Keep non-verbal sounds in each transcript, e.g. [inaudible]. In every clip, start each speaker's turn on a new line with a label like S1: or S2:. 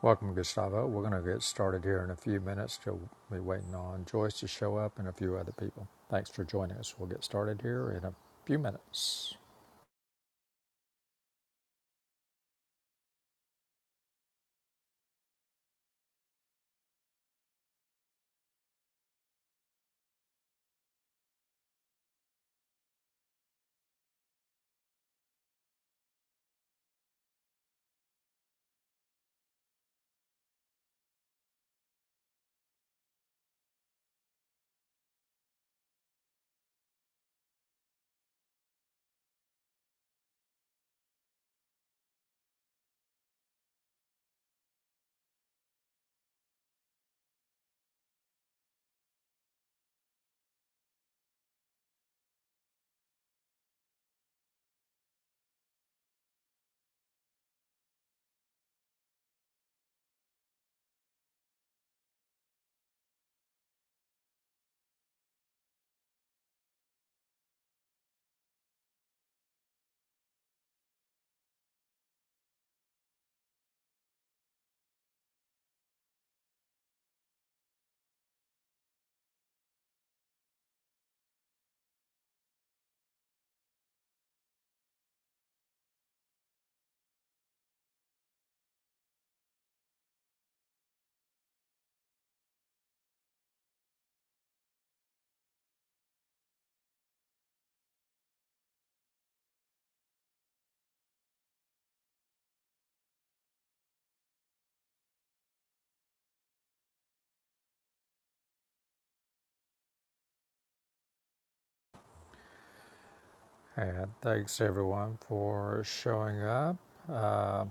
S1: Welcome, Gustavo. We're going to get started here in a few minutes. Till we're waiting on Joyce to show up and a few other people. Thanks for joining us. We'll get started here in a few minutes. And thanks everyone for showing up. Uh,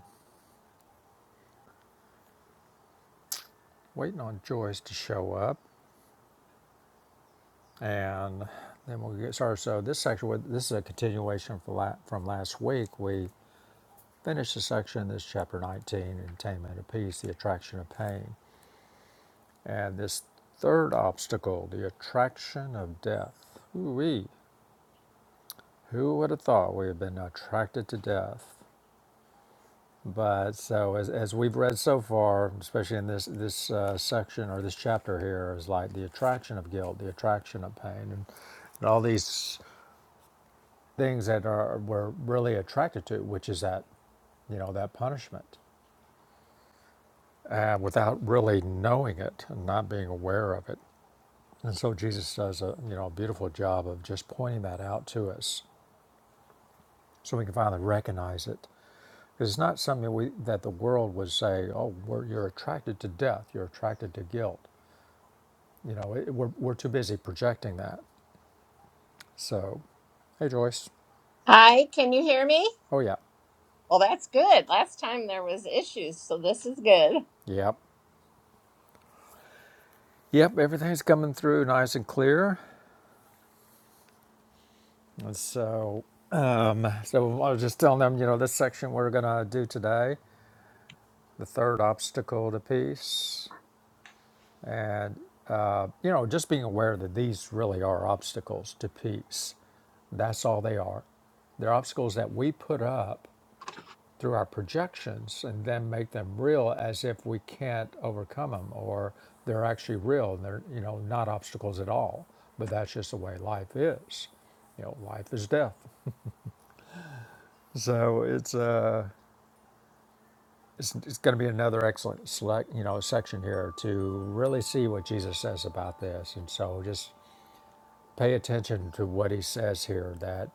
S1: waiting on Joyce to show up, and then we'll get started. So this section, this is a continuation from from last week. We finished the section, this chapter 19, Attainment of Peace, the Attraction of Pain And this third obstacle, the attraction of death. Ooh-wee. Who would have thought we had been attracted to death? But so as, as we've read so far, especially in this this uh, section or this chapter here, is like the attraction of guilt, the attraction of pain, and, and all these things that are we're really attracted to, which is that you know that punishment, uh, without really knowing it and not being aware of it. And so Jesus does a you know a beautiful job of just pointing that out to us, so we can finally recognize it. Because it's not something that we that the world would say, "Oh, we're, you're attracted to death. You're attracted to guilt." You know, it, we're we're too busy projecting that. So, hey Joyce.
S2: Hi, can you hear me?
S1: Oh yeah,
S2: Well, that's good. Last time there was issues, so this is good.
S1: yep, yep. Everything's coming through nice and clear. And so, so I was just telling them, you know, this section we're gonna do today, the third obstacle to peace. and uh, you know just being aware that these really are obstacles to peace that's all they are they're obstacles that we put up through our projections and then make them real as if we can't overcome them or they're actually real and they're you know not obstacles at all but that's just the way life is you know life is death so it's uh it's, it's going to be another excellent select you know section here to really see what jesus says about this and so just Pay attention to what he says here that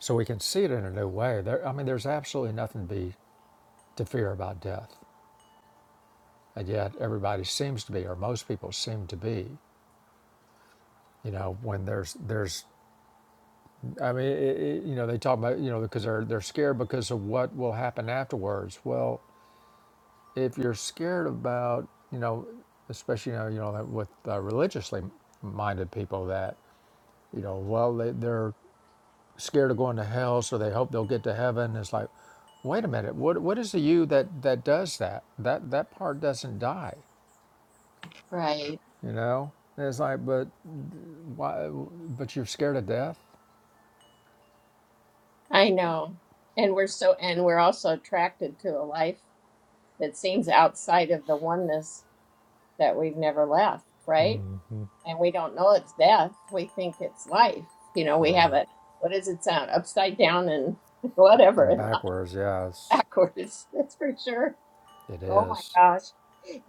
S1: so we can see it in a new way. There, I mean, there's absolutely nothing to be to fear about death, and yet everybody seems to be, or most people seem to be. You know, when there's there's, I mean, it, it, you know, they talk about you know because they're they're scared because of what will happen afterwards. Well, if you're scared about you know, especially you know you know with uh, religiously minded people that you know well they, they're scared of going to hell, so they hope they'll get to heaven. It's like, wait a minute, what what is the you that that does that? That that part doesn't die,
S2: Right.
S1: you know. And it's like, but why? But you're scared of death,
S2: I know. And we're so and we're also attracted to a life that seems outside of the oneness that we've never left, right? And we don't know it's death. We think it's life. You know, we have
S1: right?
S2: it. What does it sound? Upside down and [laughs] whatever
S1: And
S2: and life
S1: backwards, yes,
S2: backwards. [laughs] That's for sure.
S1: it
S2: Oh my
S1: is.
S2: gosh.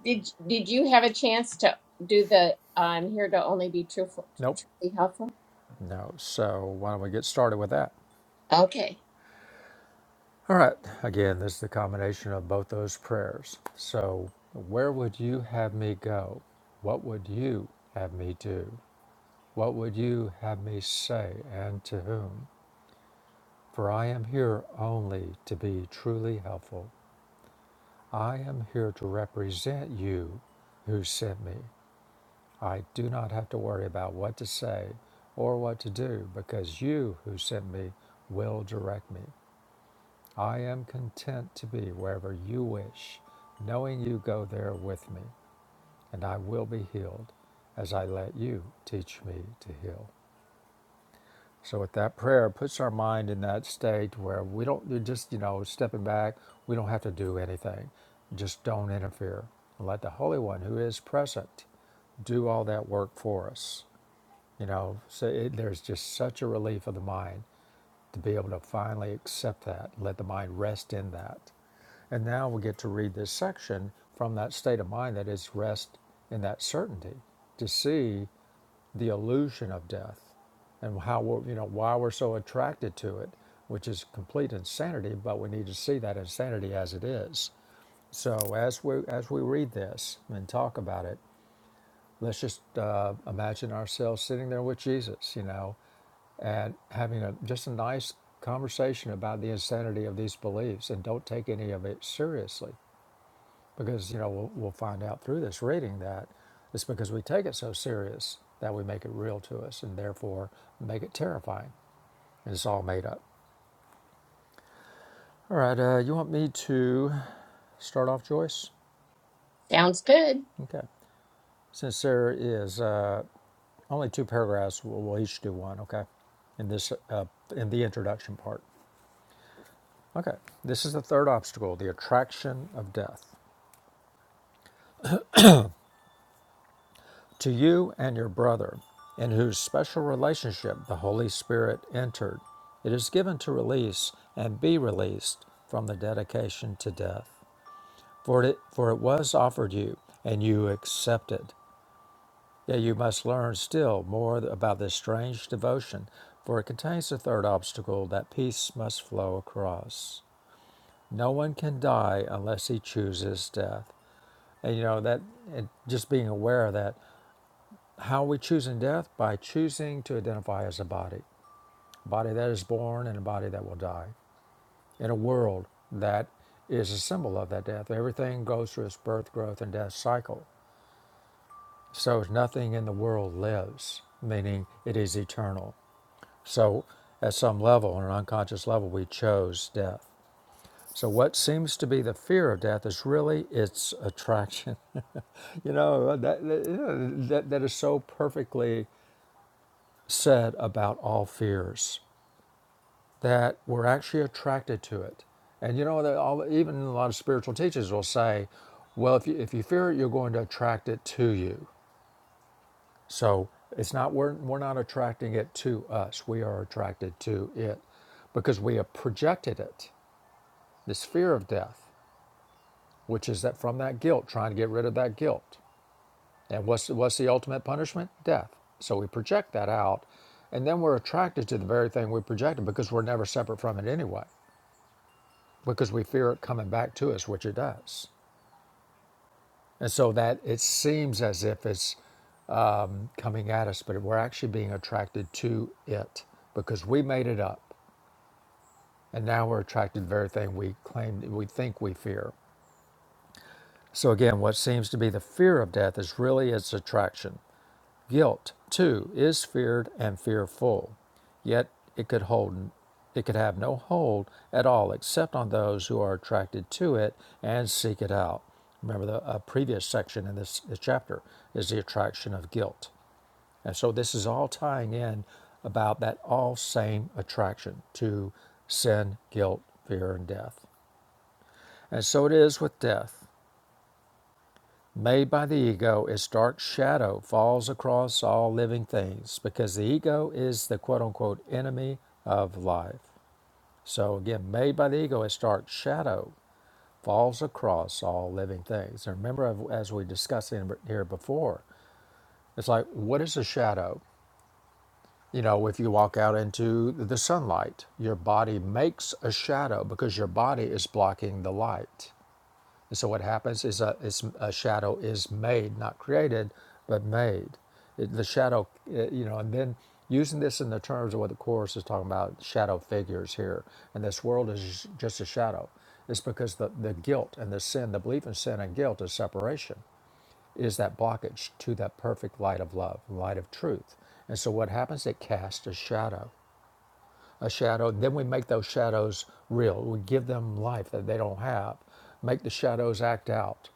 S2: Did did you have a chance to do the I'm here to only be truthful,
S1: Nope,
S2: truly helpful?
S1: no. So why don't we get started with that?
S2: Okay,
S1: All right. Again, this is the combination of both those prayers. So, where would you have me go? What would you have me do? What would you have me say, and to whom? For I am here only to be truly helpful. I am here to represent you who sent me. I do not have to worry about what to say or what to do because you who sent me will direct me. I am content to be wherever you wish, knowing you go there with me, and I will be healed as I let you teach me to heal. So with that prayer, it puts our mind in that state where we don't we're just you know stepping back. We don't have to do anything. Just don't interfere. Let the Holy One, who is present, do all that work for us. You know, so it, there's just such a relief of the mind to be able to finally accept that, let the mind rest in that. And now we get to read this section from that state of mind that is rest in that certainty to see the illusion of death and how we're, you know why we're so attracted to it, which is complete insanity, but we need to see that insanity as it is. So as we as we read this and talk about it, let's just uh, imagine ourselves sitting there with Jesus, you know, and having a just a nice conversation about the insanity of these beliefs and don't take any of it seriously because you know we'll, we'll find out through this reading that it's because we take it so serious that we make it real to us and therefore make it terrifying and it's all made up all right uh, you want me to start off joyce
S2: sounds good.
S1: okay since there is uh, only two paragraphs we'll, we'll each do one okay in this uh, in the introduction part Okay, this is the third obstacle the attraction of death. To you and your brother, in whose special relationship the Holy Spirit entered, it is given to release and be released from the dedication to death. For it, for it was offered you, and you accepted. Yet you must learn still more about this strange devotion, for it contains the third obstacle that peace must flow across. No one can die unless he chooses death. And you know that and just being aware of that. How are we choosing death? By choosing to identify as a body. A body that is born and a body that will die. In a world that is a symbol of that death. Everything goes through its birth, growth, and death cycle. So nothing in the world lives, meaning it is eternal. So at some level, on an unconscious level, we chose death. So what seems to be the fear of death is really its attraction. [laughs] You know that that, that is so perfectly said about all fears that we're actually attracted to it. And you know, that all, even a lot of spiritual teachers will say, well, if you, if you fear it, you're going to attract it to you. So it's not, we're, we're not attracting it to us. We are attracted to it because we have projected it, this fear of death, which is that from that guilt, trying to get rid of that guilt. And what's, what's the ultimate punishment? Death. So we project that out, and then we're attracted to the very thing we projected because we're never separate from it anyway, because we fear it coming back to us, which it does. And so that it seems as if it's coming at us, but we're actually being attracted to it because we made it up. And now we're attracted to the very thing we claim we think we fear. So again, what seems to be the fear of death is really its attraction. Guilt, too, is feared and fearful, yet it could hold it could have no hold at all except on those who are attracted to it and seek it out. Remember the uh, previous section in this, this chapter is the attraction of guilt. And so this is all tying in about that all same attraction to sin, guilt, fear, and death. And so it is with death. Made by the ego, its dark shadow falls across all living things because the ego is the quote unquote enemy of life. So, again, made by the ego, its dark shadow falls across all living things. And remember, as we discussed in here before, it's like, what is a shadow? You know, if you walk out into the sunlight, your body makes a shadow because your body is blocking the light. And so what happens is a, is a shadow is made, not created, but made. It, the shadow, uh, you know, and then using this in the terms of what the Course is talking about, shadow figures here, and this world is just a shadow. It's because the, the guilt and the sin, the belief in sin and guilt is separation, is that blockage to that perfect light of love, light of truth. And so what happens? It casts a shadow. A shadow, then we make those shadows real. We give them life that they don't have make the shadows act out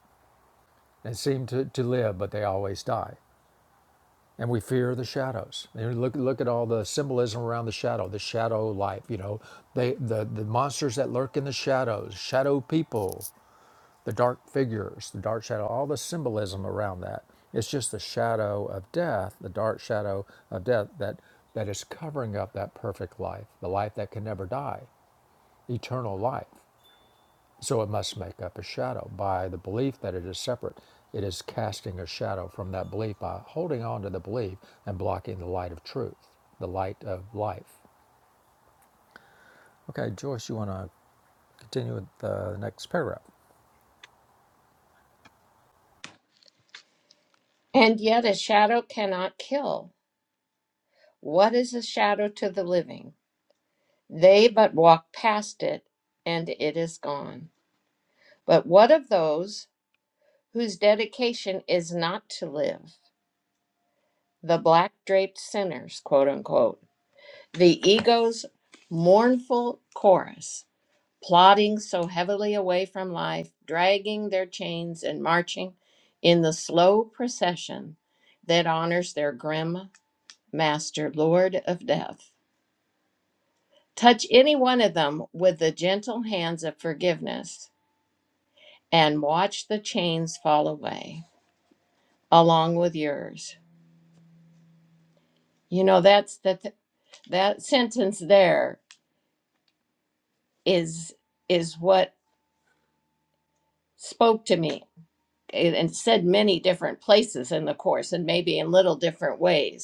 S1: and seem to, to live, but they always die. And we fear the shadows. And look look at all the symbolism around the shadow, the shadow life, you know, they the, the monsters that lurk in the shadows, shadow people, the dark figures, the dark shadow, all the symbolism around that. It's just the shadow of death, the dark shadow of death that that is covering up that perfect life, the life that can never die, eternal life. So it must make up a shadow. By the belief that it is separate, it is casting a shadow from that belief by holding on to the belief and blocking the light of truth, the light of life. Okay, Joyce, you want to continue with the next paragraph?
S2: And yet a shadow cannot kill. What is a shadow to the living? They but walk past it and it is gone. But what of those whose dedication is not to live? The black draped sinners, quote unquote. The ego's mournful chorus. plodding so heavily away from life, dragging their chains and marching in the slow procession that honors their grim master, Lord of Death. Touch any one of them with the gentle hands of forgiveness and watch the chains fall away along with yours. You know that's that that sentence there is is what spoke to me it- and said many different places in the course and maybe in little different ways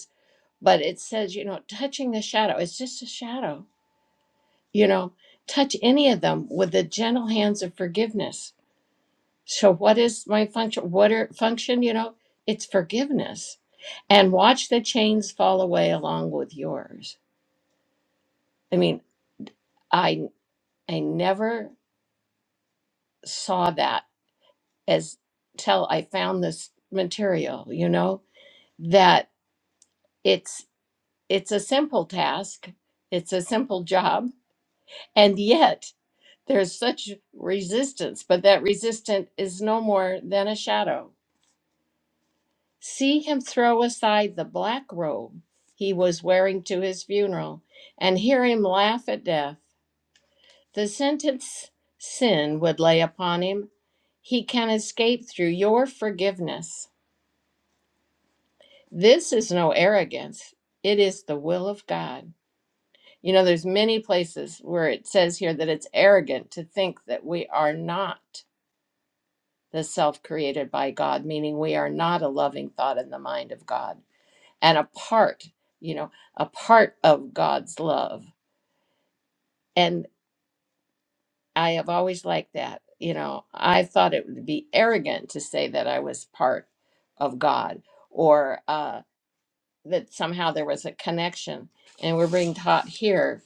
S2: but it says, you know, touching the shadow, it's just a shadow, you know, touch any of them with the gentle hands of forgiveness. So, what is my function? What are function? You know, it's forgiveness and watch the chains fall away along with yours. I mean, I, I never saw that as till I found this material, you know, that it's, it's a simple task. It's a simple job. And yet There's such resistance, but that resistance is no more than a shadow. See him throw aside the black robe he was wearing to his funeral and hear him laugh at death. The sentence sin would lay upon him, he can escape through your forgiveness. This is no arrogance. It is the will of God. You know, there's many places where it says here that it's arrogant to think that we are not. the self created by God, meaning we are not a loving thought in the mind of God and a part, you know, a part of God's love. And I have always liked that. You know, I thought it would be arrogant to say that I was part of God or uh, that somehow there was a connection. And we're being taught here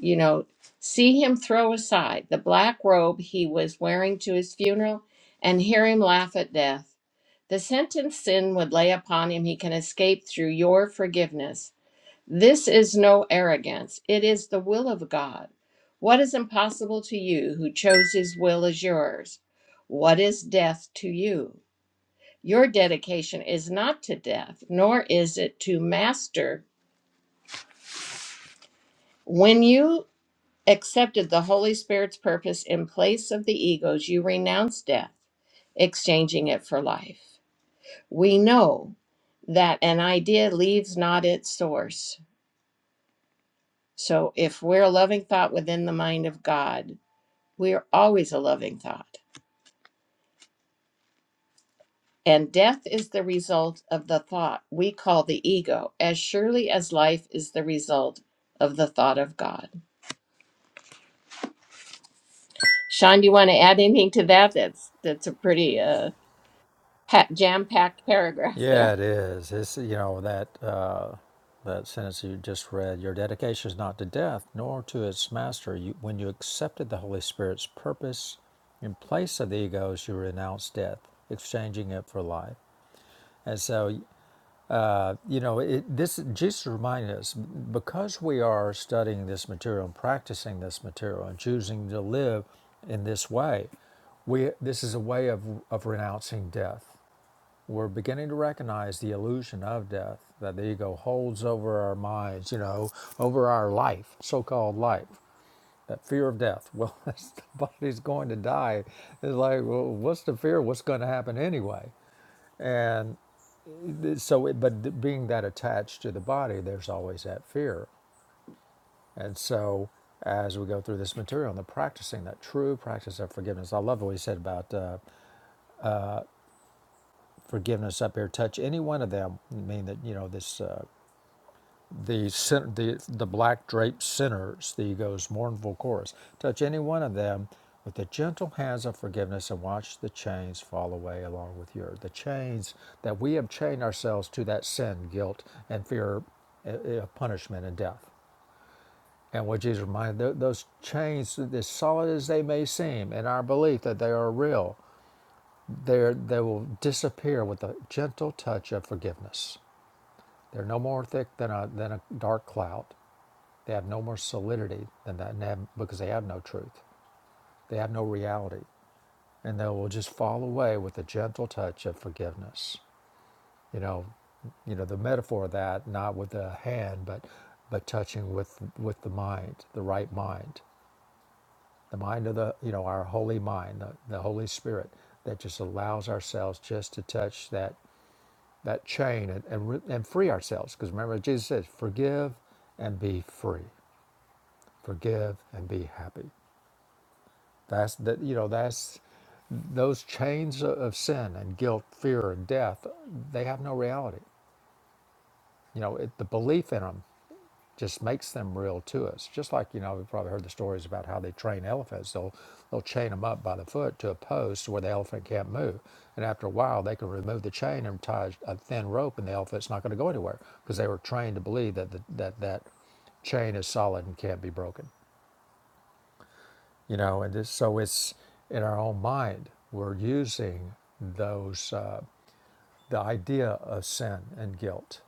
S2: You know, see him throw aside the black robe he was wearing to his funeral and hear him laugh at death. The sentence sin would lay upon him, he can escape through your forgiveness. This is no arrogance, it is the will of God. What is impossible to you who chose his will as yours? What is death to you? Your dedication is not to death, nor is it to master. When you accepted the Holy Spirit's purpose in place of the ego's, you renounce death, exchanging it for life. We know that an idea leaves not its source. So if we're a loving thought within the mind of God, we're always a loving thought. And death is the result of the thought we call the ego, as surely as life is the result of the thought of God. Sean, do you want to add anything to that? That's that's a pretty uh, jam packed paragraph
S1: Yeah,
S2: there.
S1: it is. It's you know that uh, that sentence you just read. Your dedication is not to death, nor to its master. You, when you accepted the Holy Spirit's purpose in place of the egos, you renounced death, exchanging it for life. And so Uh, you know, it, this Jesus reminded us because we are studying this material and practicing this material and choosing to live in this way. We this is a way of of renouncing death. We're beginning to recognize the illusion of death that the ego holds over our minds. You know, over our life, so-called life. That fear of death. Well, [laughs] the body's going to die. It's like, well, what's the fear? What's going to happen anyway? And so it, but being that attached to the body there's always that fear and so as we go through this material and the practicing that true practice of forgiveness i love what he said about uh, forgiveness up here touch any one of them mean that you know this uh, the, cen- the the black draped sinners, the ego's mournful chorus. Touch any one of them with the gentle hands of forgiveness and watch the chains fall away along with yours. The chains that we have chained ourselves to that sin, guilt, and fear uh, uh, of punishment and death. And what Jesus reminded, those chains, as solid as they may seem, in our belief that they are real, they they will disappear with a gentle touch of forgiveness. They're no more thick than a, than a dark cloud. They have no more solidity than that and they have, because they have no truth. They have no reality. And they will just fall away with a gentle touch of forgiveness. You know, you know, the metaphor of that, not with the hand, but but touching with with the mind, the right mind, the mind of the, you know, our holy mind, the, the Holy Spirit that just allows ourselves just to touch that that chain and and, re- and free ourselves. Because remember, Jesus says, forgive and be free. Forgive and be happy. That's that you know that's those chains of sin and guilt, fear and death. They have no reality. You know it, the belief in them just makes them real to us. Just like you know we've probably heard the stories about how they train elephants. They'll they'll chain them up by the foot to a post where the elephant can't move, and after a while they can remove the chain and tie a thin rope, and the elephant's not going to go anywhere because they were trained to believe that the, that that chain is solid and can't be broken. you know and this, so it's in our own mind we're using those uh, the idea of sin and guilt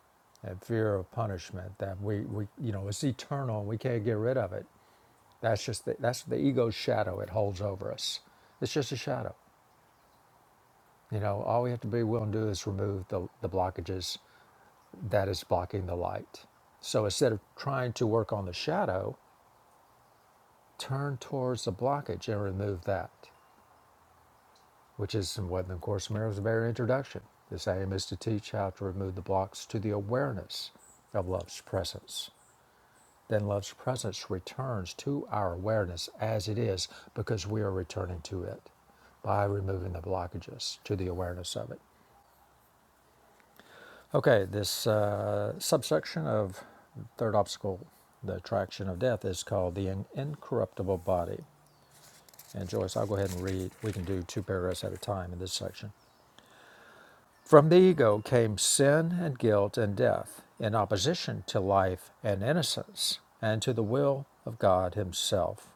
S1: and fear of punishment that we, we you know it's eternal and we can't get rid of it that's just the, that's the ego's shadow it holds over us it's just a shadow you know all we have to be willing to do is remove the, the blockages that is blocking the light so instead of trying to work on the shadow turn towards the blockage and remove that which is what in the Course in Miracles' very introduction. This aim is to teach how to remove the blocks to the awareness of love's presence. Then love's presence returns to our awareness as it is because we are returning to it by removing the blockages to the awareness of it. Okay, this uh, subsection of third obstacle, the attraction of death, is called the in- incorruptible body. And Joyce, I'll go ahead and read. We can do two paragraphs at a time in this section. From the ego came sin and guilt and death in opposition to life and innocence and to the will of God Himself.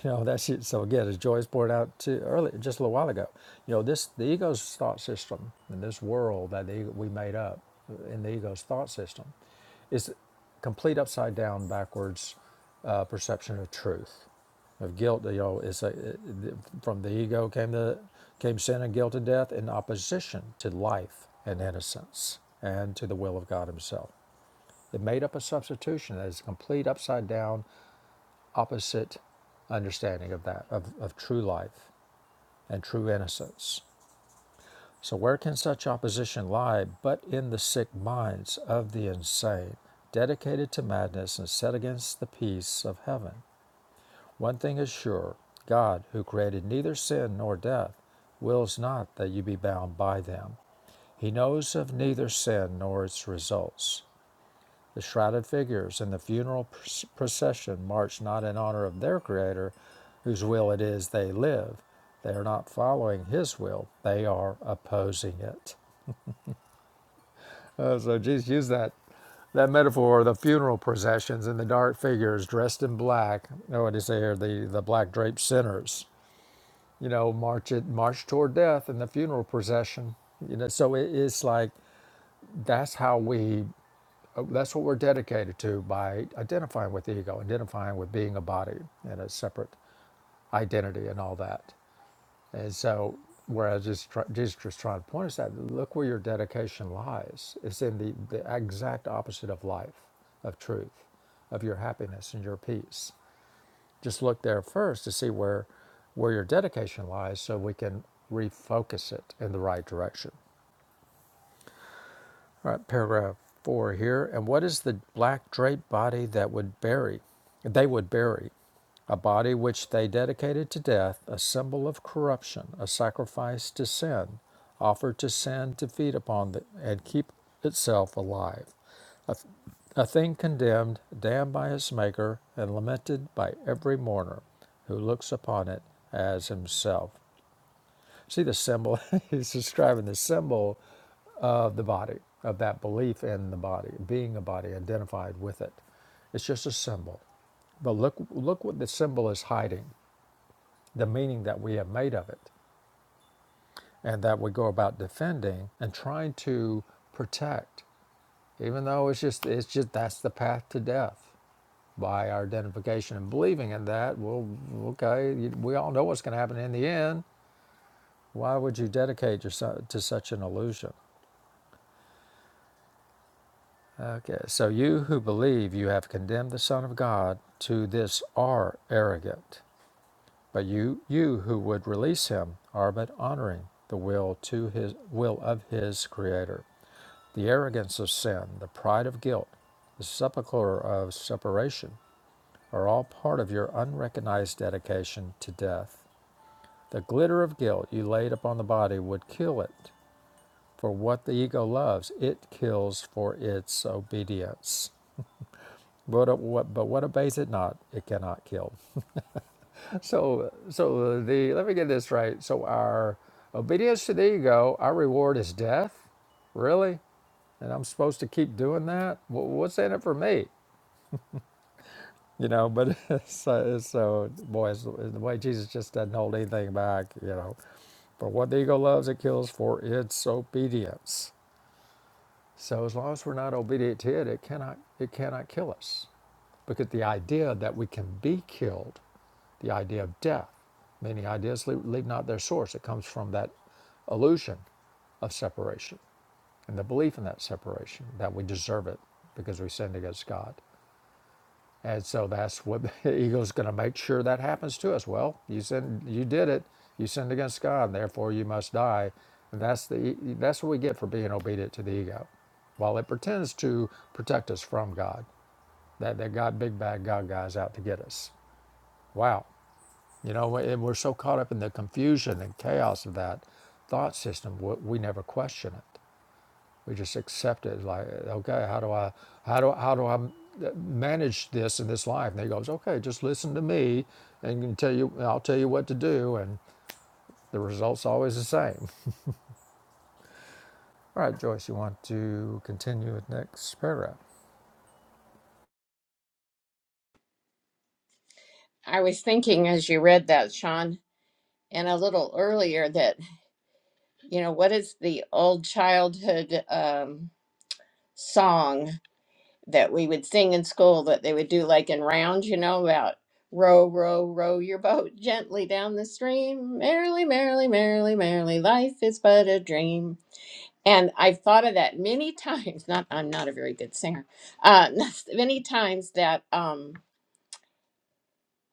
S1: [laughs] You know, that's it. So again, as Joyce pointed out to earlier, just a little while ago, you know, this the ego's thought system and this world that the, ego- we made up in the ego's thought system is complete upside down, backwards uh, perception of truth, of guilt. You know, it's a, it- the- from the ego came the came sin and guilt and death in opposition to life and innocence and to the will of God Himself. It made up a substitution that is complete upside down opposite understanding of that, of, of true life and true innocence. So, where can such opposition lie but in the sick minds of the insane, dedicated to madness and set against the peace of heaven? One thing is sure God, who created neither sin nor death, wills not that you be bound by them. He knows of neither sin nor its results. The shrouded figures in the funeral procession march not in honor of their Creator, whose will it is they live. They are not following His will, they are opposing it. Uh, so Jesus used that, that metaphor of the funeral processions and the dark figures dressed in black. Oh, what did he say here? The, the black draped sinners, you know, march, it, march toward death in the funeral procession. You know, so it is like that's how we Uh, That's what we're dedicated to by identifying with the ego, identifying with being a body and a separate identity and all that. And so, whereas Jesus try- Jesus was trying to point us at, look where your dedication lies. It's in the, the exact opposite of life, of truth, of your happiness and your peace. Just look there first to see where, where your dedication lies so we can refocus it in the right direction. All right, paragraph four here. And what is the black draped body that would bury? They would bury a body which they dedicated to death, a symbol of corruption, a sacrifice to sin, offered to sin to feed upon the, and keep itself alive, a, a thing condemned, damned by its maker, and lamented by every mourner who looks upon it as himself. See the symbol? [laughs] He's describing the symbol of the body, of that belief in the body, being a body, identified with it. It's just a symbol. But look, look what the symbol is hiding, the meaning that we have made of it, and that we go about defending and trying to protect, even though it's just, it's just that's the path to death by our identification and believing in that. Well, okay, we all know what's going to happen in the end. Why would you dedicate yourself to such an illusion? Okay, so you who believe you have condemned the Son of God to this are arrogant, but you you who would release him are but honoring the will to his will of his creator. The arrogance of sin, the pride of guilt, the sepulchre of separation are all part of your unrecognized dedication to death. The glitter of guilt you laid upon the body would kill it. For what the ego loves, it kills for its obedience. But what, but what obeys it not, it cannot kill. So, so the let me get this right. So our obedience to the ego, our reward is death, really, and I'm supposed to keep doing that. Wha- What's in it for me? You know, but [laughs] so, so boy, it's, it's the way Jesus just doesn't hold anything back. You know, for what the ego loves, it kills for its obedience. So as long as we're not obedient to it, it cannot it cannot kill us. Because the idea that we can be killed, the idea of death, many ideas leave, leave not their source. It comes from that illusion of separation and the belief in that separation that we deserve it because we sinned against God. And so that's what [laughs] the ego's going to make sure that happens to us. Well, you sinned, you did it. You sinned against God, and therefore you must die. And that's the e- that's what we get for being obedient to the ego, while it pretends to protect us from God. That that God, big bad God guy's out to get us. Wow, you know, and we're so caught up in the confusion and chaos of that thought system, we we never question it. We just accept it. Like, okay, how do I, how do, how do I manage this in this life? And he goes, okay, just listen to me, and tell you, I'll tell you what to do, and the result's always the same. All right, Joyce, you want to continue with next paragraph?
S2: I was thinking as you read that, Sean, and a little earlier that, you know, what is the old childhood um, song? that we would sing in school that they would do like in rounds, you know, about row, row, row your boat [laughs] gently down the stream. Merrily, merrily, merrily, merrily, life is but a dream. And I've thought of that many [laughs] times. Not, I'm not a very good singer. Uh, [laughs] many times that, um,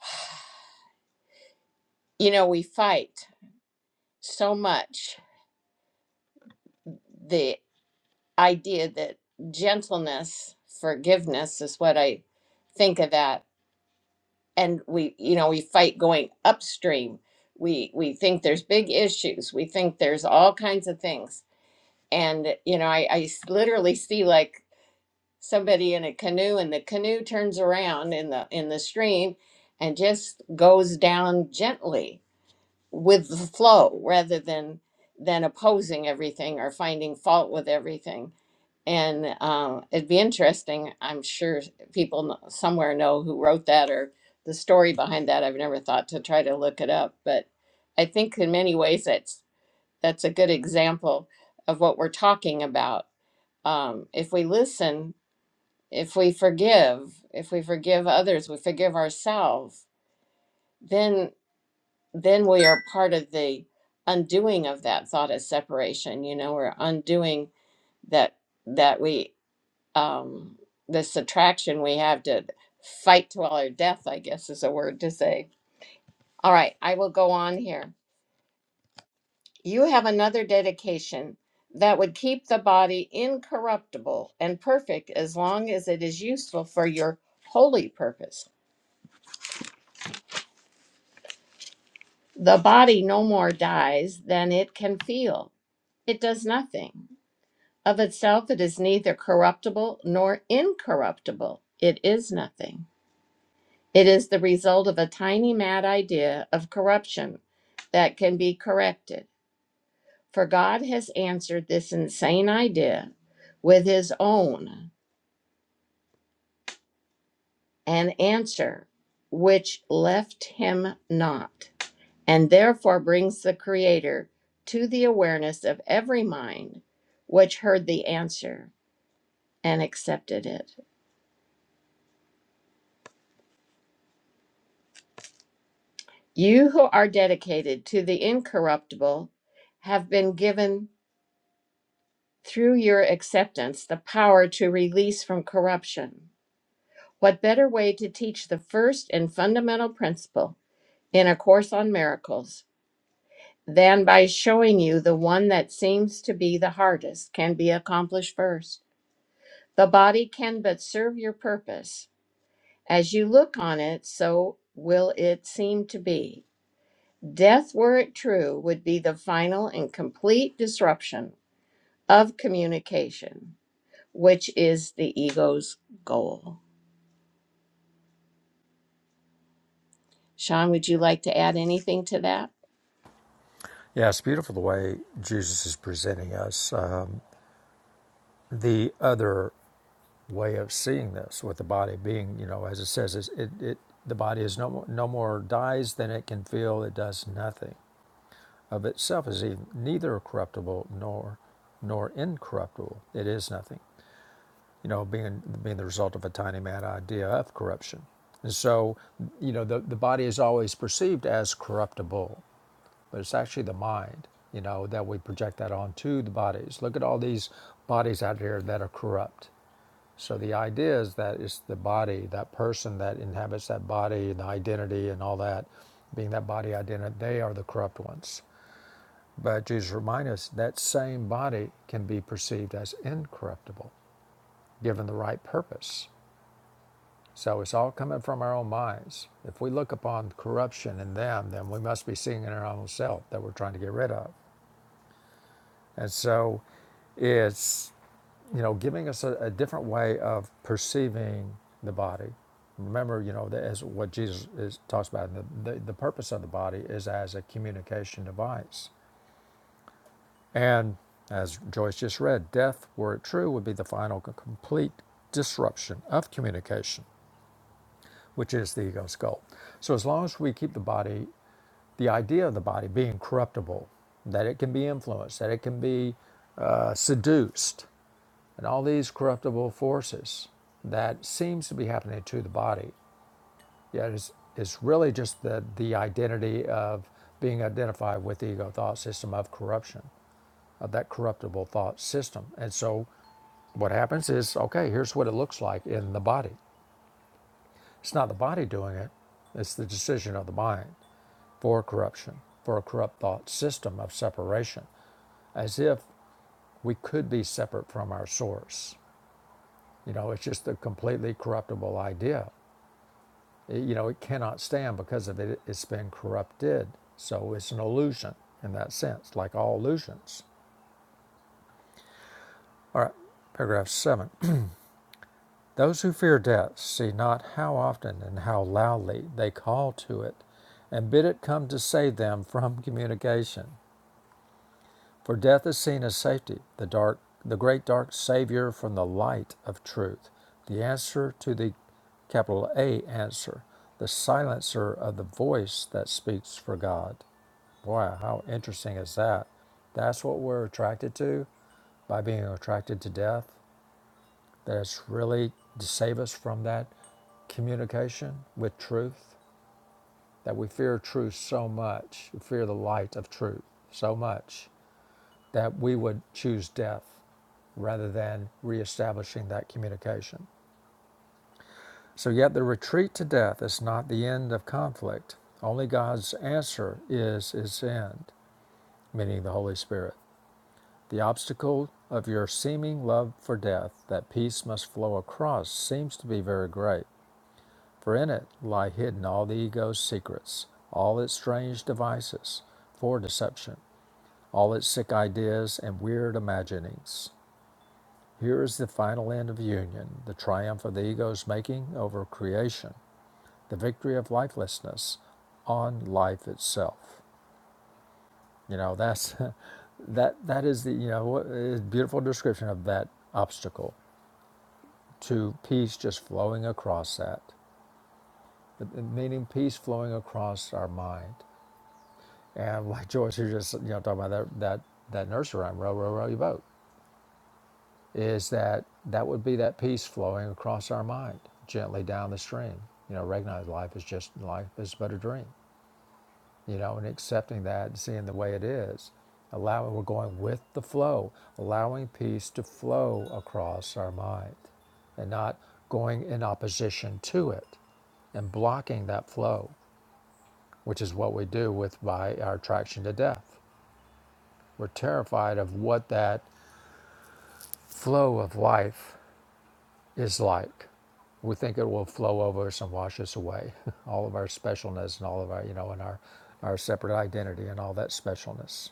S2: [sighs] you know, we fight so much the idea that gentleness, forgiveness is what I think of that and we you know we fight going upstream we we think there's big issues we think there's all kinds of things and you know i i s- literally see like somebody in a canoe and the canoe turns around in the in the stream and just goes down gently with the flow rather than than opposing everything or finding fault with everything and uh, it'd be interesting i'm sure people kn- somewhere know who wrote that or the story behind that i've never thought to try to look it up but i think in many ways that's that's a good example of what we're talking about um, if we listen if we forgive if we forgive others we forgive ourselves Then then we are part of the undoing of that thought of separation you know we're undoing that that we um this attraction we have to fight to our death i guess is a word to say all right i will go on here you have another dedication that would keep the body incorruptible and perfect as long as it is useful for your holy purpose the body no more dies than it can feel it does nothing Of itself, it is neither corruptible nor incorruptible. It is nothing. It is the result of a tiny mad idea of corruption that can be corrected. For God has answered this insane idea with his own, an answer which left him not, and therefore brings the Creator to the awareness of every mind which heard the answer and accepted it. You who are dedicated to the incorruptible have been given through your acceptance the power to release from corruption. What better way to teach the first and fundamental principle in A Course on Miracles than by showing you the one that seems to be the hardest can be accomplished first? The body can but serve your purpose. As you look on it, so will it seem to be. Death, were it true, would be the final and complete disruption of communication, which is the ego's goal. Sean, would you like to add anything to that?
S1: Yeah, it's beautiful the way Jesus is presenting us um, the other way of seeing this, with the body being, you know, as it says, it's- it, it the body is no more, no more dies than it can feel. It does nothing. of itself is neither corruptible nor nor incorruptible. It is nothing, you know, being being the result of a tiny mad idea of corruption. And so, you know, the, the body is always perceived as corruptible, but it's actually the mind, you know, that we project that onto the bodies. Look at all these bodies out here that are corrupt. So the idea is that it's the body, that person that inhabits that body and the identity and all that, being that body identity, they are the corrupt ones. But Jesus reminds us that same body can be perceived as incorruptible, given the right purpose. So it's all coming from our own minds. If we look upon corruption in them, then we must be seeing in our own self that we're trying to get rid of. And so it's, you know, giving us a, a different way of perceiving the body. Remember, you know, as what Jesus is, talks about, the, the, the purpose of the body is as a communication device And as Joyce just read, death, were it true, would be the final complete disruption of communication, which is the ego's goal. So as long as we keep the body, the idea of the body being corruptible, that it can be influenced, that it can be uh, seduced, and all these corruptible forces that seems to be happening to the body, yet is is really just the the identity of being identified with the ego thought system of corruption of that corruptible thought system. And so what happens is okay, here's what it looks like in the body. It's not the body doing it, it's the decision of the mind for corruption, for a corrupt thought system of separation, as if we could be separate from our source. You know, it's just a completely corruptible idea. It- you know, it cannot stand because of it, it's been corrupted. So it's an illusion in that sense, like all illusions. All right, paragraph seven. Those who fear death see not how often and how loudly they call to it and bid it come to save them from communication. For death is seen as safety, the dark, the great dark savior from the light of truth, the answer to the capital A answer, the silencer of the voice that speaks for God. Boy, how interesting is that? That's what we're attracted to by being attracted to death that it's really to save us from that communication with truth, that we fear truth so much, we fear the light of truth so much, that we would choose death rather than reestablishing that communication. So, yet the retreat to death is not the end of conflict. Only God's answer is its end, meaning the Holy Spirit. The obstacle of your seeming love for death that peace must flow across seems to be very great. For in it lie hidden all the ego's secrets, all its strange devices for deception, all its sick ideas and weird imaginings. Here is the final end of union, the triumph of the ego's making over creation, the victory of lifelessness on life itself. You know, that's [laughs] that that is the you know what is beautiful description of that obstacle to peace just flowing across that, meaning peace flowing across our mind And like Joyce, who just you know talking about that that that nursery rhyme, row, row, row your boat, is that that would be that peace flowing across our mind gently down the stream. You know, recognize life is just life is but a dream. You know, and accepting that, seeing the way it is, allowing we're going with the flow, allowing peace to flow across our mind, and not going in opposition to it and blocking that flow, which is what we do with by our attraction to death. We're terrified of what that flow of life is like. We think it will flow over us and wash us away, [laughs] all of our specialness and all of our, you know, and our, our separate identity and all that specialness.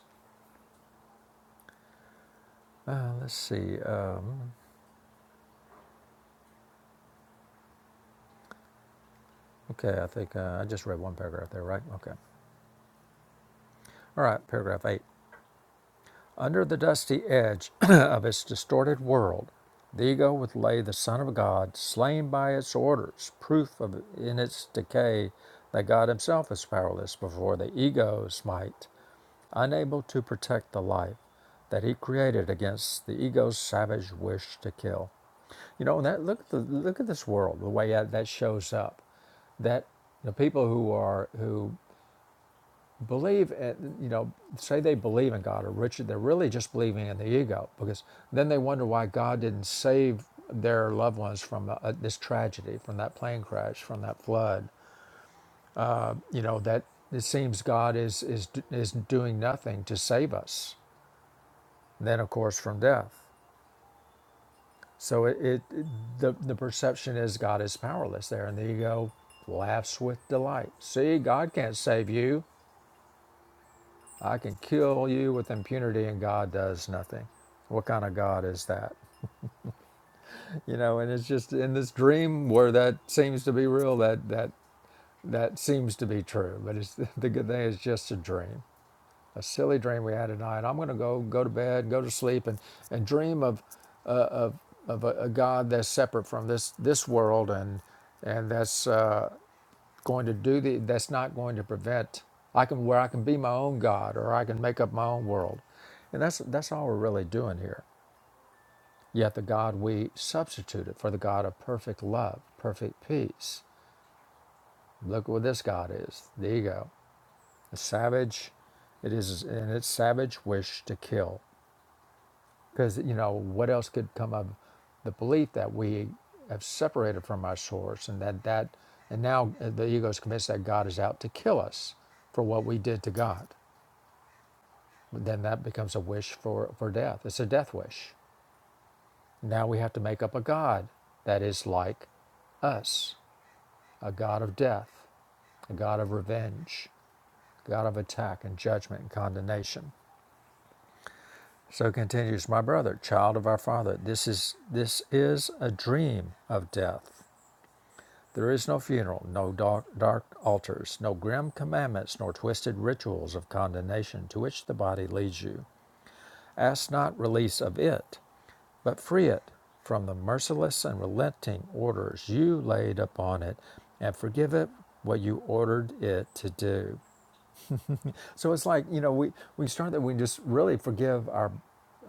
S1: Uh, let's see. Uh, okay, I think uh, I just read one paragraph there, right? Okay. All right, paragraph eight. Under the dusty edge [clears throat] [coughs] of its distorted world, the ego would lay the Son of God, slain by its orders, proof of, in its decay that God Himself is powerless before the ego's might, unable to protect the life that He created against the ego's savage wish to kill. You know, that look at the, look at this world, the way that shows up. That the people who are who believe you know say they believe in god or richard they're really just believing in the ego because then they wonder why god didn't save their loved ones from uh, this tragedy from that plane crash from that flood you know that it seems god is is is doing nothing to save us then of course from death so it it- the the perception is god is powerless there and the ego laughs with delight see god can't save you I can kill you with impunity and God does nothing. What kind of God is that? You know, and it's just in this dream where that seems to be real, that that that seems to be true. But it's [laughs] the good thing is just a dream. A silly dream we had tonight. I'm gonna go go to bed, go to sleep and, and dream of of a, a God that's separate from this this world and and that's uh, going to do the that's not going to prevent I can where I can be my own God or I can make up my own world. And that's that's all we're really doing here. Yet the God we substituted for the God of perfect love, perfect peace. Look what this God is, the ego. A savage it is in its savage wish to kill. Because you know, what else could come of the belief that we have separated from our source and that that and now the ego is convinced that God is out to kill us for what we did to God. Then that becomes a wish for, for death. It's a death wish. Now we have to make up a God that is like us a God of death, a God of revenge, a God of attack and judgment and condemnation. So it continues, my brother, child of our father, this is this is a dream of death. There is no funeral, no dark, dark altars, no grim commandments, nor twisted rituals of condemnation to which the body leads you. Ask not release of it, but free it from the merciless and relenting orders you laid upon it, and forgive it what you ordered it to do. So it's like, you know, we, we start that we just really forgive our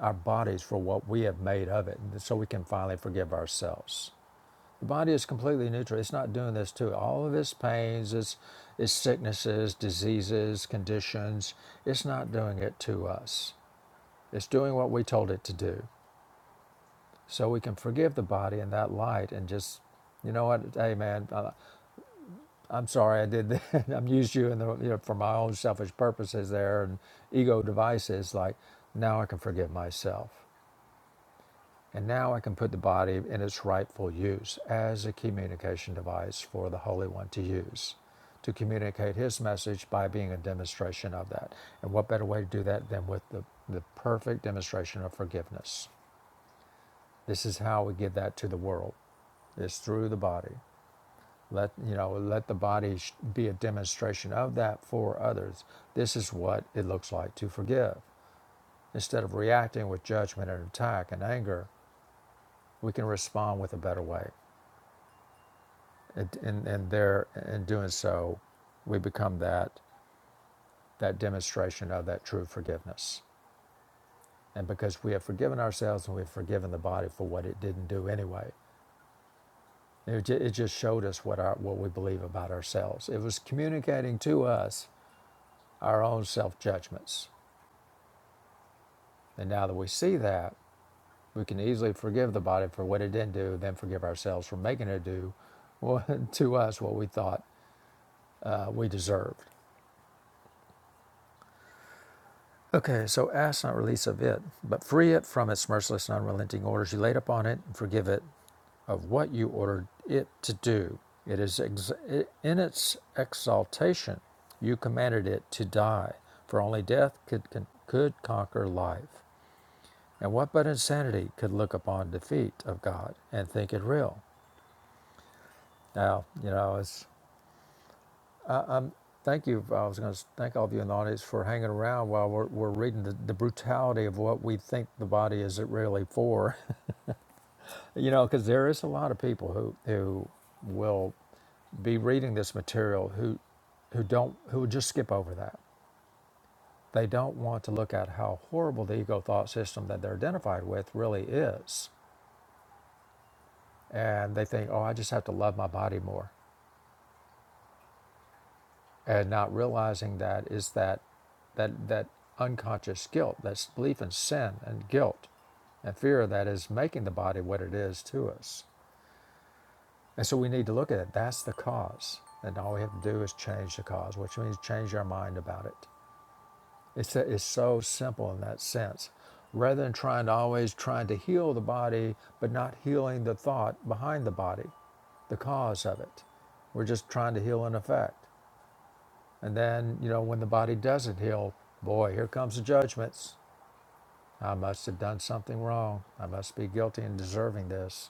S1: our bodies for what we have made of it, so we can finally forgive ourselves. The body is completely neutral. It's not doing this to it. All of its pains, its, its sicknesses, diseases, conditions, it's not doing it to us. It's doing what we told it to do. So we can forgive the body in that light and just, you know what, hey man, uh, I'm sorry I did that. [laughs] I'm used you in the, you know, for my own selfish purposes there and ego devices. Like now I can forgive myself. And now I can put the body in its rightful use as a communication device for the Holy One to use to communicate his message by being a demonstration of that. And what better way to do that than with the, the perfect demonstration of forgiveness? This is how we give that to the world. Is through the body. Let you know. Let the body be a demonstration of that for others. This is what it looks like to forgive. Instead of reacting with judgment and attack and anger, we can respond with a better way. And and, and there, in doing so, we become that that demonstration of that true forgiveness. And because we have forgiven ourselves and we've forgiven the body for what it didn't do anyway, it, it just showed us what our what we believe about ourselves. It was communicating to us our own self judgments. And now that we see that, we can easily forgive the body for what it didn't do, then forgive ourselves for making it do what, [laughs] to us what we thought uh, we deserved. Okay, so ask not release of it, but free it from its merciless and unrelenting orders you laid upon it, and forgive it of what you ordered it to do. It is ex- in its exaltation you commanded it to die, for only death could, could conquer life. And what but insanity could look upon defeat of God and think it real? Now, you know, it's thank you. I was going to thank all of you in the audience for hanging around while we're, we're reading the, the brutality of what we think the body is it really for. [laughs] you know, because there is a lot of people who who will be reading this material who who don't who would just skip over that. They don't want to look at how horrible the ego thought system that they're identified with really is. And they think, oh, I just have to love my body more. and not realizing that is that that that unconscious guilt that belief in sin and guilt and fear of that is making the body what it is to us and so we need to look at it that's the cause and all we have to do is change the cause which means change our mind about it it's, a, it's so simple in that sense rather than trying to always trying to heal the body but not healing the thought behind the body the cause of it we're just trying to heal an effect And then, you know, when the body doesn't heal, boy, here comes the judgments. I must have done something wrong. I must be guilty and deserving this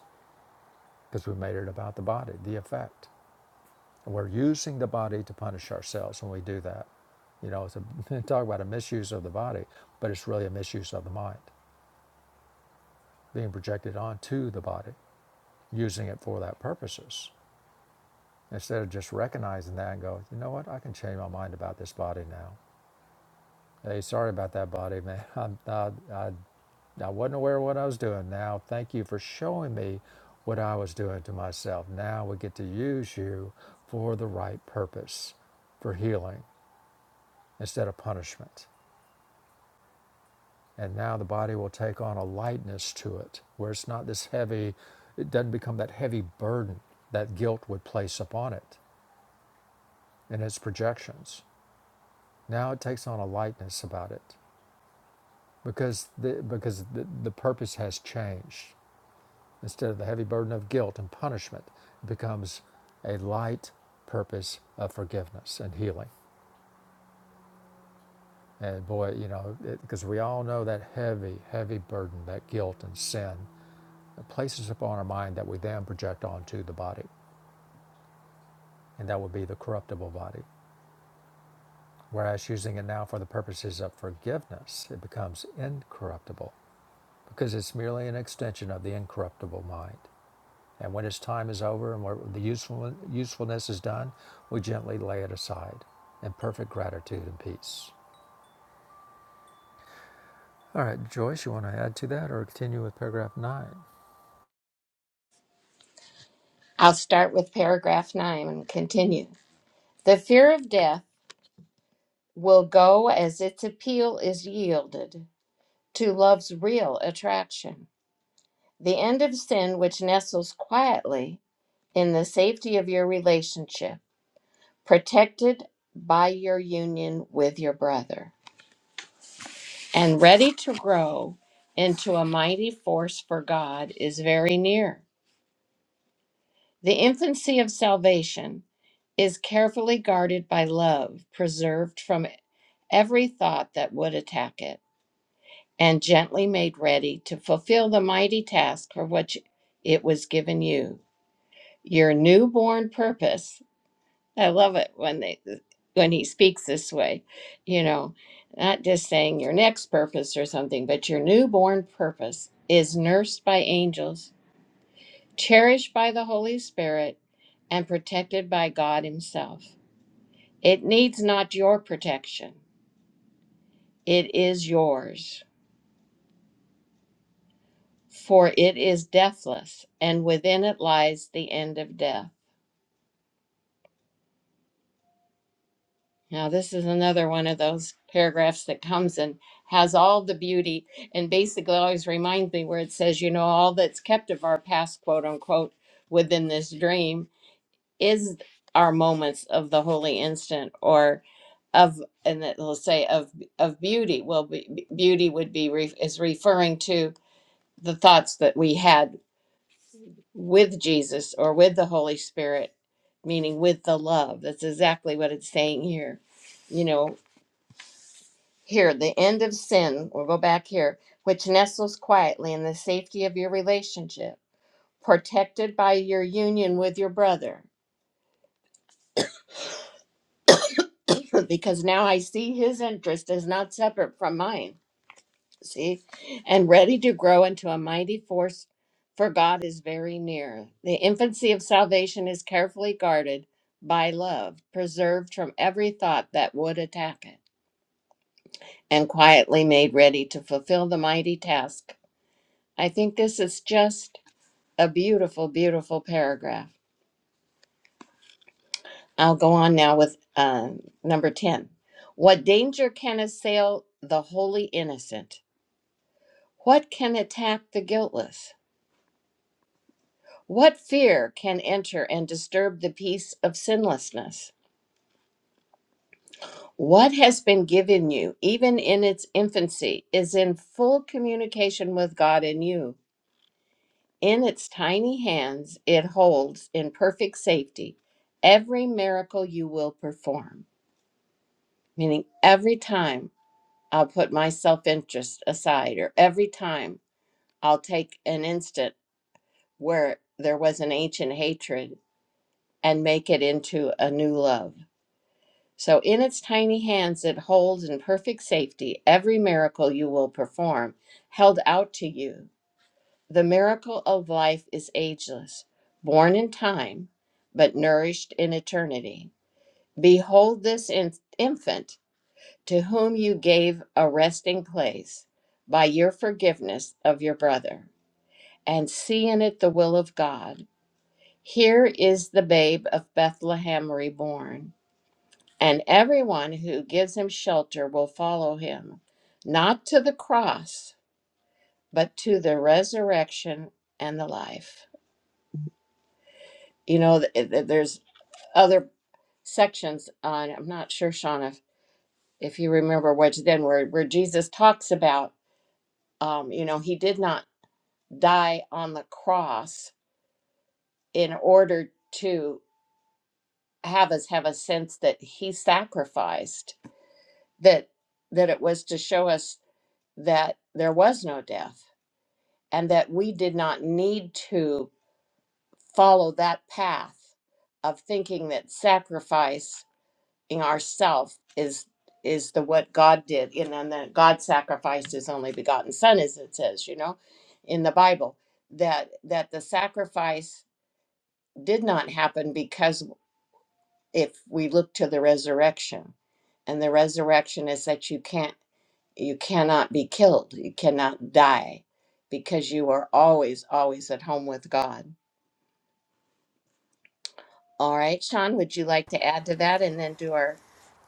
S1: because we made it about the body, the effect. And we're using the body to punish ourselves when we do that. You know, it's a, [laughs] talk about a misuse of the body, but it's really a misuse of the mind, being projected onto the body, using it for that purposes. Instead of just recognizing that and go, you know what, I can change my mind about this body now. Hey, sorry about that body, man. [laughs] I'm, I, I I wasn't aware of what I was doing. Now, thank you for showing me what I was doing to myself. Now we get to use you for the right purpose, for healing instead of punishment. And now the body will take on a lightness to it, where it's not this heavy, it doesn't become that heavy burden that guilt would place upon it in its projections. Now it takes on a lightness about it because the, because the, the purpose has changed. Instead of the heavy burden of guilt and punishment, it becomes a light purpose of forgiveness and healing. And boy, you know, because we all know that heavy, heavy burden that guilt and sin it places upon our mind that we then project onto the body, and that would be the corruptible body. Whereas using it now for the purposes of forgiveness, it becomes incorruptible because it's merely an extension of the incorruptible mind. And when its time is over and the useful, usefulness is done, we gently lay it aside in perfect gratitude and peace. All right, Joyce, you want to add to that or continue with paragraph 9?
S2: I'll start with paragraph nine and continue. The fear of death will go as its appeal is yielded to love's real attraction. The end of sin, which nestles quietly in the safety of your relationship, protected by your union with your brother. and ready to grow into a mighty force for God is very near. The infancy of salvation is carefully guarded by love, preserved from every thought that would attack it, and gently made ready to fulfill the mighty task for which it was given you. Your newborn purpose I love it when they when he speaks this way, you know, not just saying your next purpose or something, but your newborn purpose is nursed by angels, cherished by the Holy Spirit, and protected by God himself. It needs not your protection. It is yours, for it is deathless, and within it lies the end of death. Now, this is another one of those paragraphs that comes and has all the beauty and basically always reminds me where it says, you know, all that's kept of our past, quote unquote, within this dream is our moments of the holy instant or of, and it will say of, of beauty. Well, be, beauty would be, re, is referring to the thoughts that we had with Jesus or with the Holy Spirit, meaning with the love. That's exactly what it's saying here. You know, Here, the end of sin, we'll go back here, which nestles quietly in the safety of your relationship, protected by your union with your brother, [coughs] [clears throat] because now I see his interest is not separate from mine, see, and ready to grow into a mighty force, for God is very near. The infancy of salvation is carefully guarded by love, preserved from every thought that would attack it, and quietly made ready to fulfill the mighty task. I think this is just a beautiful, beautiful paragraph. I'll go on now with um, number 10. What danger can assail the wholly innocent? What can attack the guiltless? What fear can enter and disturb the peace of sinlessness? What has been given you, even in its infancy, is in full communication with God and you. In its tiny hands, it holds in perfect safety every miracle you will perform meaning every time I'll put my self interest aside, or every time I'll take an instant where there was an ancient hatred and make it into a new love. So, in its tiny hands, it holds in perfect safety every miracle you will perform, held out to you. The miracle of life is ageless, born in time, but nourished in eternity. Behold this in- infant to whom you gave a resting place by your forgiveness of your brother, and see in it the will of God. Here is the babe of Bethlehem reborn, and everyone who gives him shelter will follow him, not to the cross, but to the resurrection and the life. You know, th- th- there's other sections on, I'm not sure, Sean, if, if you remember which then, where, where Jesus talks about um, you know, he did not. die on the cross in order to have us have a sense that he sacrificed that that it was to show us that there was no death and that we did not need to follow that path of thinking that sacrificing ourself is is the what God did and then that God sacrificed his only begotten son as it says you know in the Bible that that the sacrifice did not happen because if we look to the resurrection and the resurrection is that you can't you cannot be killed you cannot die because you are always always at home with god all right sean would you like to add to that and then do our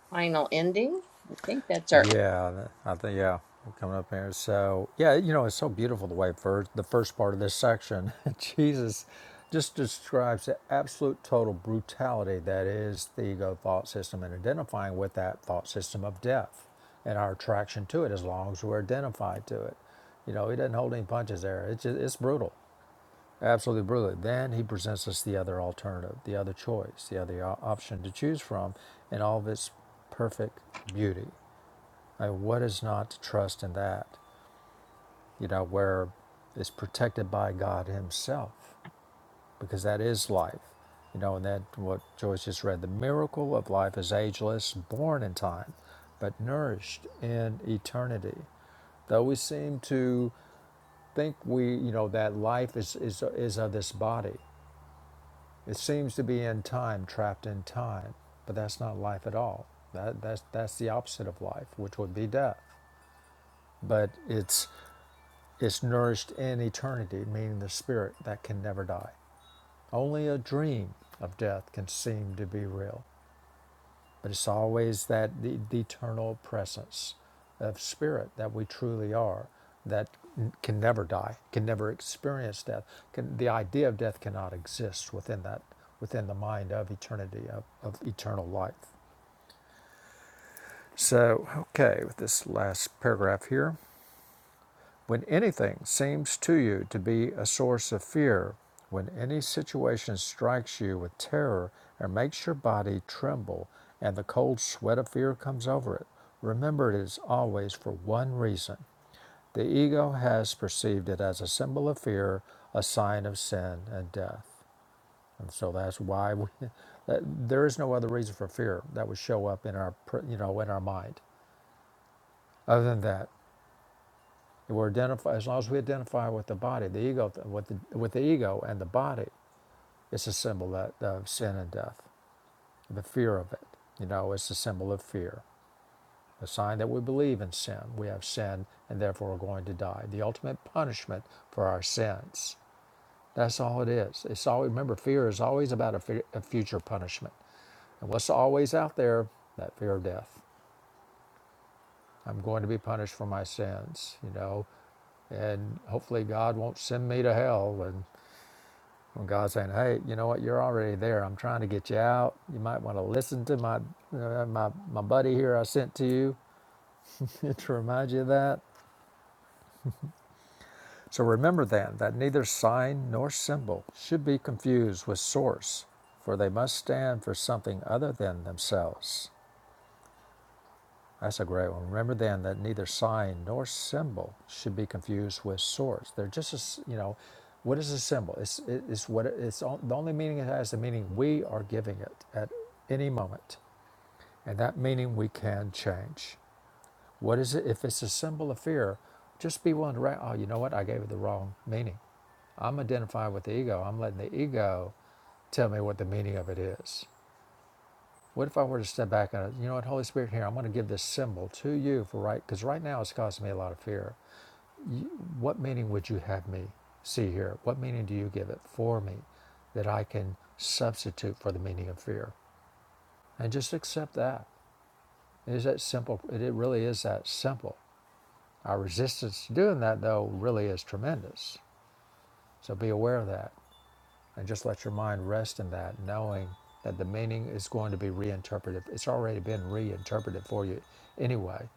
S2: final ending i think that's our
S1: Yeah, I think yeah, we're coming up here. So yeah, you know, it's so beautiful the way first the first part of this section, [laughs] Jesus, just describes the absolute total brutality that is the ego thought system, and identifying with that thought system of death and our attraction to it, as long as we're identified to it. You know, he doesn't hold any punches there. It's just, it's brutal, absolutely brutal. Then he presents us the other alternative, the other choice, the other o- option to choose from, in all of its perfect beauty like, what is not to trust in that? You know, where it's protected by God Himself, because that is life. You know, and that what Joyce just read the miracle of life is ageless, born in time, but nourished in eternity. Though we seem to think we, you know, that life is, is, is of this body, it seems to be in time, trapped in time, but that's not life at all. That, that's, that's the opposite of life, which would be death but it's Is nourished in eternity, meaning the spirit that can never die. Only a dream of death can seem to be real, but it's always that the, the eternal presence of spirit that we truly are that can never die, can never experience death. Can, the idea of death cannot exist within that, within the mind of eternity, of, of eternal life. So, okay, with this last paragraph here. When anything seems to you to be a source of fear, when any situation strikes you with terror and makes your body tremble, and the cold sweat of fear comes over it, remember it is always for one reason. The ego has perceived it as a symbol of fear, a sign of sin and death. And so that's why we, [laughs] there is no other reason for fear that would show up in our, you know, in our mind other than that. We're identify, as long as we identify with the body, the ego, with the, with the ego and the body, it's a symbol that, of sin and death, the fear of it. You know, it's a symbol of fear, a sign that we believe in sin. We have sin and therefore we're going to die. The ultimate punishment for our sins. That's all it is. It's all. Remember, fear is always about a, fu- a future punishment, and what's always out there? That fear of death. I'm going to be punished for my sins. You know, and hopefully God won't send me to hell and. When God's saying, "Hey, you know what? You're already there. I'm trying to get you out. You might want to listen to my uh, my my buddy here I sent to you [laughs] to remind you of that." So remember then that neither sign nor symbol should be confused with source, for they must stand for something other than themselves. That's a great one. Remember then that neither sign nor symbol should be confused with source. They're just, as you know, what is a symbol? It's it- it's what it- it's on- the only meaning it has the meaning we are giving it at any moment. And that meaning we can change. What is it? If it's a symbol of fear, just be willing to, write. oh, you know what? I gave it the wrong meaning. I'm identifying with the ego. I'm letting the ego tell me what the meaning of it is. What if I were to step back and, you know what, Holy Spirit, here, I'm going to give this symbol to you for right, because right now it's causing me a lot of fear. You, what meaning would you have me see here? What meaning do you give it for me that I can substitute for the meaning of fear? And just accept that. It is that simple. it really is that simple. Our resistance to doing that, though, really is tremendous. So be aware of that and just let your mind rest in that, knowing that the meaning is going to be reinterpreted. It's already been reinterpreted for you anyway.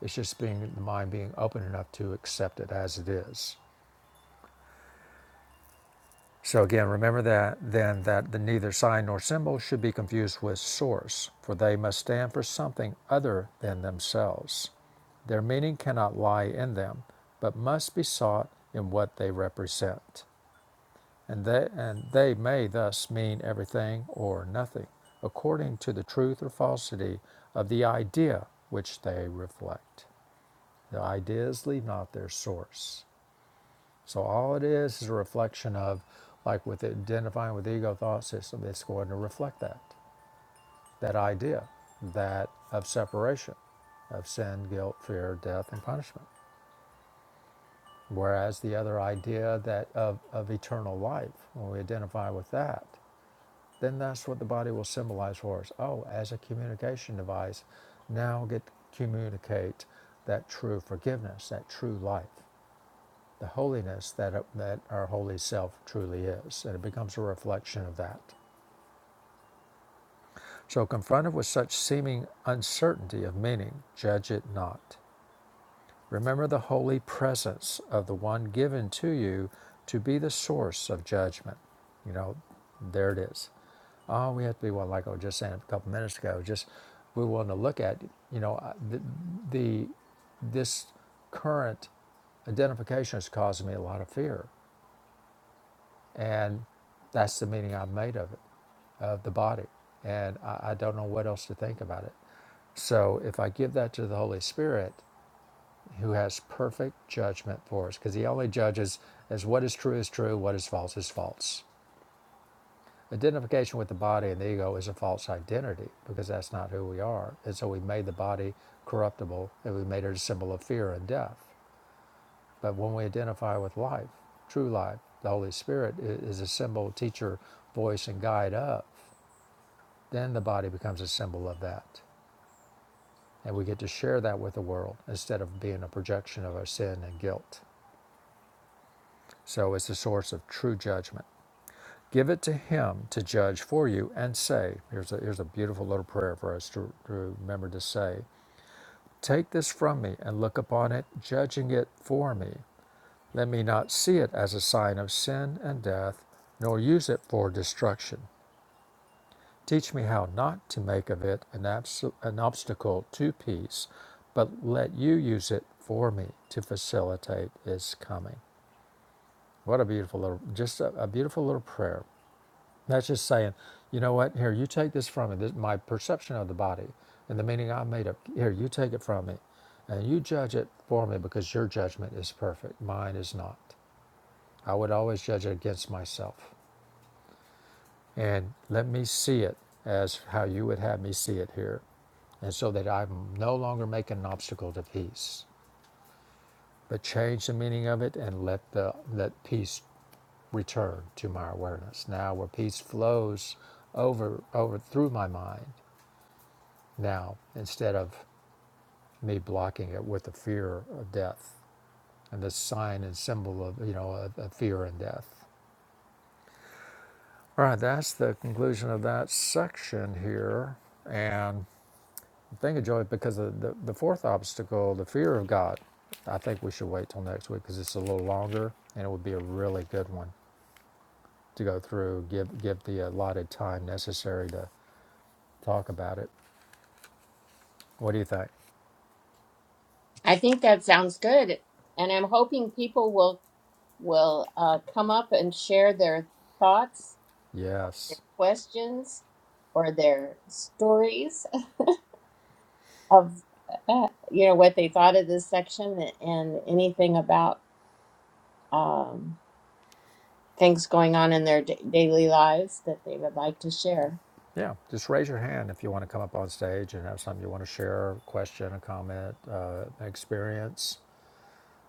S1: It's just being the mind being open enough to accept it as it is. So again, remember that then that the neither sign nor symbol should be confused with source, for they must stand for something other than themselves. Their meaning cannot lie in them, but must be sought in what they represent. And they, and they may thus mean everything or nothing, according to the truth or falsity of the idea which they reflect. The ideas leave not their source. So all it is is a reflection of, like with identifying with the ego thought system, it's going to reflect that, that idea, that of separation, of sin, guilt, fear, death, and punishment. Whereas the other idea that of, of eternal life, when we identify with that, then that's what the body will symbolize for us. Oh, as a communication device, now get to communicate that true forgiveness, that true life. the holiness that, uh, that our holy self truly is, and it becomes a reflection of that. So, confronted with such seeming uncertainty of meaning, judge it not. Remember the holy presence of the one given to you to be the source of judgment. You know, there it is. Oh, we have to be one, like I was just saying a couple minutes ago. Just we want to look at, you know, uh, the, the this current identification is causing me a lot of fear. And that's the meaning I've made of it, of the body. And I, I don't know what else to think about it. So if I give that to the Holy Spirit, who has perfect judgment for us, because he only judges as what is true is true, what is false is false. Identification with the body and the ego is a false identity because that's not who we are. And so we made the body corruptible and we made it a symbol of fear and death. But when we identify with life, true life, the Holy Spirit is a symbol, teacher, voice, and guide of, then the body becomes a symbol of that. And we get to share that with the world instead of being a projection of our sin and guilt. So it's the source of true judgment. Give it to Him to judge for you and say, here's a, here's a beautiful little prayer for us to, to remember to say, Take this from me and look upon it, judging it for me. Let me not see it as a sign of sin and death, nor use it for destruction. Teach me how not to make of it an, abso- an obstacle to peace, but let you use it for me to facilitate its coming. What a beautiful little, just a, a beautiful little prayer. That's just saying, you know what? Here, you take this from me. This, my perception of the body and the meaning I made up. Here, you take it from me, and you judge it for me because your judgment is perfect. Mine is not. I would always judge it against myself. And let me see it as how you would have me see it here. And so that I'm no longer making an obstacle to peace, but change the meaning of it and let the let peace return to my awareness. Now where peace flows over over through my mind now instead of me blocking it with the fear of death and the sign and symbol of you know of, of fear and death. All right, that's the conclusion of that section here. And the thing of joy, because of the, the fourth obstacle, the fear of God, I think we should wait till next week because it's a little longer and it would be a really good one to go through, give, give the allotted time necessary to talk about it. What do you think?
S2: i think that sounds good and i'm hoping people will will uh, come up and share their thoughts their
S1: Yes.
S2: questions or their stories of uh, you know what they thought of this section and anything about um, things going on in their da- daily lives that they would like to share.
S1: Yeah, just raise your hand if you want to come up on stage and have something you want to share, a question, a comment, uh, an experience.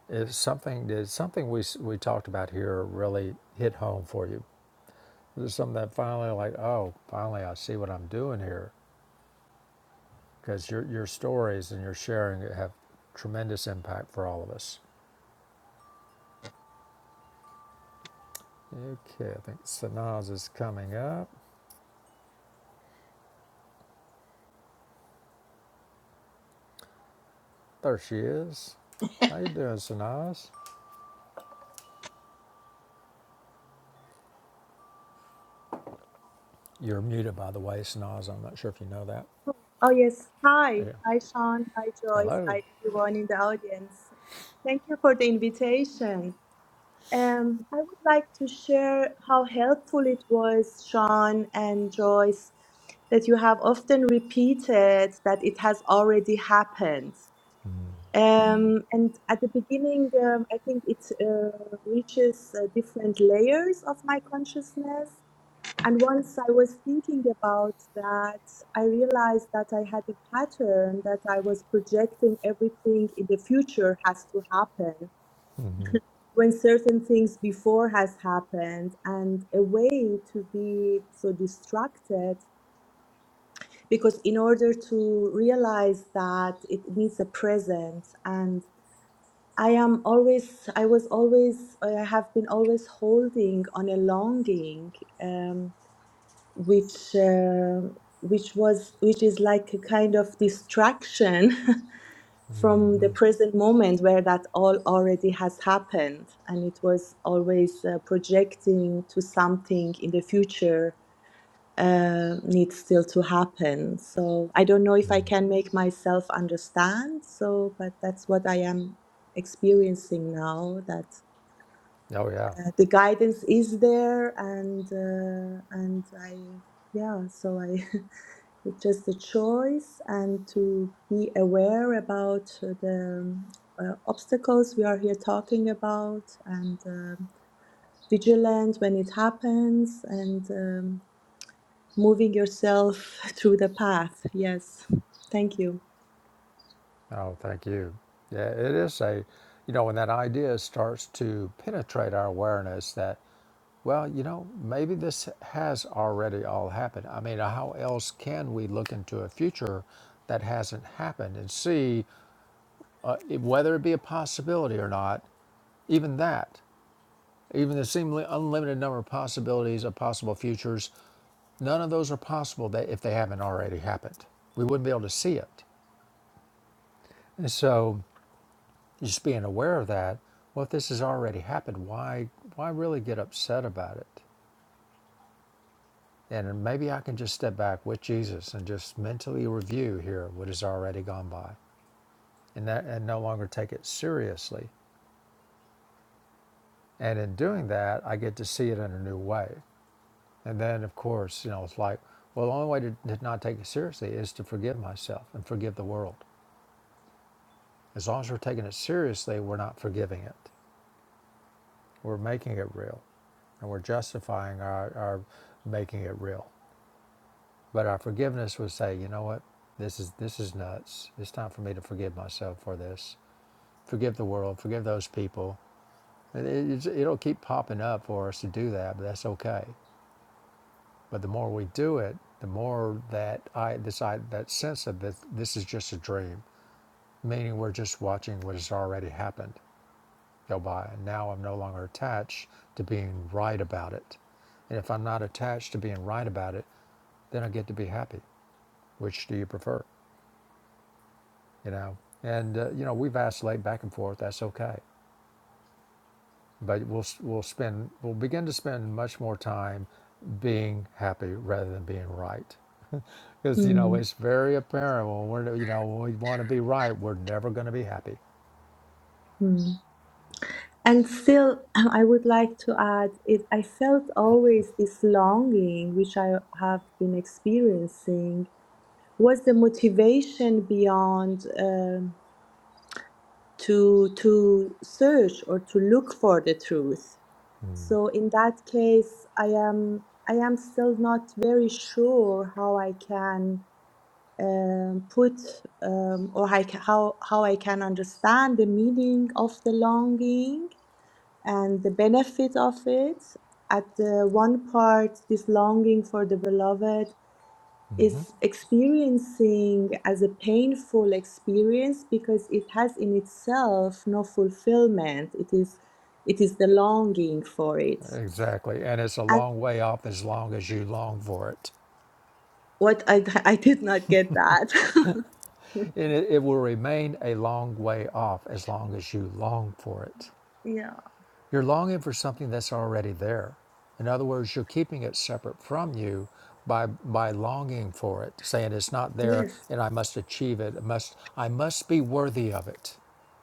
S1: If something did something we we talked about here really hit home for you, there's something that finally like, oh, finally I see what I'm doing here, because your your stories and your sharing have tremendous impact for all of us. Okay, I think Sanaz is coming up. There she is. How you doing, Sanaz? You're muted, by the way, Sanaz. I'm not sure if you know that.
S3: Oh, yes. Hi.
S1: Yeah.
S3: Hi, Sean. Hi, Joyce.
S1: Hello.
S3: Hi, everyone in the audience. Thank you for the invitation. Um, I would like to share how helpful it was, Sean and Joyce, that you have often repeated that it has already happened. Um, and at the beginning, um, I think it uh, reaches uh, different layers of my consciousness. And once I was thinking about that, I realized that I had a pattern that I was projecting everything in the future has to happen when certain things before has happened and a way to be so distracted because in order to realize that it needs a present, and I am always I was always I have been always holding on a longing um which um which was which is like a kind of distraction [laughs] from the
S1: Mm-hmm.
S3: present moment where that all already has happened and it was always uh, projecting to something in the future uh, needs still to happen so i don't know if i
S1: Mm.
S3: can make myself understand so but that's what i am experiencing now that
S1: Oh yeah.
S3: uh, the guidance is there and uh, and i yeah so i [laughs] It's just a choice and to be aware about uh, the uh, obstacles we are here talking about and um vigilant when it happens and um, moving yourself [laughs] through the path. Yes, thank you.
S1: Oh, thank you. Yeah, it is a, you know, when that idea starts to penetrate our awareness that, well, you know, maybe this has already all happened. I mean, how else can we look into a future that hasn't happened and see if- whether it be a possibility or not, even that, even the seemingly unlimited number of possibilities of possible futures, none of those are possible that if they haven't already happened. We wouldn't be able to see it. And so Just being aware of that, well, if this has already happened, why why really get upset about it? And maybe I can just step back with Jesus and just mentally review here what has already gone by, and that and no longer take it seriously. And in doing that, I get to see it in a new way. And then, of course, you know, it's like, well, the only way to, to not take it seriously is to forgive myself and forgive the world. As long as we're taking it seriously, we're not forgiving it. We're making it real, and we're justifying our, our making it real. But our forgiveness would say, you know what? This is this is nuts. It's time for me to forgive myself for this. Forgive the world. Forgive those people. And it- it'll keep popping up for us to do that, but that's okay. But the more we do it, the more that I decide that sense of that this is just a dream, meaning we're just watching what has already happened go by. And now I'm no longer attached to being right about it. And if I'm not attached to being right about it, then I get to be happy. Which do you prefer? you know and uh, you know we vacillate back and forth that's okay but we'll we'll spend we'll begin to spend much more time being happy rather than being right [laughs] because you know
S3: Mm,
S1: it's very apparent when we're you know when we want to be right we're never going to be happy
S3: mm. And still, [clears throat] I would like to add it. I felt always this longing, which I have been experiencing. Was the motivation beyond? um to to search or to look for the truth so in that case i am i am still not very sure how i can um, put um, or I ca- how how i can understand the meaning of the longing and the benefit of it at the one part this longing for the beloved
S1: hmm
S3: is experiencing as a painful experience because it has in itself no fulfillment it is it is the longing for it
S1: exactly and it's a
S3: and
S1: long way off as long as you long for it
S3: what i [laughs] i did not get that
S1: and it, it will remain a long way off as long as you long for it
S3: [laughs] yeah
S1: You're longing for something that's already there. In other words, you're keeping it separate from you by by longing for it, saying it's not there
S3: yes
S1: and I must achieve it. I must I must be worthy of it.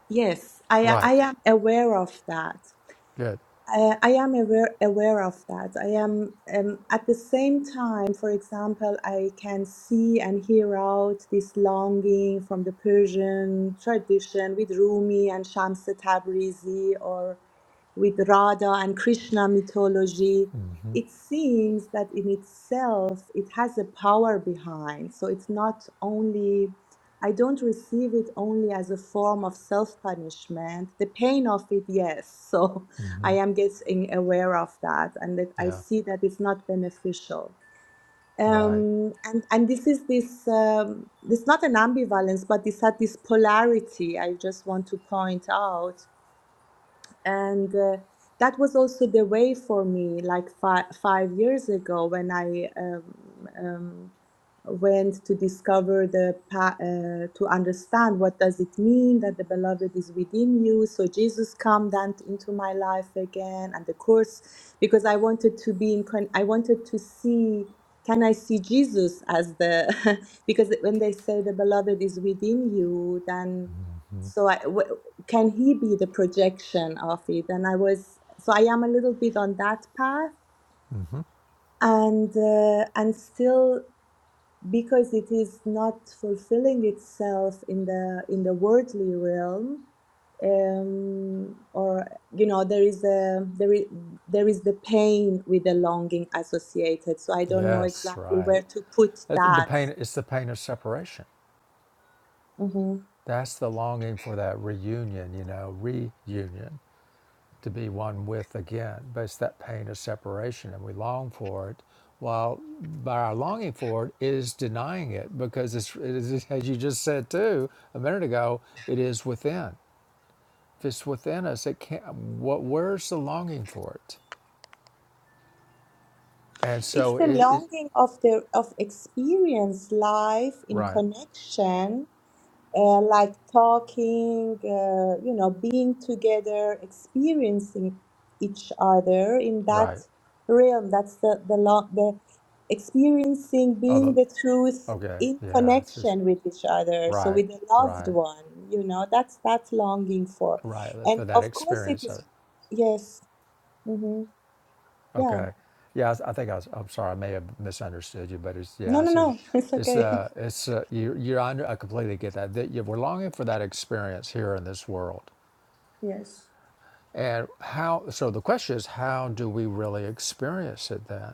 S3: yes i i
S1: Right.
S3: am aware of that
S1: Good.
S3: Uh, I am aware aware of that. I am um, at the same time, for example, I can see and hear out this longing from the Persian tradition with Rumi and Shams Tabrizi or with Radha and Krishna mythology. It seems that in itself it has a power behind. So it's not only I don't receive it only as a form of self punishment. The pain of it, yes. [laughs] So I am getting aware of that and that I
S1: Yeah.
S3: see that it's not beneficial.
S1: Right.
S3: Um, and, and this is this, um, it's not an ambivalence, but it's at this polarity I just want to point out and uh, that was also the way for me like five, five years ago when i um, um, went to discover the pa- uh, to understand what does it mean that the beloved is within you so jesus come then into my life again and the course because i wanted to be in con- i wanted to see can i see jesus as the [laughs] because when they say the beloved is within you then
S1: Mm-hmm.
S3: so I, can he be the projection of it and i was so i am a little bit on that path
S1: Mm-hmm.
S3: and uh, and still because it is not fulfilling itself in the in the worldly realm um, or you know there is a there is there is the pain with the longing associated so i don't know
S1: Yes,
S3: exactly
S1: right.
S3: where to put
S1: Uh, The
S3: that
S1: pain it's the pain of separation.
S3: hmm
S1: That's the longing for that reunion, you know, reunion. to be one with again. But it's that pain of separation, and we long for it. While by our longing for it is denying it, because it's, it is, [laughs] as you just said too a minute ago, it is within. If it's within us, it can't. What? Where's the longing for it? And
S3: It's
S1: so
S3: the
S1: it, it
S3: longing of the of experience life in
S1: right,
S3: connection uh, like talking, uh, you know, being together, experiencing each other in that
S1: right.
S3: realm. That's the the lo- the experiencing
S1: Oh,
S3: being the truth
S1: okay,
S3: in
S1: yeah, it's, it's-
S3: connection with each other. So
S1: right,
S3: with the loved
S1: right,
S3: one, you know, that's that's longing for,
S1: right.
S3: and
S1: For that
S3: of course it
S1: experience of
S3: is.
S1: it.
S3: Yes. Mm-hmm. Yeah.
S1: Okay. Yeah, I, I think I was, I'm sorry, I may have misunderstood you, but it's,
S3: No.
S1: yeah, I
S3: No.
S1: see. what you-
S3: No. [laughs] It's
S1: It's,
S3: okay. [laughs]
S1: uh, it's, uh, you, you're, I I completely get that. That you, we're longing for that experience here in this world.
S3: Yes.
S1: And how, so the question is, how do we really experience it then?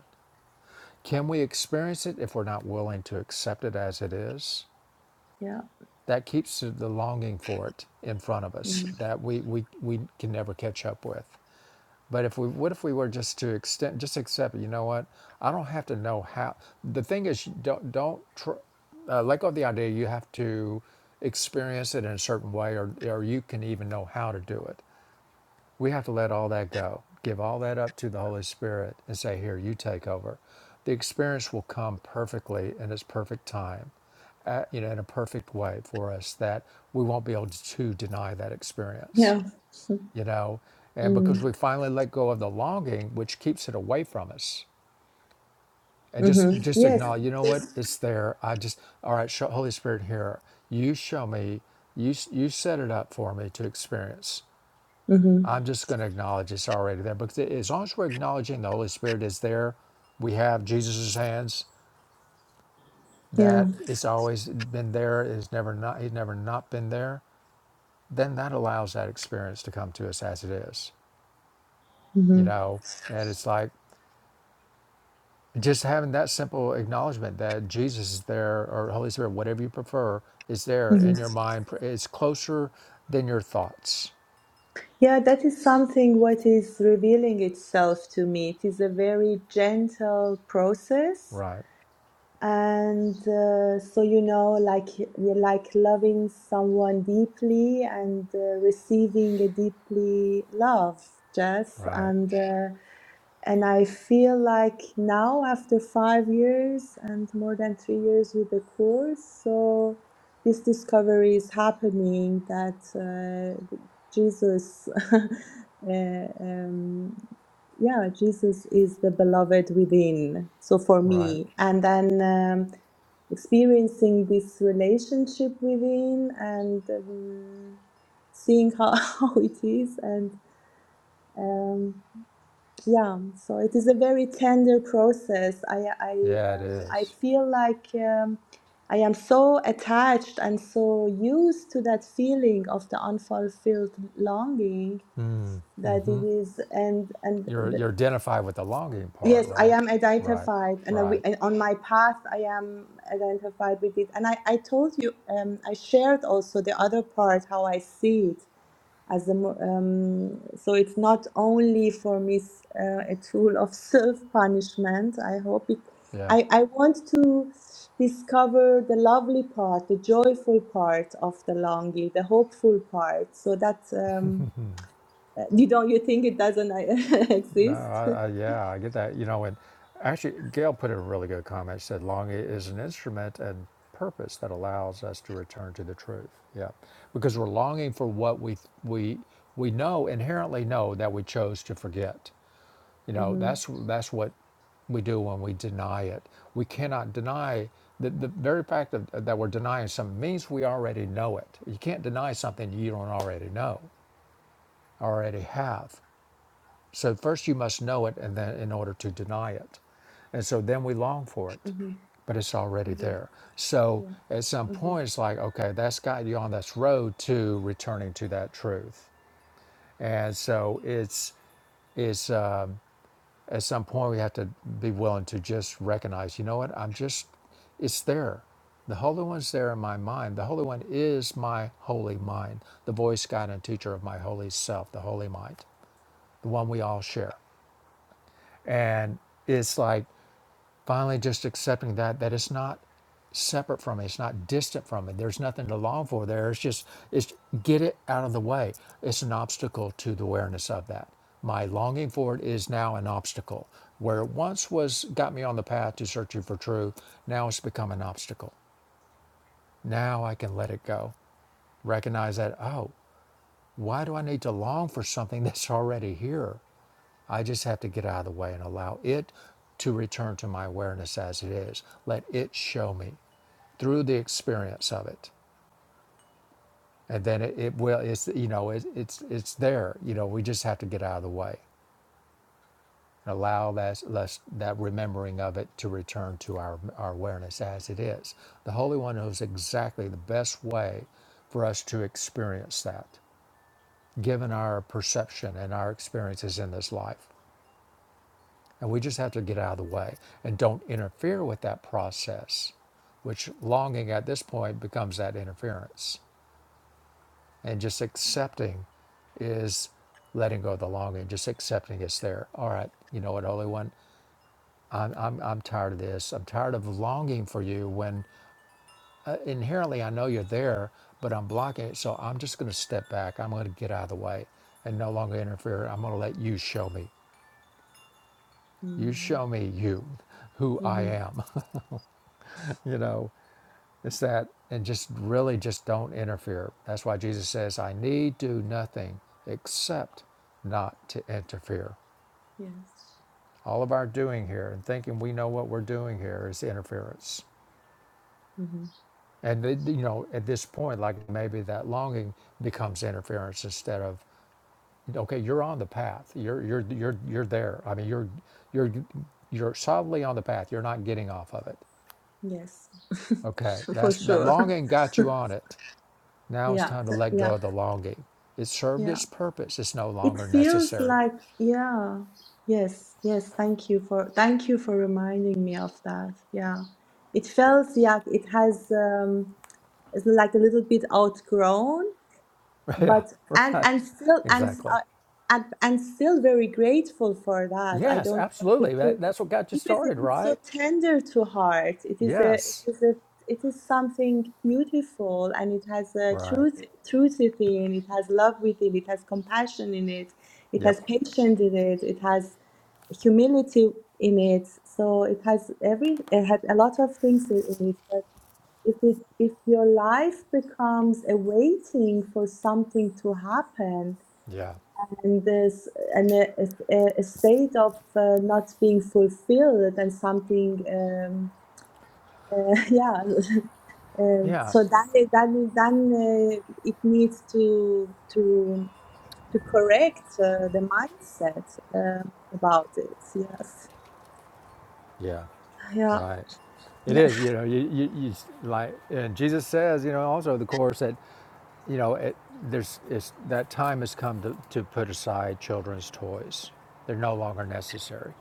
S1: Can we experience it if we're not willing to accept it as it is?
S3: Yeah.
S1: That keeps the longing for it in front of us
S3: Mm.
S1: that we, we, we can never catch up with. But if we, what if we were just to extend, just accept it? You know what? I don't have to know how. The thing is, you don't don't tr- uh, let go of the idea. You have to experience it in a certain way, or or you can even know how to do it. We have to let all that go. Give all that up to the Holy Spirit and say, "Here, you take over." The experience will come perfectly in its perfect time, uh, you know, in a perfect way for us that we won't be able to deny that experience
S3: Yeah.
S1: you know and because
S3: Mm.
S1: we finally let go of the longing which keeps it away from us and just
S3: Mm-hmm.
S1: just
S3: Yes.
S1: acknowledge you know what
S3: yes,
S1: it's there i just all right show, holy spirit here you show me you you set it up for me to experience
S3: Mm-hmm.
S1: i'm just going to acknowledge it's already there because as long as we're acknowledging the holy spirit is there we have Jesus's hands that
S3: Yeah.
S1: it's always been there is never not he's never not been there then that allows that experience to come to us as it is
S3: mm-hmm.
S1: you know and it's like just having that simple acknowledgement that Jesus is there or Holy Spirit, whatever you prefer, is there
S3: Mhm.
S1: in your mind. It's closer than your thoughts.
S3: Yeah, that is something what is revealing itself to me. It is a very gentle process.
S1: Right,
S3: And uh, so, you know, like like loving someone deeply and uh, receiving a deeply love, Jess.
S1: right,
S3: And uh, And I feel like now, after five years and more than three years with the course, so this discovery is happening that uh, Jesus, [laughs] uh, um, yeah, Jesus is the beloved within. So for
S1: right.
S3: me, and then um, experiencing this relationship within and um, seeing how, [laughs] how it is and. um, yeah, so it is a very tender process. I I
S1: Yeah, it
S3: um,
S1: mm
S3: I
S1: is.
S3: feel like um, I am so attached and so used to that feeling of the unfulfilled longing that
S1: is.
S3: it is, and and
S1: You're
S3: the,
S1: you're identified with the longing part,
S3: yes, I
S1: right?
S3: am
S1: Right,
S3: identified, and, I,
S1: right.
S3: and on my path I am identified with it. And I I told you, um, I shared also the other part how I see it as a, mo- um, so it's not only for me s- uh, a tool of [laughs] self punishment i hope it
S1: Yeah.
S3: I, I want to discover the lovely part the joyful part of the longing the hopeful part so that um, uh, you don't you think it doesn't uh, [laughs]
S1: No,
S3: exist
S1: I,
S3: [laughs]
S1: I, yeah, I get that. You know, and actually, Gail put in a really good comment. She said, longing is an instrument and purpose that allows us to return to the truth. Yeah, because we're longing for what we we we know inherently know that we chose to forget. You know,
S3: hmm
S1: that's that's what we do when we deny it. We cannot deny the, the very fact of, that we're denying something means we already know it. You can't deny something you don't already know, already have. So first you must know it and then in order to deny it. And so then we long for it,
S3: hmm
S1: but it's already
S3: hmm
S1: there. So
S3: yeah
S1: at some
S3: hmm
S1: point it's like, okay, that's got you on this road to returning to that truth. And so it's it's um, at some point we have to be willing to just recognize, you know what, I'm just it's there. The Holy One's there in my mind. The Holy One is my holy mind, the voice, guide, and teacher of my holy self, the holy mind, the one we all share. and it's like finally just accepting that that it's not separate from it, it's not distant from it. there's nothing to long for there it's just it's get it out of the way it's an obstacle to the awareness of that my longing for it is now an obstacle where it once was got me on the path to searching for truth now it's become an obstacle now i can let it go recognize that oh why do i need to long for something [laughs] that's already here I just have to get out of the way and allow it to return to my awareness as it is. Let it show me through the experience of it. And then it, it will, it's, you know, it, it's, it's there, you know, we just have to get out of the way and allow that, that remembering of it to return to our, our awareness as it is. The Holy One knows exactly the best way for us to experience that, given our perception and our experiences in this life. And we just have to get out of the way and don't interfere with that process, which longing at this point becomes that interference. And just accepting is letting go of the longing, just accepting it's there. All right, you know what, Holy One, I'm, I'm, I'm tired of this. I'm tired of longing for you when uh, inherently I know you're there, but I'm blocking it. So I'm just going to step back. I'm going to get out of the way and no longer interfere. I'm going to let you show me. You show me you, who
S3: mm
S1: I
S3: hmm
S1: am, [laughs] you know. It's that, and just really just don't interfere. That's why Jesus says, I need do nothing except not to interfere.
S3: yes
S1: All of our doing here and thinking we know what we're doing here is interference.
S3: hmm
S1: And, you know, at this point, like maybe that longing becomes interference instead of, okay, you're on the path. You're, you're, you're, you're there. I mean, you're, you're, you're solidly on the path. You're not getting off of it.
S3: yes
S1: Okay.
S3: [laughs] for
S1: That's, that
S3: sure [laughs]
S1: longing got you on it. Now it's
S3: yeah
S1: time to
S3: th-
S1: let go
S3: yeah
S1: of the longing. It served
S3: yeah
S1: its purpose. It's no
S3: It
S1: longer
S3: feels
S1: necessary.
S3: like, yeah, yes, yes. Thank you for thank you for reminding me of that. Yeah, it feels yeah, it has um, it's like a little bit outgrown,
S1: [laughs] Yeah,
S3: but and
S1: right.
S3: and still and s-
S1: Exactly.
S3: uh, and and still very grateful for that. I
S1: Yes,
S3: don't want it
S1: absolutely.
S3: to
S1: That, that's what got you
S3: because it
S1: started,
S3: is so
S1: right?
S3: tender to heart. It is a it
S1: Yes.
S3: is a it is something beautiful and it has a
S1: Right.
S3: truth truth within it has love within it has compassion in it it
S1: Yep.
S3: has patience in it it has humility in it so it has every it has a lot of things in in it if it if your life becomes a waiting for something to happen
S1: Yeah.
S3: and this and a, a, a state of uh, not being fulfilled and something um, uh, [laughs] yeah [laughs] uh,
S1: Yeah.
S3: so then it- then it- then uh, it needs to to to correct uh, the mindset um about it yes
S1: Yeah.
S3: yeah
S1: Right. It
S3: yeah
S1: is, you know, you, you, you s- like, and Jesus says, you know, also in the course that, you know, it, there's, it's, that time has come to, to put aside children's toys. They're no longer necessary.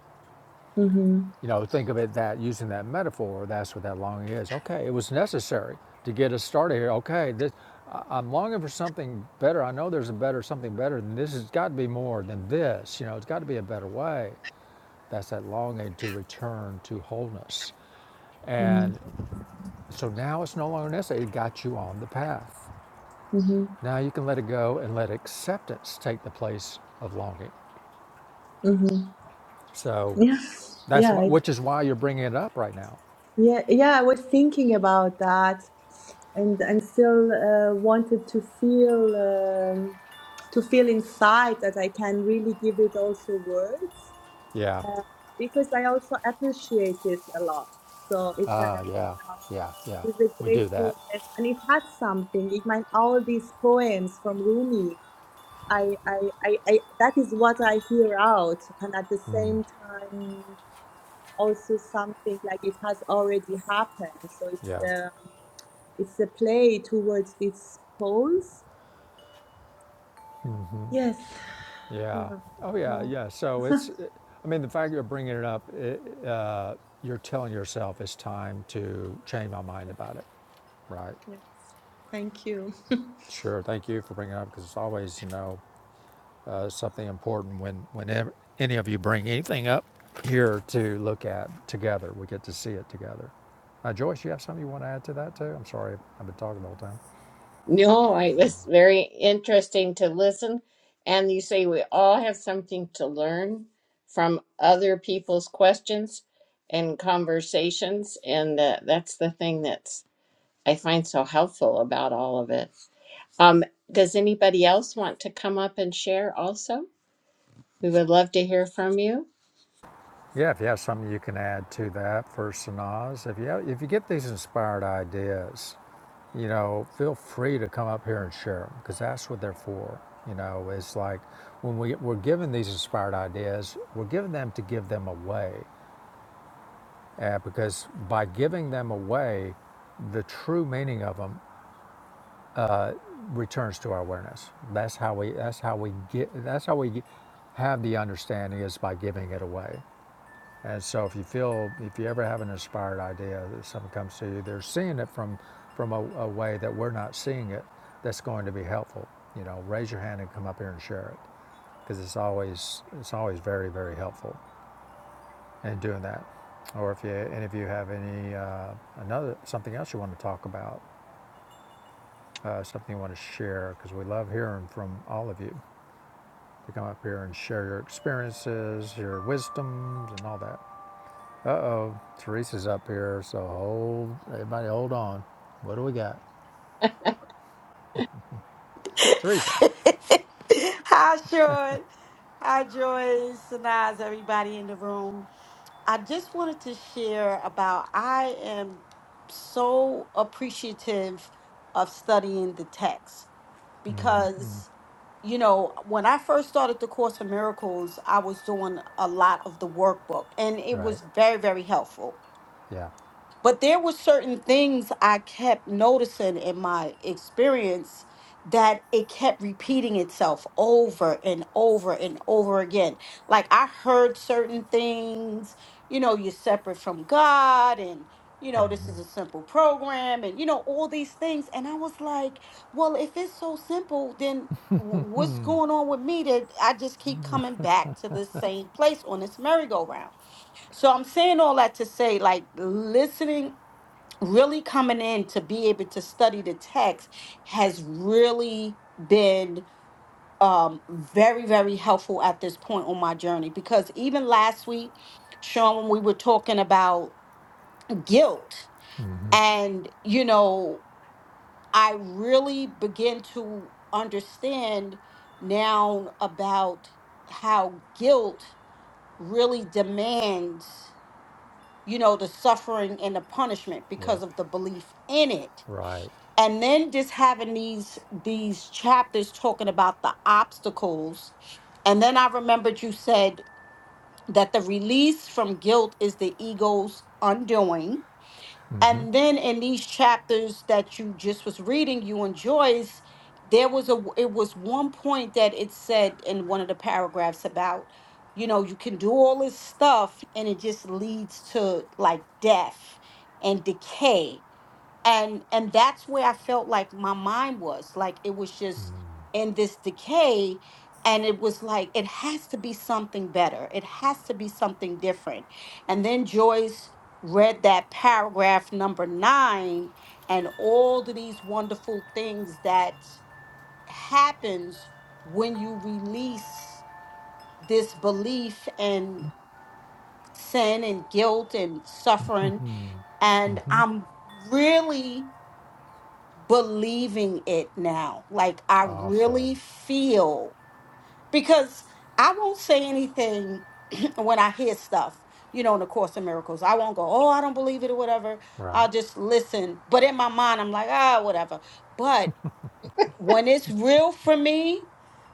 S3: [laughs] mm-hmm.
S1: You know, think of it that using that metaphor, that's what that longing is. Okay, it was necessary to get us started here. Okay, this, I- am longing for something better. I know there's a better, something better than this. It's got to be more than this. You know, it's got to be a better way. That's that longing to return to wholeness. And
S3: Mm-hmm.
S1: so now it's no longer necessary. It got you on the path.
S3: Mm-hmm.
S1: Now you can let it go and let acceptance take the place of longing.
S3: Mm-hmm.
S1: So
S3: yeah
S1: that's
S3: yeah
S1: why, which is why you're bringing it up right now.
S3: Yeah, yeah, I was thinking about that and and still uh, wanted to feel um, to feel inside that I can really give it also words
S1: Yeah.
S3: uh, because I also appreciate it a lot. So it uh,
S1: Ah,
S3: you
S1: yeah,
S3: know
S1: yeah, yeah.
S3: there is a
S1: We do that.
S3: gratefulness and it had something. It meant all these poems from Rumi. I, I, I, I that is what I hear out and at the same time also something like it has already happened. So it's
S1: Yeah,
S3: um, it's a play towards these poles. Yes.
S1: yeah.
S3: Yeah.
S1: Oh, yeah,
S3: Uh,
S1: yeah. So
S3: [laughs]
S1: it's, I mean, the fact you're bringing it up, it, uh, you're telling yourself it's time to change my mind about it, right?
S3: yes. Thank you. [laughs]
S1: Sure. Thank you for bringing it up because it's always, you know, uh, something important when whenever any of you bring anything up here to look at together. We get to see it together. Uh, Joyce, you have something you want to add to that too? I'm sorry, I've been talking the whole time.
S2: No, it was very interesting to listen. And you say we all have something to learn from other people's questions and conversations, and uh, that's the thing that's I find so helpful about all of it. Um, does anybody else want to come up and share also? We would love to hear from you.
S1: Yeah, if you have something you can add to that for Sanaz, if you have, if you get these inspired ideas, you know, feel free to come up here and share them because that's what they're for. You know, it's like when we, we're given these inspired ideas, we're given them to give them away. Uh, because by giving them away, the true meaning of them returns to our awareness. That's how we, that's how we get, that's how we have the understanding is by giving it away. And so if you feel, if you ever have an inspired idea that something comes to you, they're seeing it from, from a, a way that we're not seeing it that's going to be helpful. You know, raise your hand and come up here and share it because it's always, it's always very, very helpful in doing that. Or if you, and if you have any, uh, another, something else you want to talk about, uh, something you want to share, because we love hearing from all of you to come up here and share your experiences, your wisdoms, and all that. Teresa's up here, so hold, everybody hold on. What do we got?
S4: [laughs]
S1: Teresa.
S4: Hi, Sean. Hi, Joyce. And how's everybody in the room? I just wanted to share about I am so appreciative of studying the text because, you know, when I first started the Course of Miracles, I was doing a lot of the workbook and it
S1: Right.
S4: was very, very helpful.
S1: Yeah.
S4: But there were certain things I kept noticing in my experience that it kept repeating itself over and over and over again. Like I heard certain things, you know, you're separate from God and you know, this is a simple program and you know all these things and I was like, well, if it's so simple, then wh- what's going on with me that I just keep coming back to the same place on this merry-go-round? So I'm saying all that to say, like, listening really coming in to be able to study the text has really been um, very, very helpful at this point on my journey because even last week, Sean, when we were talking about guilt, and you know, I really begin to understand now about how guilt really demands, you know, the suffering and the punishment
S1: Yep.
S4: because of the belief in it
S1: Right.
S4: and then just having these these chapters talking about the obstacles and then i remembered you said that the release from guilt is the ego's undoing and then in these chapters that you just was reading you and joyce there was a it was one point that it said in one of the paragraphs about you know you can do all this stuff and it just leads to like death and decay and and that's where i felt like my mind was like it was just in this decay and it was like it has to be something better it has to be something different and then joyce read that paragraph number nine and all of these wonderful things that happens when you release this belief and sin and guilt and suffering and i'm really believing it now. Like I
S1: Awesome.
S4: really feel because I won't say anything [clears throat] when I hear stuff, you know, in the Course of Miracles. I won't go, oh, I don't believe it or whatever.
S1: Right.
S4: I'll just listen. But in my mind, I'm like, ah, whatever. But when it's real for me,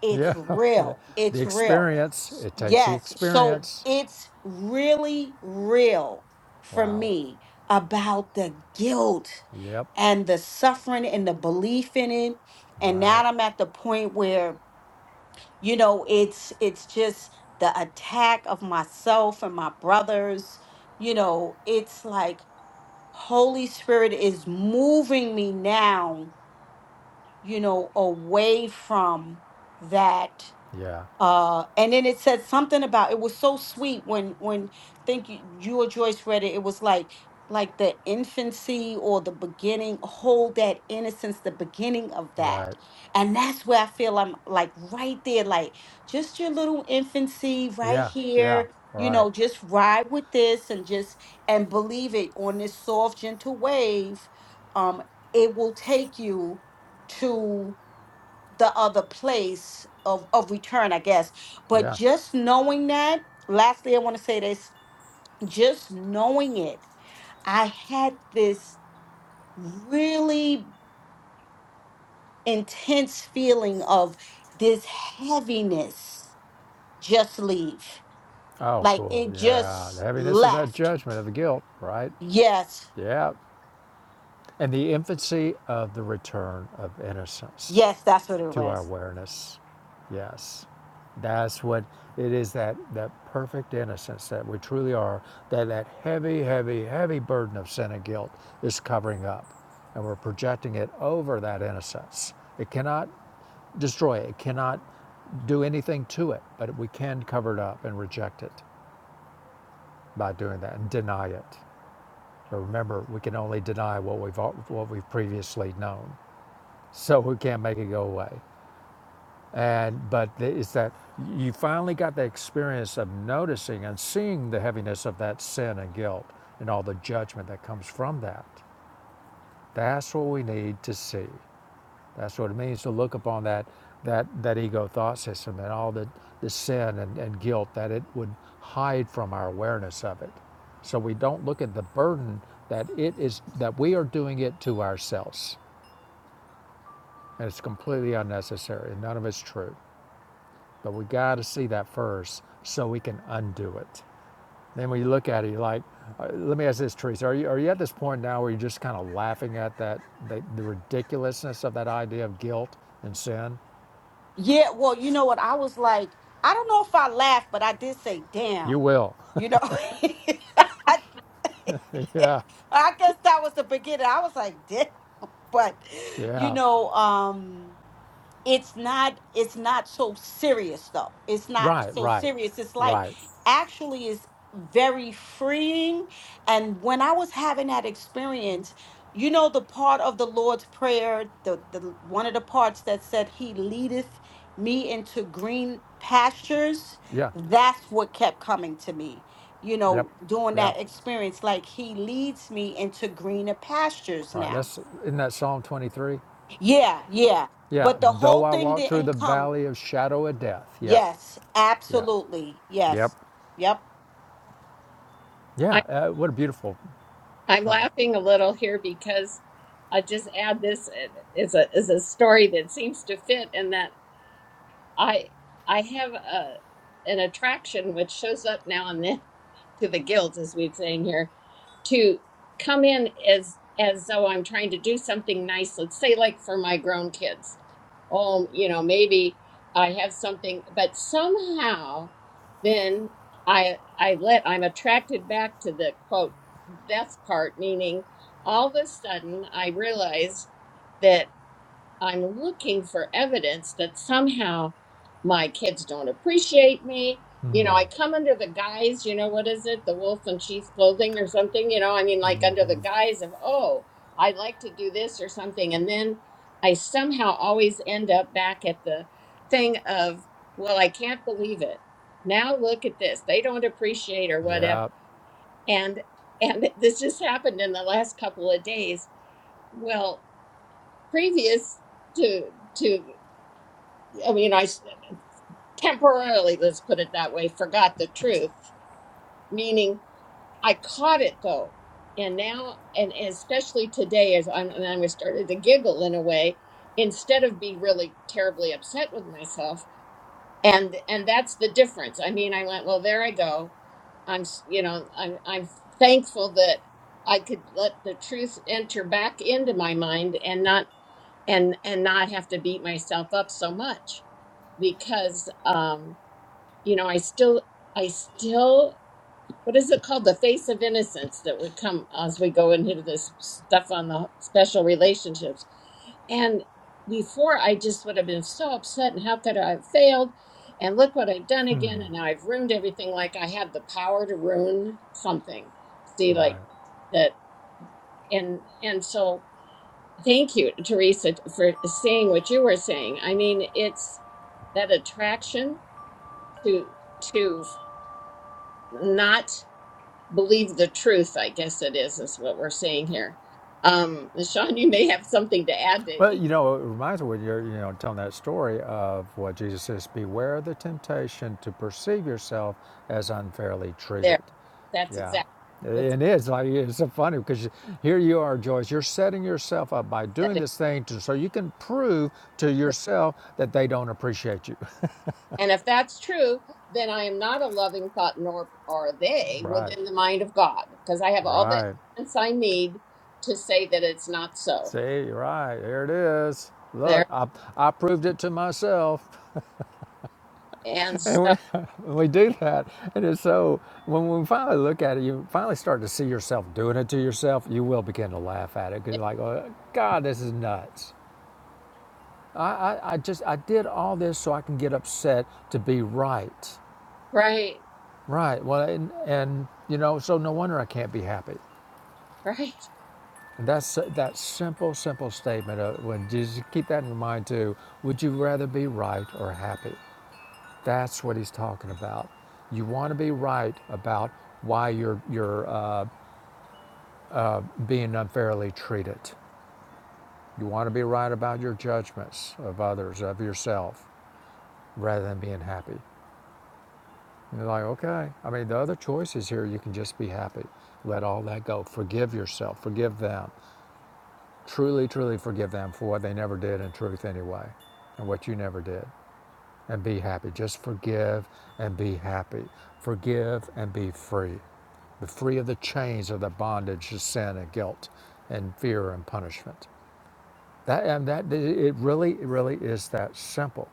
S4: it's
S1: Yeah. [laughs]
S4: real.
S1: The
S4: It's real.
S1: experience. It takes the
S4: Yes. So Mhm.
S1: experience.
S4: it's really real for
S1: Wow.
S4: me about the guilt
S1: Yep.
S4: and the suffering and the belief in it. And
S1: Right.
S4: now I'm at the point where, you know, it's it's just the attack of myself and my brothers. You know, it's like Holy Spirit is moving me now, you know, away from that
S1: Yeah.
S4: uh and then it said something about it was so sweet when when think you, you or joyce read it it was like like the infancy or the beginning hold that innocence the beginning of that
S1: Right.
S4: and that's where i feel i'm like right there like just your little infancy right
S1: Yeah. Yeah.
S4: here you
S1: Right.
S4: know just ride with this and just and believe it on this soft gentle wave um it will take you to the other place of, of return, I guess. But
S1: Yeah.
S4: just knowing that, lastly, I want to say this just knowing it, I had this really intense feeling of this heaviness just leave.
S1: Oh,
S4: Like
S1: cool.
S4: it
S1: Yeah. The
S4: just
S1: heaviness of that
S4: left.
S1: judgment of the guilt. Right.
S4: Yes,
S1: Yeah. And the infancy of the return of innocence.
S4: yes, that's what it
S1: to our
S4: was.
S1: awareness. Yes. That's what it is that, that perfect innocence that we truly are, that that heavy, heavy, heavy burden of sin and guilt is covering up. And we're projecting it over that innocence. It cannot destroy it, it cannot do anything to it, but we can cover it up and reject it by doing that and deny it. But remember, we can only deny what we've, what we've previously known, so we can't make it go away. And but it's that you finally got the experience of noticing and seeing the heaviness of that sin and guilt and all the judgment that comes from that. That's what we need to see. That's what it means to look upon that that that ego thought system and all the, the sin and, and guilt that it would hide from our awareness of it. So we don't look at the burden that it is that we are doing it to ourselves. And it's completely unnecessary and none of it's true. But we got to see that first so we can undo it. Then when you look at it, you're like, uh, let me ask this, Teresa, are you, are you at this point now where you're just kind of laughing at that, the, the ridiculousness of that idea of guilt and sin?
S4: Yeah, well, you know what? I was like, I don't know if I laughed, but I did say,
S1: You
S4: damn,
S1: will.
S4: you know, [laughs] I
S1: [laughs] yeah.
S4: [laughs] I guess that was the beginning. I was like, "Did," but you
S1: Yeah.
S4: know, um it's not it's not so serious though it's not
S1: Right,
S4: so
S1: right,
S4: serious it's like
S1: right.
S4: actually is very freeing and when i was having that experience you know the part of the lord's prayer the, the one of the parts that said he leadeth me into green pastures
S1: Yeah.
S4: that's what kept coming to me you
S1: Yep.
S4: know during
S1: Yep.
S4: that experience like he leads me into greener pastures
S1: Right.
S4: now
S1: That's in that Psalm 23.
S4: yeah yeah
S1: Yeah.
S4: but the
S1: Though
S4: whole
S1: I
S4: thing
S1: walk through the
S4: didn't come
S1: valley of shadow of death. Yeah.
S4: Yes,
S1: Yeah.
S4: absolutely.
S1: Yep.
S4: Yes. Yep.
S1: Yeah.
S2: I,
S1: Uh, what a beautiful.
S2: I'm
S1: Poem.
S2: laughing a little here because I just add this is a is a story that seems to fit in that I I have a an attraction which shows up now and then [laughs] to the guilt, as we're saying here, to come in as as though I'm trying to do something nice. Let's say, like for my grown kids. Oh, you know, maybe I have something, but somehow then I I let I'm attracted back to the quote death part, meaning all of a sudden I realize. that. I'm looking for evidence that somehow my kids don't appreciate me. You know, I come under the guise, you know, what is it? The wolf in sheep's clothing or something, you know, I mean, like under the guise of, oh, I like to do this or something. And then I somehow always end up back at the thing of, well, I can't believe it. Now look at this. They don't appreciate or whatever.
S1: Yeah.
S2: And and this just happened in the last couple of days. Well, previous to to I mean, I s- temporarily, let's put it that way, forgot the truth, meaning I caught it though. And now, and especially today, as I'm, and I started to giggle in a way, instead of be really terribly upset with myself. And, and that's the difference. I mean, I went, well, there I go. I'm, s- you know, I'm, I'm thankful that I could let the truth enter back into my mind and not, and, and not have to beat myself up so much because, um, you know, I still, I still, what is it called? The face of innocence that would come as we go into this stuff on the special relationships. And before, I just would have been so upset and how could I have failed? And look what I've done again. And now I've ruined everything. Like I had the power to ruin something. See,
S1: Right.
S2: like that. And, and so thank you, Teresa, for saying what you were saying. I mean, it's that attraction to, to, not believe the truth, I guess it is, is what we're seeing here. Um, Sean, you may have something to add
S1: Well,
S2: to
S1: you know, it reminds me when you're, you know, telling that story of what Jesus says beware of the temptation to perceive yourself as unfairly
S2: there.
S1: treated.
S2: That's
S1: Yeah.
S2: exactly that's
S1: it's like, it's so funny because here you are, Joyce, you're setting yourself up by
S2: that
S1: doing
S2: is
S1: this thing to, so you can prove to
S2: true.
S1: yourself that they don't appreciate you. [laughs]
S2: And if that's true, then I am not a loving thought, nor are they
S1: Right.
S2: within the mind of God, because I have all the
S1: Right.
S2: evidence I need to say that it's not so.
S1: See, right. Here it is. Look,
S2: There
S1: I, I proved it to myself.
S2: and
S1: And we,
S2: so,
S1: [laughs] we do that. And it's so, when we finally look at it, you finally start to see yourself doing it to yourself. You will begin to laugh at it because you're like, oh, God, this is nuts. I, I, I just, I did all this so I can get upset to be right.
S2: right,
S1: Right. Well, and, and you know, so no wonder I can't be happy.
S2: right,
S1: And that's that simple, simple statement of when Jesus, keep that in your mind too. Would you rather be right or happy? That's what he's talking about. You want to be right about why you're, you're uh, being unfairly treated. You want to be right about your judgments of others, of yourself, rather than being happy. And you're like, okay, I mean, the other choice is here, you can just be happy. Let all that go. Forgive yourself. Forgive them. Truly, truly forgive them for what they never did in truth anyway, and what you never did. and be happy. Just forgive and be happy. Forgive and be free. Be free of the chains of the bondage of sin and guilt and fear and punishment. That and that it really, it really is that simple.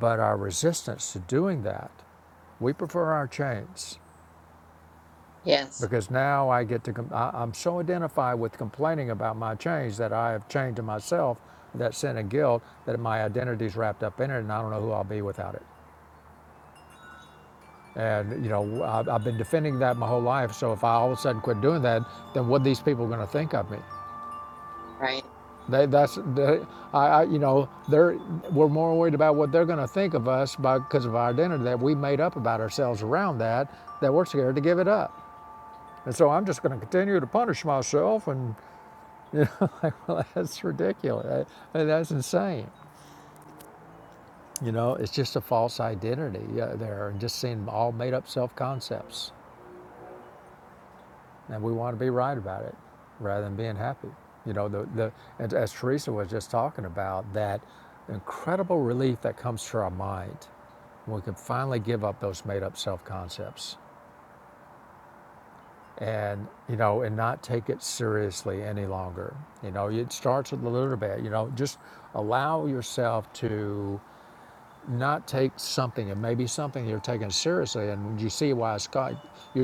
S1: But our resistance to doing that, we prefer our chains
S2: yes,
S1: because now I get to. Com- I, I'm so identified with complaining about my chains that I have chained to myself that sin and guilt that my identity is wrapped up in it, and I don't know who I'll be without it. And, you know, I've, been defending that my whole life. So if I all of a sudden quit doing that, then what are these people going to think of me?
S2: right,
S1: They, that's, they, I, I, you know, they're, we're more worried about what they're going to think of us by, because of our identity that we made up about ourselves around that, that we're scared to give it up. And so I'm just going to continue to punish myself. And, [laughs] you know, like, well, that's ridiculous. I- I- That's insane. You know, it's just a false identity uh, there and just seeing all made up self concepts. and we want to be right about it rather than being happy. You know, the, the and as Teresa was just talking about, that incredible relief that comes to our mind when we can finally give up those made up self concepts and you know and not take it seriously any longer you know it starts with a little bit you know just allow yourself to not take something, and maybe something you're taking seriously, and you see why it's, ca-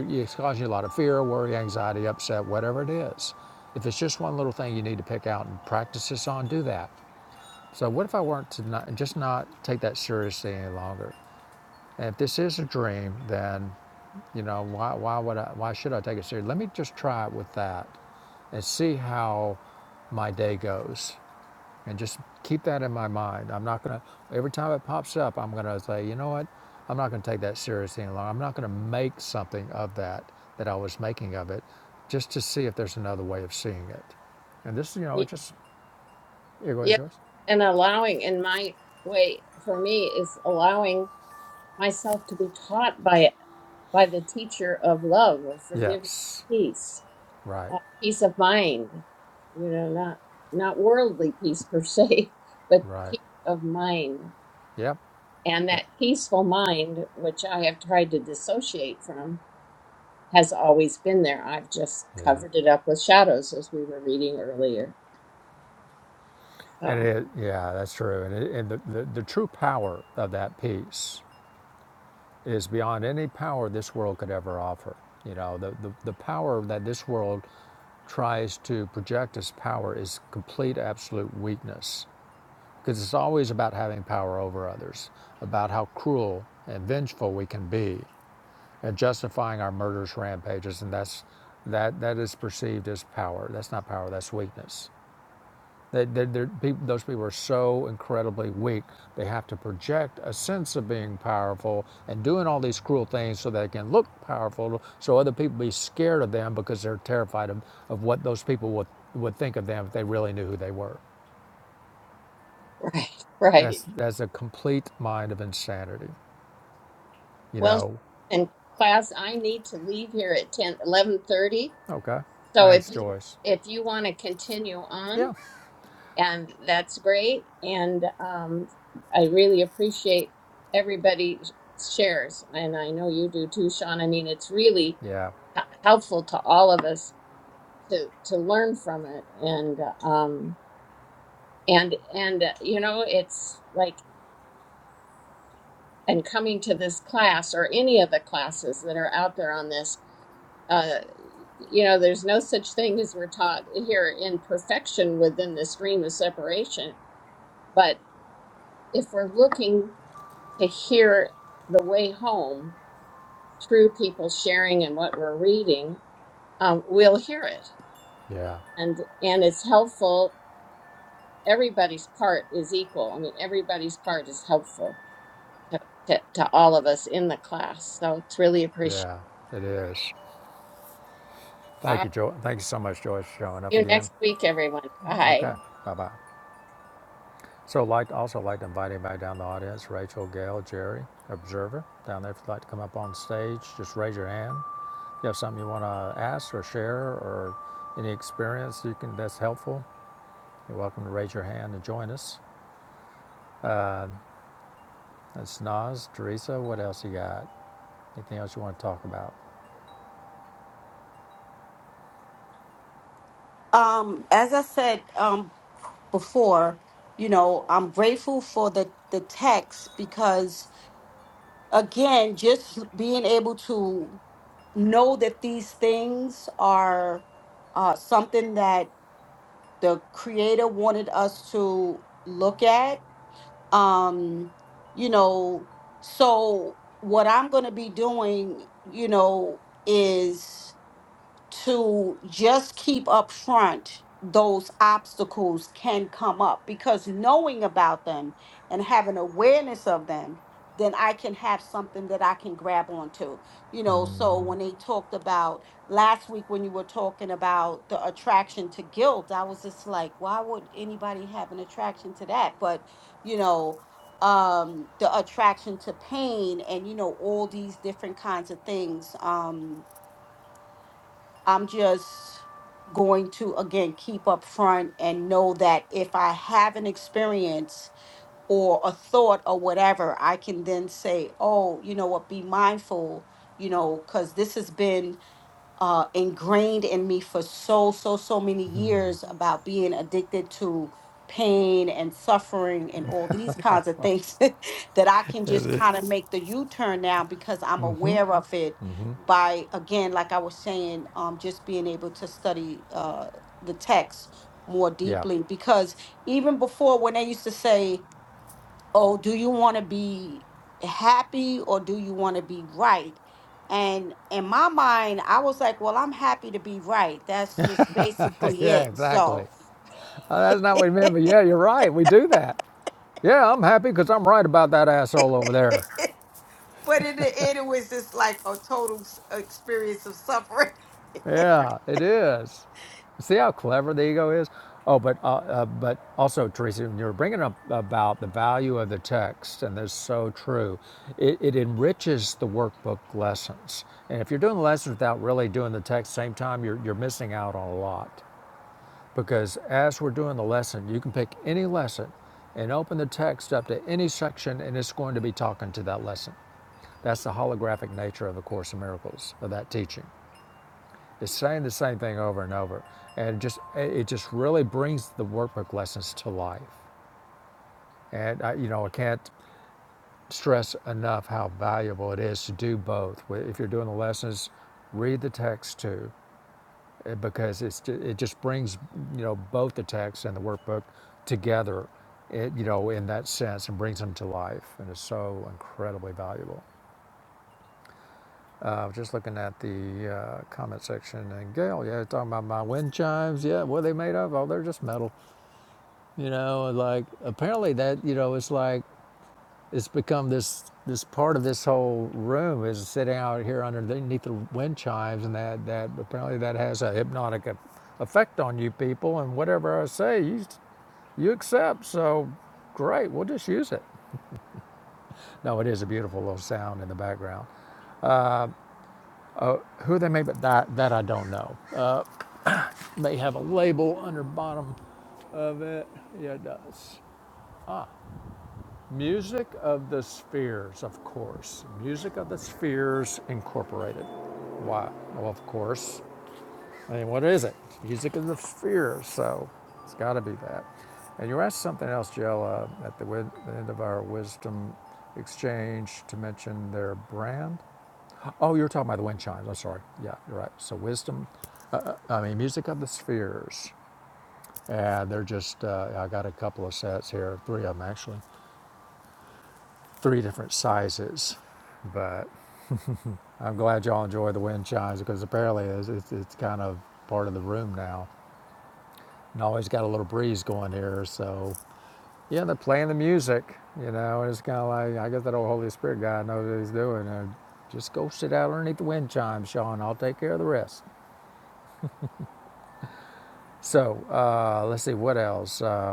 S1: it's causing you a lot of fear, worry, anxiety, upset, whatever it is. If it's just one little thing you need to pick out and practice this on, do that. So, what if I weren't to not, just not take that seriously any longer? And if this is a dream, then you know why, why would I, why should I take it seriously? Let me just try it with that and see how my day goes. And just keep that in my mind. I'm not going to, every time it pops up, I'm going to say, you know what? I'm not going to take that seriously any longer. I'm not going to make something of that that I was making of it just to see if there's another way of seeing it. And this, you know, it
S2: Y-
S1: just, yeah, go ahead,
S2: yes,
S1: Joyce.
S2: and allowing in my way for me is allowing myself to be taught by by the teacher of love, of forgiveness,
S1: Yes.
S2: peace,
S1: Right.
S2: uh, peace of mind. You know, not not worldly peace per se, [laughs] but
S1: Right.
S2: peace of mind.
S1: Yep.
S2: And
S1: That-
S2: that peaceful mind, which I have tried to dissociate from, has always been there. I've just
S1: yeah.
S2: covered it up with shadows, as we were reading earlier.
S1: And
S2: So,
S1: it, yeah, that's true. And, it, and the, the, the true power of that piece is beyond any power this world could ever offer. You know, the, the, the power that this world tries to project as power is complete absolute weakness because it's always about having power over others, about how cruel and vengeful we can be, and justifying our murderous rampages, and that's that that is perceived as power. That's not power. That's weakness. They, they, they those people are so incredibly weak. They have to project a sense of being powerful and doing all these cruel things so they can look powerful, so other people be scared of them because they're terrified of, of what those people would, would think of them if they really knew who they were.
S2: right, [laughs] right.
S1: That's, that's a complete mind of insanity, you
S2: Well,
S1: know?
S2: in class, I need to leave here at ten, eleven thirty.
S1: Okay.
S2: So if
S1: Thanks,
S2: you
S1: Joyce.
S2: if you want to continue on,
S1: Yeah.
S2: and that's great. And um, I really appreciate everybody shares, and I know you do too, Sean. I mean, it's really
S1: Yeah.
S2: h- helpful to all of us to to learn from it, and um, and and uh, you know, it's like and coming to this class or any of the classes that are out there on this uh, you know, there's no such thing as we're taught here in perfection within the stream of separation. But if we're looking to hear the way home through people sharing and what we're reading, um, we'll hear it,
S1: Yeah.
S2: and and it's helpful. Everybody's part is equal. I mean, everybody's part is helpful to, to, to all of us in the class. So it's really appreciated.
S1: Yeah. It is. Thank
S2: I'll
S1: you, Joyce. Thank you so much, Joyce, for showing
S2: see
S1: up
S2: you
S1: again.
S2: next week, everyone. Bye.
S1: Okay. Bye bye. So I'd like, also like to invite anybody down in the audience, Rachel, Gail, Jerry, Observer, down there if you'd like to come up on stage, just raise your hand. If you have something you want to ask or share or any experience you can that's helpful, you're welcome to raise your hand and join us. That's Nas, Teresa, what else you got? Anything else you want to talk about?
S4: Um, as I said um before, you know, I'm grateful for the the text because again, just being able to know that these things are uh something that the creator wanted us to look at. Um, you know, so what I'm going to be doing, you know, is to just keep up front those obstacles can come up because knowing about them and having awareness of them then i can have something that i can grab onto you know so when they talked about last week when you were talking about the attraction to guilt i was just like why would anybody have an attraction to that but you know um the attraction to pain and you know all these different kinds of things Um I'm just going to again keep up front and know that if I have an experience or a thought or whatever, I can then say, oh, you know what, be mindful, you know, because this has been uh, ingrained in me for so, so, so many years about being addicted to pain and suffering and all these [laughs] kinds of things [laughs] that I can just kind of make the U turn now because I'm aware of it by, again, like I was saying, um, just being able to study uh, the text more
S1: Yeah.
S4: deeply. Because even before, when they used to say, oh, do you want to be happy or do you want to be right? And in my mind, I was like, well, I'm happy to be right. That's just
S1: [laughs]
S4: basically
S1: yeah,
S4: it.
S1: exactly.
S4: So,
S1: Oh, that's not what we meant, but yeah, you're right. We do that. Yeah, I'm happy because I'm right about that asshole over there.
S4: but in the end, it was just like a total s- experience of suffering.
S1: Yeah, it is. See how clever the ego is? Oh, but uh, uh, but also, Teresa, when you were bringing up about the value of the text, and that's so true. It, it enriches the workbook lessons, and if you're doing the lessons without really doing the text, at the same time you're you're missing out on a lot. Because as we're doing the lesson, you can pick any lesson and open the text up to any section, and it's going to be talking to that lesson. That's the holographic nature of the Course in Miracles of that teaching. It's saying the same thing over and over, and it just it just really brings the workbook lessons to life. And I, you know, I can't stress enough how valuable it is to do both. If you're doing the lessons, read the text too, eh, because it's it just brings you know both the text and the workbook together, it, you know, in that sense, and brings them to life, and it's so incredibly valuable. I uh, was just looking at the uh, comment section, and Gail, yeah, talking about my wind chimes. Yeah, what are they made of? Oh, they're just metal. You know, like apparently that you know it's like it's become this this part of this whole room is sitting out here underneath the wind chimes, and that that apparently that has a hypnotic e- effect on you people. And whatever I say, you you accept. So great, we'll just use it. No, it is a beautiful little sound in the background. Who they made, but that that I don't know. Uh, They have a label under bottom of it. Yeah, it does. Music of the Spheres, of course. Music of the Spheres Incorporated. Why? Well, of course. I mean, what is it? Music of the Spheres. So it's got to be that. And you asked something else, Jill, uh, at the, the end of our wisdom exchange to mention their brand. Oh, you were talking about the wind chimes. I'm sorry. Yeah, you're right. So wisdom. Uh, uh, I mean, music of the spheres. And they're just, uh, I got a couple of sets here, three of them actually, three different sizes. But I'm glad y'all enjoy the wind chimes because apparently it's, it's, it's kind of part of the room now. And always got a little breeze going here. So, yeah, they're playing the music, you know, and it's kind of like, I guess that old Holy Spirit guy knows what he's doing. Uh, just go sit out underneath the wind chimes, Sean. I'll take care of the rest. So, uh, let's see, what else? Uh,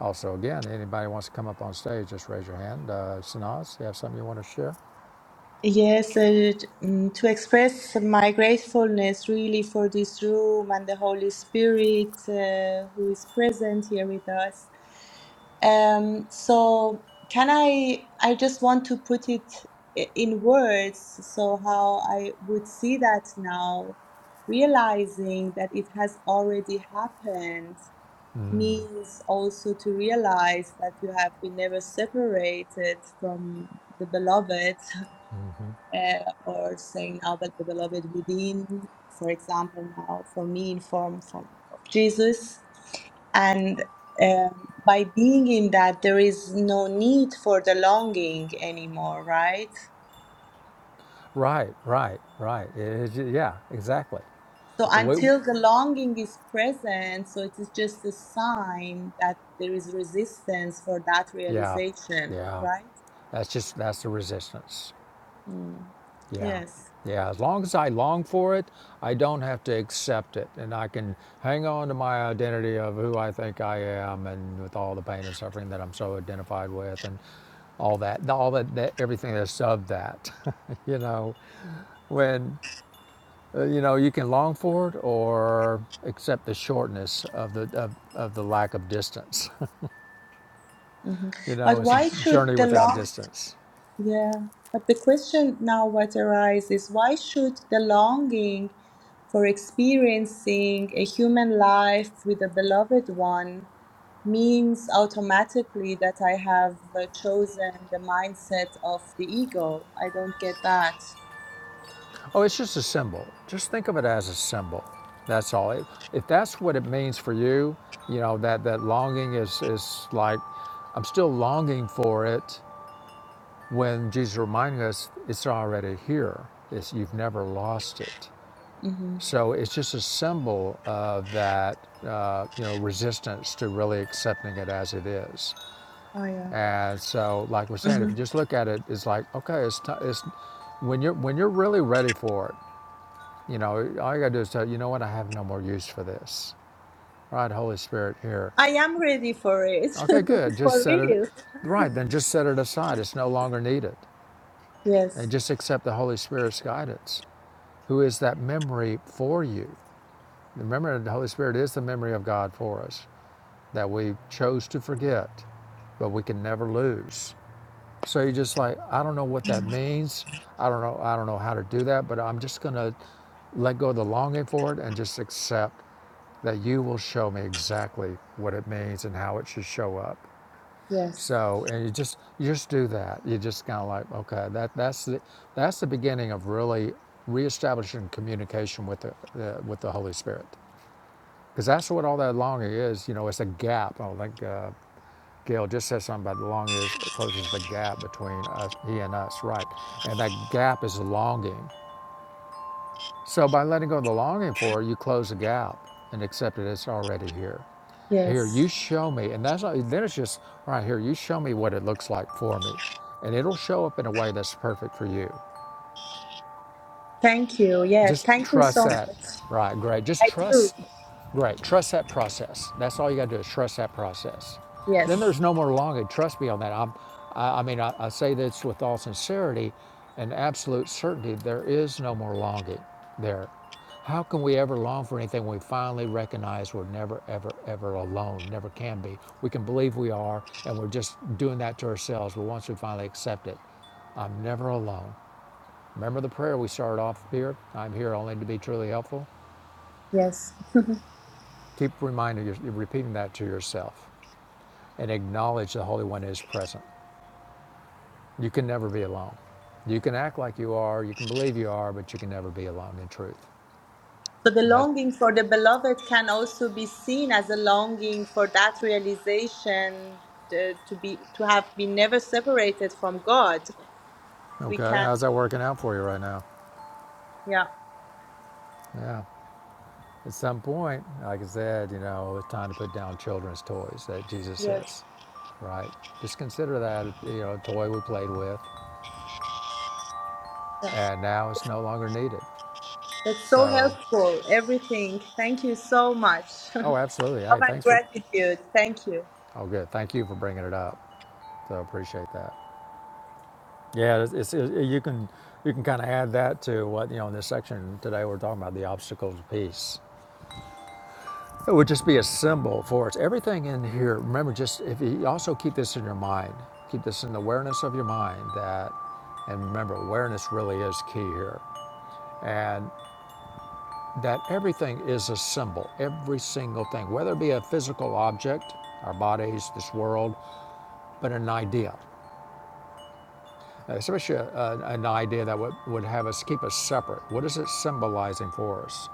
S1: Also, again, anybody wants to come up on stage, just raise your hand. Uh, Sanaz, you have something you want to share?
S3: Yes, uh, t- mm, to express my gratefulness really for this room and the Holy Spirit uh, who is present here with us. Um, so can I, I just want to put it i- in words, so how I would see that now, realizing that it has already happened means also to realize that you have been never separated from the beloved, [laughs] uh, or saying now that the beloved within, for example, now for me in form from of Jesus and um, by being in that, there is no need for the longing anymore, right?
S1: Right, right, right. It- it- yeah, exactly.
S3: So
S1: Wait,
S3: until the longing is present, so it is just a sign that there is resistance for that
S1: Yeah,
S3: realization,
S1: yeah.
S3: right?
S1: That's just that's the resistance.
S3: Mm.
S1: Yeah,
S3: Yes.
S1: yeah. As long as I long for it, I don't have to accept it, and I can hang on to my identity of who I think I am, and with all the pain and suffering that I'm so identified with, and all that, all that, that everything that's of that. [laughs] you know, when Uh, you know, you can long for it or accept the shortness of the of, of the lack of distance.
S3: Mhm.
S1: [laughs] you
S3: But
S1: know, it's a
S3: why should
S1: journey
S3: the
S1: without
S3: long?
S1: distance.
S3: Yeah, but the question now what arises is why should the longing for experiencing a human life with a beloved one means automatically that I have uh, chosen the mindset of the ego? I don't get that.
S1: Oh, it's just a symbol. Just think of it as a symbol. That's all. If if that's what it means for you, you know that that longing is is like I'm still longing for it. When Jesus reminding us, it's already here. It's, you've never lost it.
S3: hmm
S1: So it's just a symbol of that, uh, you know, resistance to really accepting it as it is.
S3: Oh, yeah.
S1: And so, like we're saying, if
S3: hmm
S1: you just look at it, it's like, okay, it's, t- it's when you're when you're really ready for it, you know, all you gotta do is say, you know what, I have no more use for this. Right, Holy Spirit, here.
S3: I am ready for it,
S1: Okay, good.
S3: [laughs]
S1: Just
S3: for
S1: set it.
S3: real.
S1: Right, then just set it aside. It's no longer needed, and
S3: Yes,
S1: just accept the Holy Spirit's guidance, who is that memory for you. Remember, the Holy Spirit is the memory of God for us. that we chose to forget, but we can never lose. So you're just like, I don't know what that means. I don't know. I don't know how to do that, but I'm just gonna let go of the longing for it and just accept that you will show me exactly what it means and how it should show up.
S3: yes,
S1: So, and you just you just do that. You just kind of like, okay, that that's the that's the beginning of really reestablishing communication with the, the with the Holy Spirit, because that's what all that longing is. You know, it's a gap. Oh, like uh, Gail just said something about the long is it closes the gap between us, he and us, right? And that gap is longing. So by letting go of the longing for it, you close the gap and accept it. It's already here. Here,
S3: yes.
S1: you show me, and that's not- then it's just all right here. You show me what it looks like for me, and it'll show up in a way that's perfect for you.
S3: Thank you. Yes,
S1: Just
S3: thank you
S1: trust
S3: so
S1: that.
S3: much.
S1: Right, great. Just
S3: I do.
S1: trust, great. Trust that process. That's all you got to do is trust that process. Then
S3: Yes,
S1: there's no more longing. Trust me on that. I'm, I, I mean, I, I say this with all sincerity and absolute certainty. There is no more longing there. How can we ever long for anything when we finally recognize we're never, ever, ever alone? Never can be. We can believe we are, and we're just doing that to ourselves. But once we finally accept it, I'm never alone. Remember the prayer we started off here? I'm here only to be truly helpful.
S3: yes.
S1: Keep reminding you, repeating that to yourself and acknowledge the Holy One is present. You can never be alone. You can act like you are, you can believe you are, but you can never be alone in truth.
S3: So the
S1: And that's
S3: longing for the beloved can also be seen as a longing for that realization uh, to be to have been never separated from God. We
S1: okay.
S3: can,
S1: How's that working out for you right now?
S3: yeah,
S1: Yeah. At some point, like I said, you know, it's time to put down children's toys that Jesus
S3: yes,
S1: says, right? Just consider that, you know, a toy we played with,
S3: yeah.
S1: and now it's no longer needed.
S3: that's so
S1: So
S3: helpful. Everything. Thank you so much. [laughs]
S1: Oh, absolutely.
S3: Love
S1: Hey,
S3: and
S1: thanks for,
S3: gratitude. Thank you.
S1: oh, good. Thank you for bringing it up. So appreciate that. Yeah, it's, it's, it, you can you can kind of add that to what you know in this section today we're talking about the obstacles piece. It would just be a symbol for us. Everything in here. Remember, just if you also keep this in your mind, keep this in the awareness of your mind that, and remember, awareness really is key here, and that everything is a symbol. Every single thing, whether it be a physical object, our bodies, this world, but an idea. especially a, a, an idea that would, would have us keep us separate. What is it symbolizing for us?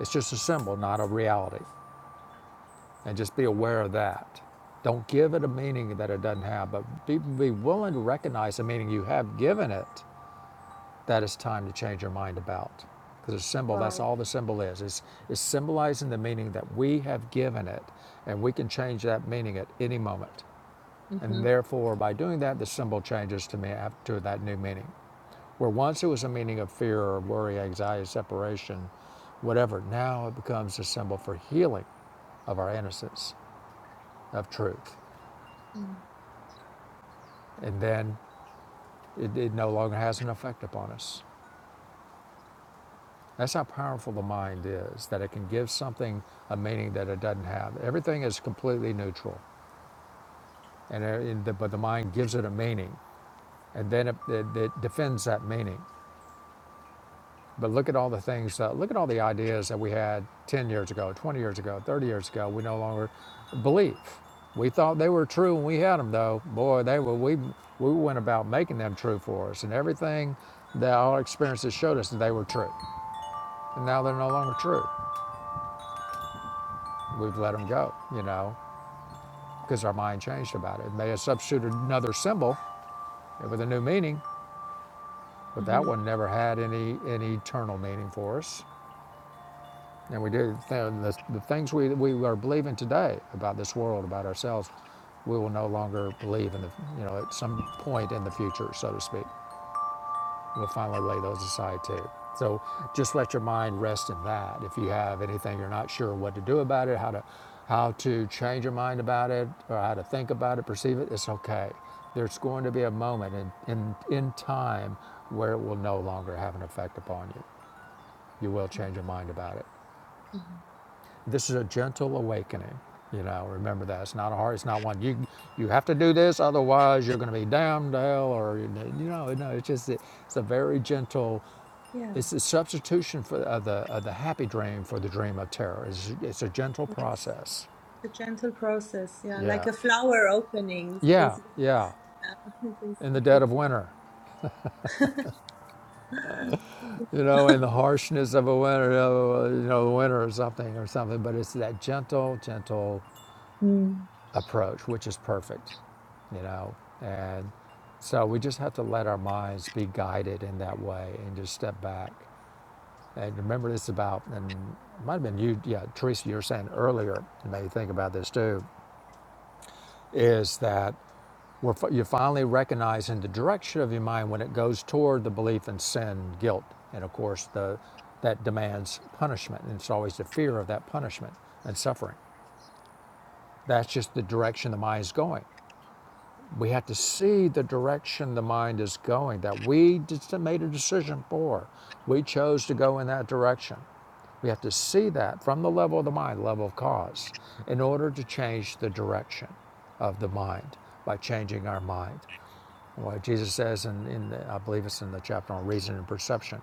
S1: It's just a symbol, not a reality. And just be aware of that. Don't give it a meaning that it doesn't have, but be, be willing to recognize the meaning you have given it that it's time to change your mind about. Because a symbol, that's
S3: Wow.
S1: all the symbol is. It's, it's symbolizing the meaning that we have given it, and we can change that meaning at any moment.
S3: hmm
S1: And therefore, by doing that, the symbol changes to me to that new meaning. Where once it was a meaning of fear or worry, anxiety, separation, whatever, now it becomes a symbol for healing of our innocence, of truth. And then it, it no longer has an effect upon us. That's how powerful the mind is, that it can give something a meaning that it doesn't have. Everything is completely neutral, and uh, but the mind gives it a meaning, and then it, it, it defends that meaning. But look at all the things, uh, look at all the ideas that we had 10 years ago, 20 years ago, 30 years ago, we no longer believe. We thought they were true when we had them, though. Boy, they were, we, we went about making them true for us. And everything that our experiences showed us that they were true. And now they're no longer true. We've let them go, you know, because our mind changed about it. They have substituted another symbol with a new meaning, but that
S3: hmm
S1: one never had any, any eternal meaning for us. And we do. The, the, things we, we are believing today about this world, about ourselves, we will no longer believe in the, you know, at some point in the future, so to speak. We'll finally lay those aside too. So just let your mind rest in that. If you have anything you're not sure what to do about it, how to, how to change your mind about it, or how to think about it, perceive it, it's okay. There's going to be a moment in, in, in time where it will no longer have an effect upon you. You will change your mind about it. This is a gentle awakening. You know, remember that it's not a hard. It's not one you you have to do this, otherwise you're going to be damned to hell, or you know, no. It's just it's a very gentle.
S3: Yeah.
S1: It's a substitution for of the of the happy dream for the dream of terror. It's, it's a gentle
S3: Yes. It's
S1: process.
S3: A gentle process. Yeah, like
S1: Yeah,
S3: a flower opening. It's,
S1: yeah,
S3: it's, [laughs]
S1: yeah.
S3: yeah, it's,
S1: In the
S3: it's, it's,
S1: dead of
S3: a-
S1: winter, you know, in the harshness of a winter, uh, you know, winter or something or something. But it's that gentle, gentle
S3: Mm.
S1: approach, which is perfect, you know. And so we just have to let our minds be guided in that way and just step back. And remember this about, and it might have been you, yeah, Teresa, you were saying earlier, and maybe think about this too, is that we're, you're finally recognizing the direction of your mind when it goes toward the belief in sin, guilt, and of course the that demands punishment, and it's always the fear of that punishment and suffering. That's just the direction the mind's going. We have to see the direction the mind is going that we made a decision for. We chose to go in that direction. We have to see that from the level of the mind, level of cause, in order to change the direction of the mind by changing our mind. What Jesus says, in, in the, I believe it's in the chapter on reason and perception,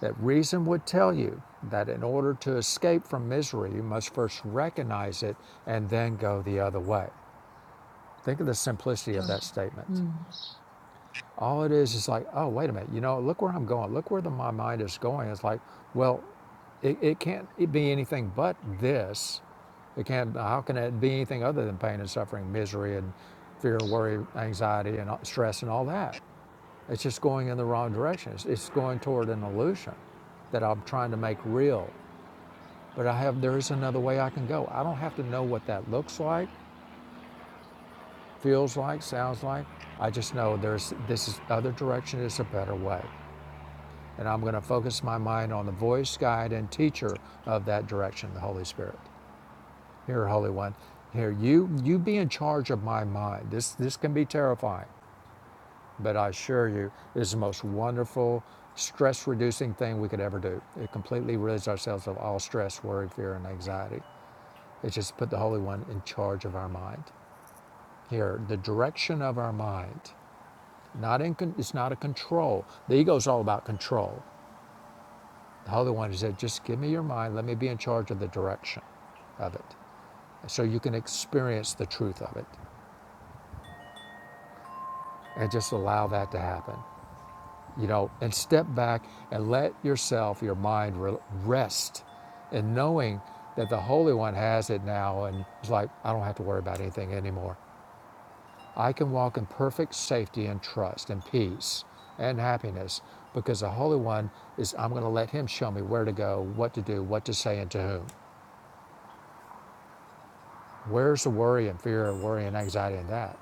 S1: that reason would tell you that in order to escape from misery, you must first recognize it and then go the other way. Think of the simplicity of that statement.
S3: mm.
S1: All it is is like, oh, wait a minute, you know, look where I'm going. Look where the, my mind is going. It's like, well, it, it can't it be anything but this. It can't, how can it be anything other than pain and suffering, misery and fear, worry, anxiety, and stress and all that? It's just going in the wrong direction. It's, it's going toward an illusion that I'm trying to make real. But I have, there is another way I can go. I don't have to know what that looks like, feels like, sounds like. I just know there's, this other direction is a better way. And I'm going to focus my mind on the voice, guide, and teacher of that direction, the Holy Spirit. Here, Holy One, here you you be in charge of my mind. This this can be terrifying, but I assure you, it is the most wonderful, stress-reducing thing we could ever do. It completely rids ourselves of all stress, worry, fear, and anxiety. It's just put the Holy One in charge of our mind. Here, the direction of our mind. Not in it's not a control. The ego is all about control. The Holy One said, just give me your mind. Let me be in charge of the direction of it so you can experience the truth of it and just allow that to happen. You know, and step back and let yourself, your mind rest in knowing that the Holy One has it now and it's like, I don't have to worry about anything anymore. I can walk in perfect safety and trust and peace and happiness because the Holy One is, I'm going to let Him show me where to go, what to do, what to say, and to whom. Where's the worry and fear and worry and anxiety in that?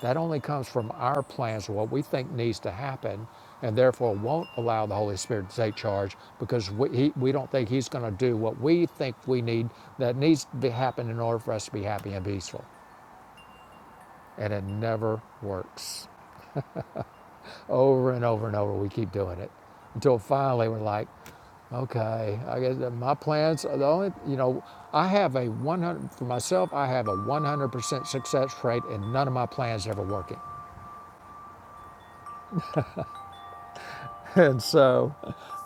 S1: That only comes from our plans, what we think needs to happen, and therefore won't allow the Holy Spirit to take charge because we, he, we don't think He's going to do what we think we need that needs to be happen in order for us to be happy and peaceful. And it never works. Over and over and over, we keep doing it until finally we're like, okay, I guess my plans are the only, you know, I have a 100, for myself, I have a 100% success rate and none of my plans are ever working. [laughs] And so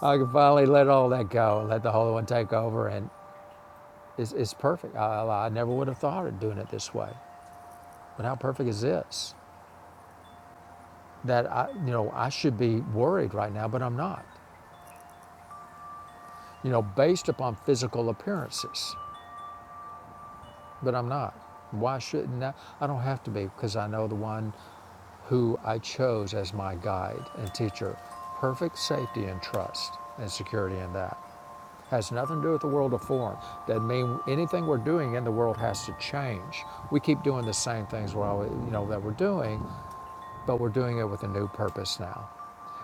S1: I can finally let all that go and let the Holy One take over. And it's, it's perfect. I, I never would have thought of doing it this way. But how perfect is this? That I, you know, I should be worried right now, but I'm not, you know, based upon physical appearances. But I'm not. Why shouldn't I? I don't have to be because I know the one who I chose as my guide and teacher. Perfect safety and trust and security in that. Has nothing to do with the world of form. That mean anything we're doing in the world has to change. We keep doing the same things we're always, you know that we're doing, but we're doing it with a new purpose now.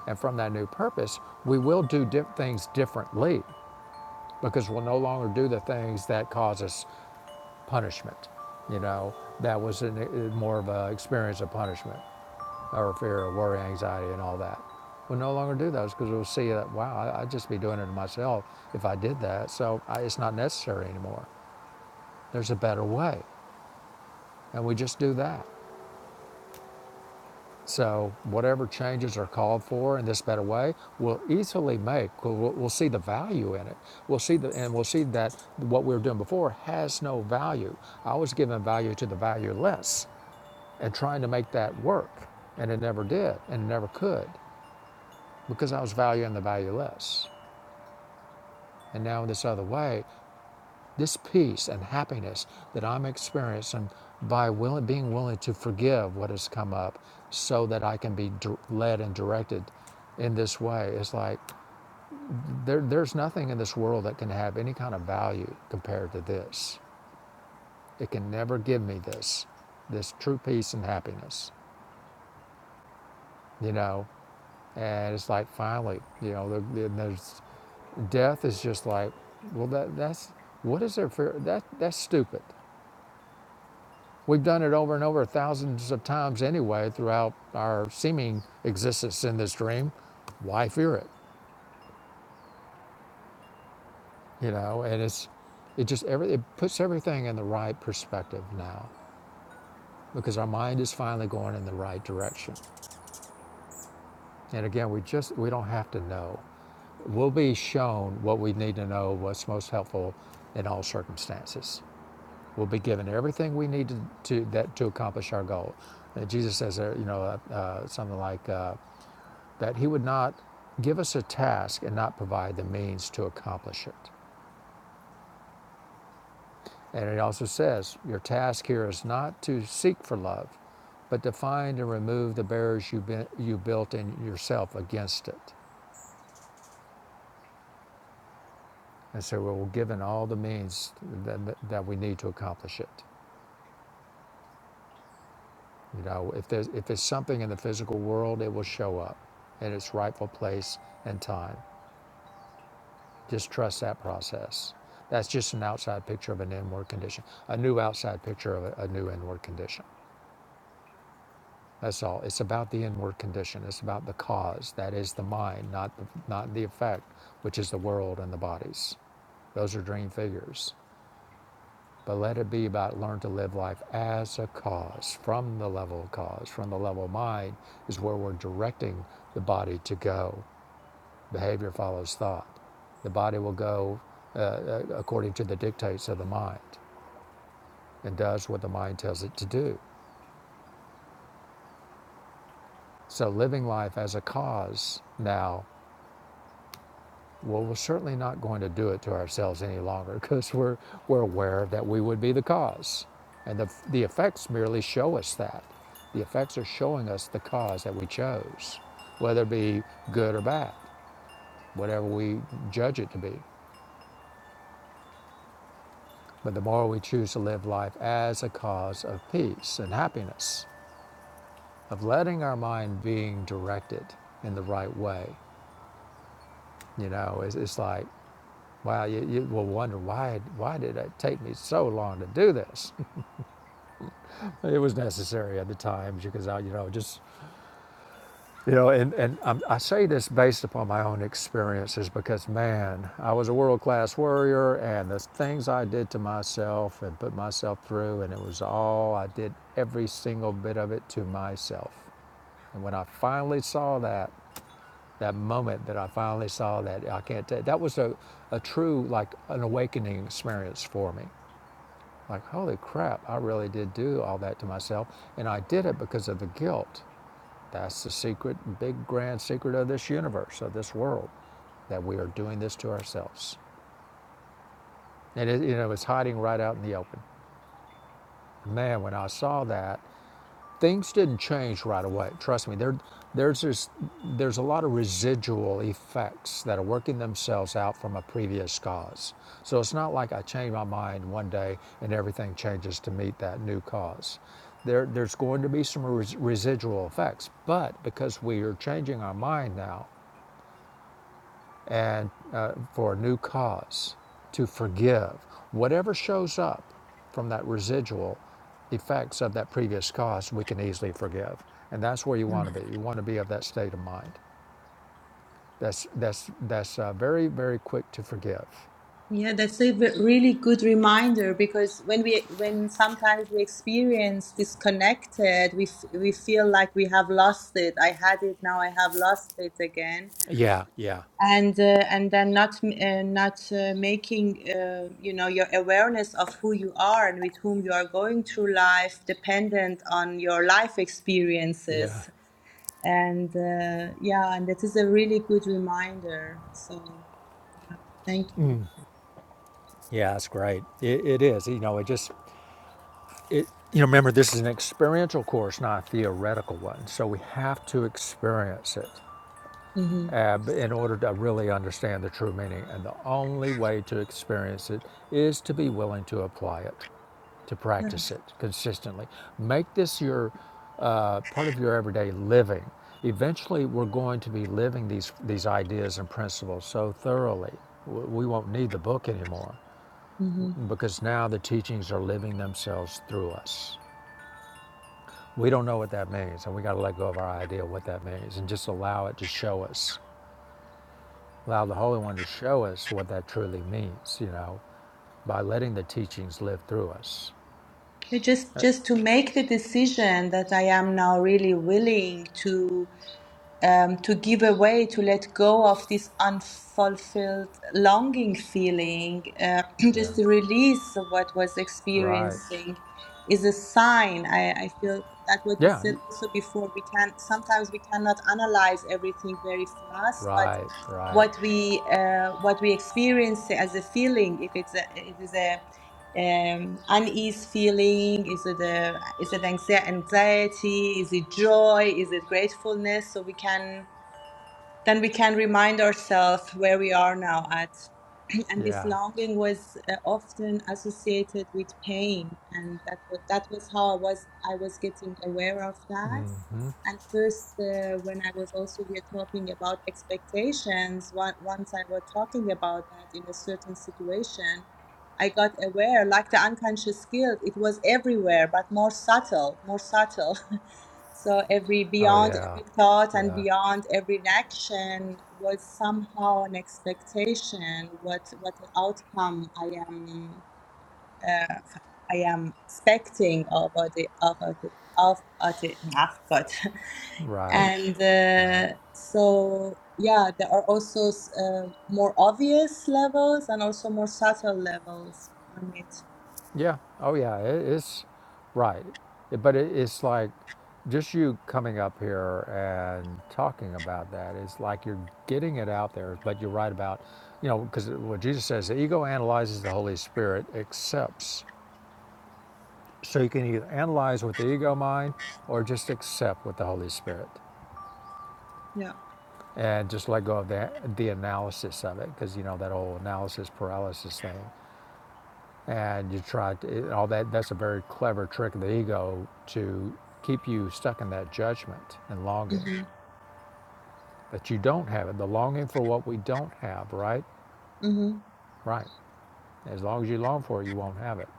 S1: And from that new purpose, we will do di- things differently because we'll no longer do the things that cause us punishment. You know, that was an, uh, more of an experience of punishment or fear or worry, anxiety, and all that. We'll no longer do those because we'll see that, wow, I- would just be doing it to myself if I did that. So I, it's not necessary anymore. There's a better way. And we just do that. So whatever changes are called for in this better way, we'll easily make. We'll, we'll- we'll see the value in it. We'll see the, and we'll see that what we were doing before has no value. I was giving value to the valueless and trying to make that work. And it never did and it never could because I was valuing the valueless. And now, in this other way, this peace and happiness that I'm experiencing by willing, being willing to forgive what has come up so that I can be led and directed in this way is like there, there's nothing in this world that can have any kind of value compared to this. It can never give me this, this true peace and happiness, you know? and it's like finally, you know, the, there's death is just like, well, that that's what is there for that? That's stupid. We've done it over and over thousands of times anyway throughout our seeming existence in this dream. Why fear it? You know, and it's it just every it puts everything in the right perspective now because our mind is finally going in the right direction. And again, we just we don't have to know. We'll be shown what we need to know, what's most helpful in all circumstances. we'll be given everything we need to, to that to accomplish our goal. And Jesus says, uh, you know, uh, uh, something like uh, that He would not give us a task and not provide the means to accomplish it. And it also says, your task here is not to seek for love, but to find and remove the barriers you, been, you built in yourself against it. And so we're given all the means that, that we need to accomplish it. You know, if there's if there's something in the physical world, it will show up in its rightful place and time. Just trust that process. That's just an outside picture of an inward condition, a new outside picture of a, a new inward condition. That's all. It's about the inward condition. It's about the cause. That is the mind, not the, not the effect, which is the world and the bodies. Those are dream figures. but let it be about learn to live life as a cause, from the level of cause, from the level of mind, is where we're directing the body to go. Behavior follows thought. The body will go uh, uh, according to the dictates of the mind and does what the mind tells it to do. So living life as a cause now Well, we're certainly not going to do it to ourselves any longer because we're, we're aware that we would be the cause. And the, the effects merely show us that. The effects are showing us the cause that we chose, whether it be good or bad, whatever we judge it to be. But the more we choose to live life as a cause of peace and happiness, of letting our mind being directed in the right way, you know, it's, it's like, wow, you, you will wonder why, why did it take me so long to do this? It was necessary at the times because I, you know, just, you know, and, and I'm, I say this based upon my own experiences because, man, I was a world class warrior and the things I did to myself and put myself through, and it was all, I did every single bit of it to myself. And when I finally saw that, that moment that I finally saw that, I can't tell, that was a, a true, like, an awakening experience for me. Like, holy crap, I really did do all that to myself. And I did it because of the guilt That's the secret, big grand secret of this universe, of this world, that we are doing this to ourselves. And it, you know, it's hiding right out in the open. Man, when I saw that, things didn't change right away. Trust me, there, there's this, there's a lot of residual effects that are working themselves out from a previous cause. So it's not like I change my mind one day and everything changes to meet that new cause. There, there's going to be some res- residual effects, but because we are changing our mind now, and uh, for a new cause, to forgive. Whatever shows up from that residual effects of that previous cause, we can easily forgive. And that's where you want to be. You want to be of that state of mind. That's that's that's uh, very very quick to forgive.
S3: Yeah, that's a ve- really good reminder because when we when sometimes we experience disconnected, we f we feel like we have lost it. I had it, now I have lost it again.
S1: Yeah, yeah,
S3: And uh, and then not m- uh, not uh, making uh, you know your awareness of who you are and with whom you are going through life dependent on your life
S1: yeah,
S3: experiences. And uh, yeah, and that is a really good reminder. So yeah, thank you.
S1: yeah. That's great. It, it is. You know, it just it. You know, remember this is an experiential course, not a theoretical one. So we have to experience it.
S3: hmm
S1: uh, in order to really understand the true meaning. And the only way to experience it is to be willing to apply it, to
S3: Yeah.
S1: practice it consistently. Make this your uh, part of your everyday living. Eventually, we're going to be living these these ideas and principles so thoroughly, we won't need the book anymore
S3: hmm
S1: because now the teachings are living themselves through us. We don't know what that means, and we got to let go of our idea of what that means and just allow it to show us Allow the Holy One to show us what that truly means, you know, by letting the teachings live through us.
S3: Yeah, Just,
S1: Uh,
S3: just to make the decision that I am now really willing to um, to give away, to let go of this unfulfilled longing feeling, uh, [clears throat]
S1: yeah.
S3: just the release of what was
S1: Right.
S3: experiencing is a sign. I, I feel that what you
S1: Yeah.
S3: said also before, we can sometimes we cannot analyze everything very fast, but
S1: Right. Right.
S3: what we uh, what we experience as a feeling, if it's a, it is a um, unease feeling? Is it a, is it anxie- anxiety? Is it joy? Is it gratefulness? So we can then we can remind ourselves where we are now at. [clears throat] And this
S1: Yeah.
S3: longing was uh, often associated with pain, and that was, that was how I was I was getting aware of that. And first, uh, when I was also here talking about expectations, on- once I was talking about that in a certain situation, I got aware, like the unconscious guilt, it was everywhere, but more subtle, more subtle. [laughs] So every
S1: Oh,
S3: beyond
S1: yeah.
S3: every thought and
S1: Yeah.
S3: beyond every action was somehow an expectation. What what outcome I am uh, I am expecting of the of the of the I've [laughs]
S1: Right.
S3: and
S1: Right.
S3: uh, so yeah, there are also s- uh, more obvious levels and also more subtle levels on it.
S1: Yeah. Oh, yeah. It, it's right. But it, it's like just you coming up here and talking about that. It's like you're getting it out there, but you're right about, you know, because what Jesus says, the ego analyzes the Holy Spirit, accepts So you can either analyze with the ego mind or just accept with the Holy Spirit
S3: Yeah.
S1: and just let go of the, the analysis of it because you know that whole analysis paralysis thing. And you try to, all that, that's a very clever trick of the ego to keep you stuck in that judgment and longing
S3: Mm-hmm.
S1: that you don't have it, the longing for what we don't have, right?
S3: Mm-hmm.
S1: Right. As long as you long for it, you won't have it.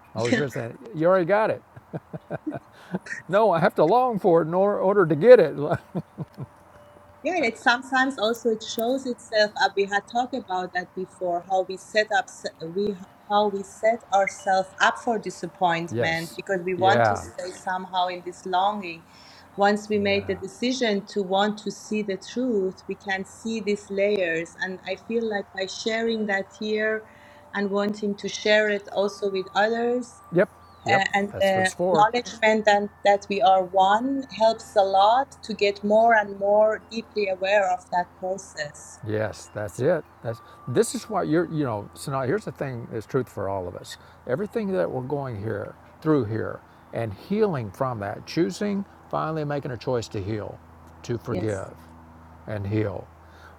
S1: The
S3: [laughs]
S1: Holy Spirit saying, You already got it. [laughs] No, I have to long for it in order, order to get it.
S3: Yeah, it sometimes also it shows itself. Uh, we had talked about that before. How we set up, s- we how we set ourselves up for
S1: [laughs]
S3: disappointment
S1: yes.
S3: because we want to
S1: Yeah.
S3: stay somehow in this longing. Once we made the
S1: Yeah.
S3: decision to want to see the truth, we can see these layers. And I feel like by sharing that here and wanting to share it also with others,
S1: Yep. Yep.
S3: uh, and
S1: That's what
S3: the
S1: it's for. sure.
S3: acknowledgement and that we are one helps a lot to get more and more deeply aware of that process.
S1: Yes, that's it. That's this is why you're you know, so now here's the thing that's truth for all of us. Everything that we're going here through here and healing from that, choosing, finally making a choice to heal, to
S3: Yes.
S1: forgive and heal.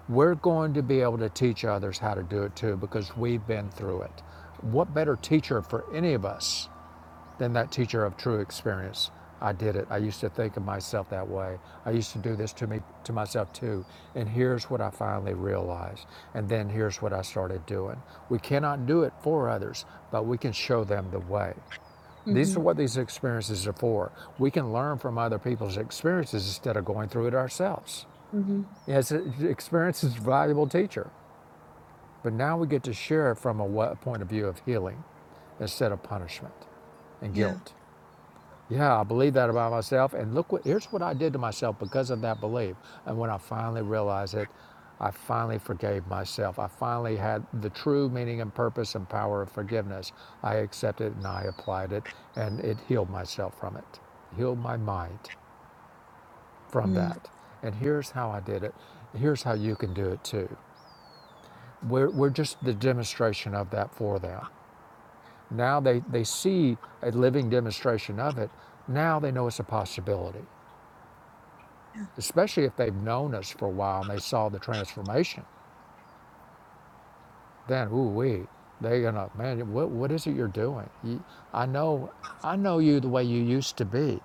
S1: We're going to be able to teach others how to do it too because we've been through it. What better teacher for any of us Then that teacher of true experience. I did it. I used to think of myself that way. I used to do this to me to myself too. And here's what I finally realized. And then here's what I started doing. We cannot do it for others, but we can show them the way. These
S3: Mm-hmm.
S1: are what these experiences are for. We can learn from other people's experiences instead of going through it ourselves.
S3: Mm-hmm.
S1: Yes, experience is a valuable teacher, but now we get to share it from a point of view of healing instead of punishment and
S3: Yeah.
S1: guilt. Yeah, I believe that about myself. And look, what, here's what I did to myself because of that belief. And when I finally realized it, I finally forgave myself. I finally had the true meaning and purpose and power of forgiveness. I accepted it and I applied it, and it healed myself from it, healed my mind from
S3: Mm.
S1: that. And here's how I did it. Here's how you can do it too. We're, we're just the demonstration of that for them. Now they, they see a living demonstration of it. Now they know it's a possibility.
S3: Yeah.
S1: especially if they've known us for a while and they saw the transformation. Then, ooh wee, they're gonna, man, what, what is it you're doing? You, I know, I know you the way you used to be,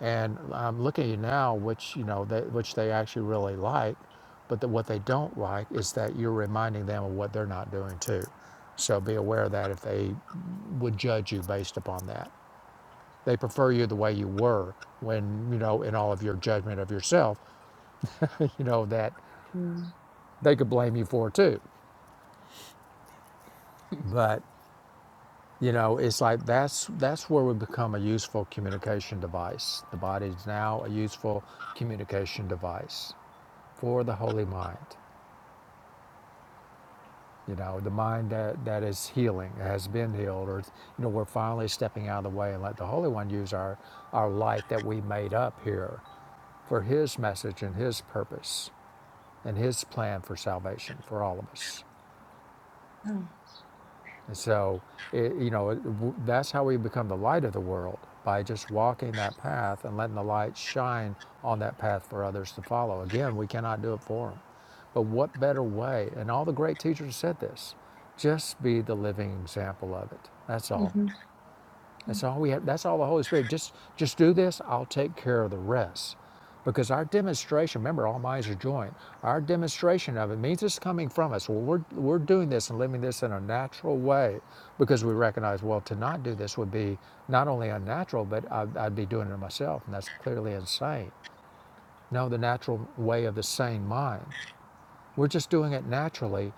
S1: and I'm looking at you now, which you know, they, which they actually really like, but the, what they don't like is that you're reminding them of what they're not doing too. So be aware of that if they would judge you based upon that. They prefer you the way you were when, you know, in all of your judgment of yourself, [laughs] you know, that
S3: Mm-hmm.
S1: they could blame you for too. But you know, it's like that's that's where we become a useful communication device. The body is now a useful communication device for the holy mind. You know, the mind that, that is healing, has been healed, or you know, we're finally stepping out of the way and let the Holy One use our, our light that we made up here for his message and his purpose and his plan for salvation for all of us.
S3: Oh.
S1: And so, it, you know, it, that's how we become the light of the world by just walking that path and letting the light shine on that path for others to follow. Again, we cannot do it for them. But what better way? And all the great teachers said this just be the living example of it. That's all.
S3: Mm-hmm. Yeah.
S1: That's all we have. That's all the Holy Spirit. Just just do this. I'll take care of the rest. Because our demonstration, remember, all minds are joined. Our demonstration of it means it's coming from us. Well, we're, we're doing this and living this in a natural way because we recognize, well, to not do this would be not only unnatural, but I'd, I'd be doing it myself, and that's clearly insane. No, the natural way of the sane mind. We're just doing it naturally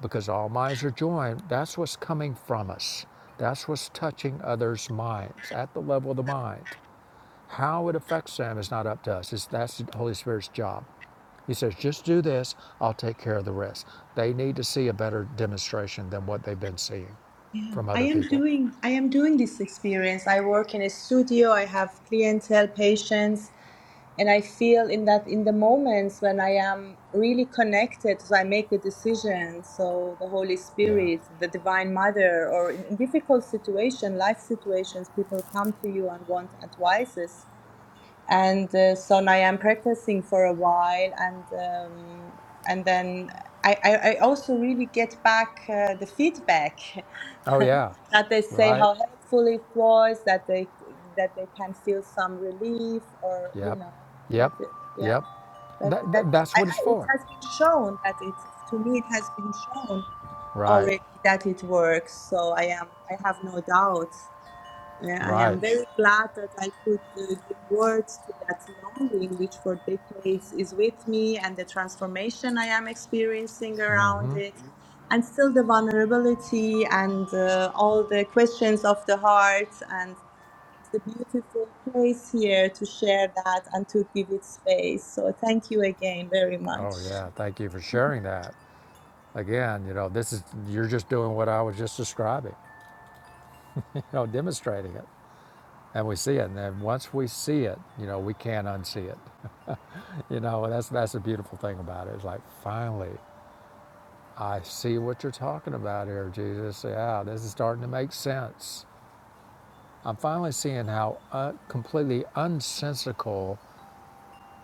S1: because all minds are joined, that's what's coming from us. That's what's touching others' minds at the level of the mind. How it affects them is not up to us. It's, that's the Holy Spirit's job. He says, just do this, I'll take care of the rest. They need to see a better demonstration than what they've been seeing
S3: Yeah.
S1: from
S3: I
S1: other
S3: am
S1: people.
S3: doing I am doing this experience. I work in a studio. I have clientele patients and i feel in that in the moments when i am really connected so i make the decision so the holy
S1: Yeah.
S3: spirit the divine mother or in, in difficult situation life situations people come to you and want advices and uh, so now I'm practicing for a while, and um, and then I, I, I also really get back uh, the feedback [laughs]
S1: Oh, yeah.
S3: that they say
S1: Right.
S3: how helpful it was, that they that they can feel some relief, or you
S1: Yep.
S3: know,
S1: Yep.
S3: that's it. Yeah,
S1: Yep.
S3: that
S1: That,
S3: that
S1: that, that's
S3: I,
S1: what it's
S3: I, it
S1: for.
S3: has been shown that it to me it has been shown
S1: Right.
S3: already that it works. So I am I have no doubt. Yeah, I
S1: Right.
S3: am very glad that I could uh, give words to that longing, which for decades is with me, and the transformation I am experiencing around it, and still the vulnerability and uh, all the questions of the heart. And it's a beautiful place here to share that and to give it space. So, thank you again very
S1: Oh,
S3: much.
S1: yeah. Thank you for sharing that. Again, you know, this is, you're just doing what I was just describing, [laughs] you know, demonstrating it. And we see it. And then once we see it, you know, we can't unsee it. [laughs] You know, that's, that's the beautiful thing about it. It's like, finally, I see what you're talking about here, Jesus. Yeah, this is starting to make sense. I'm finally seeing how uh, completely unsensical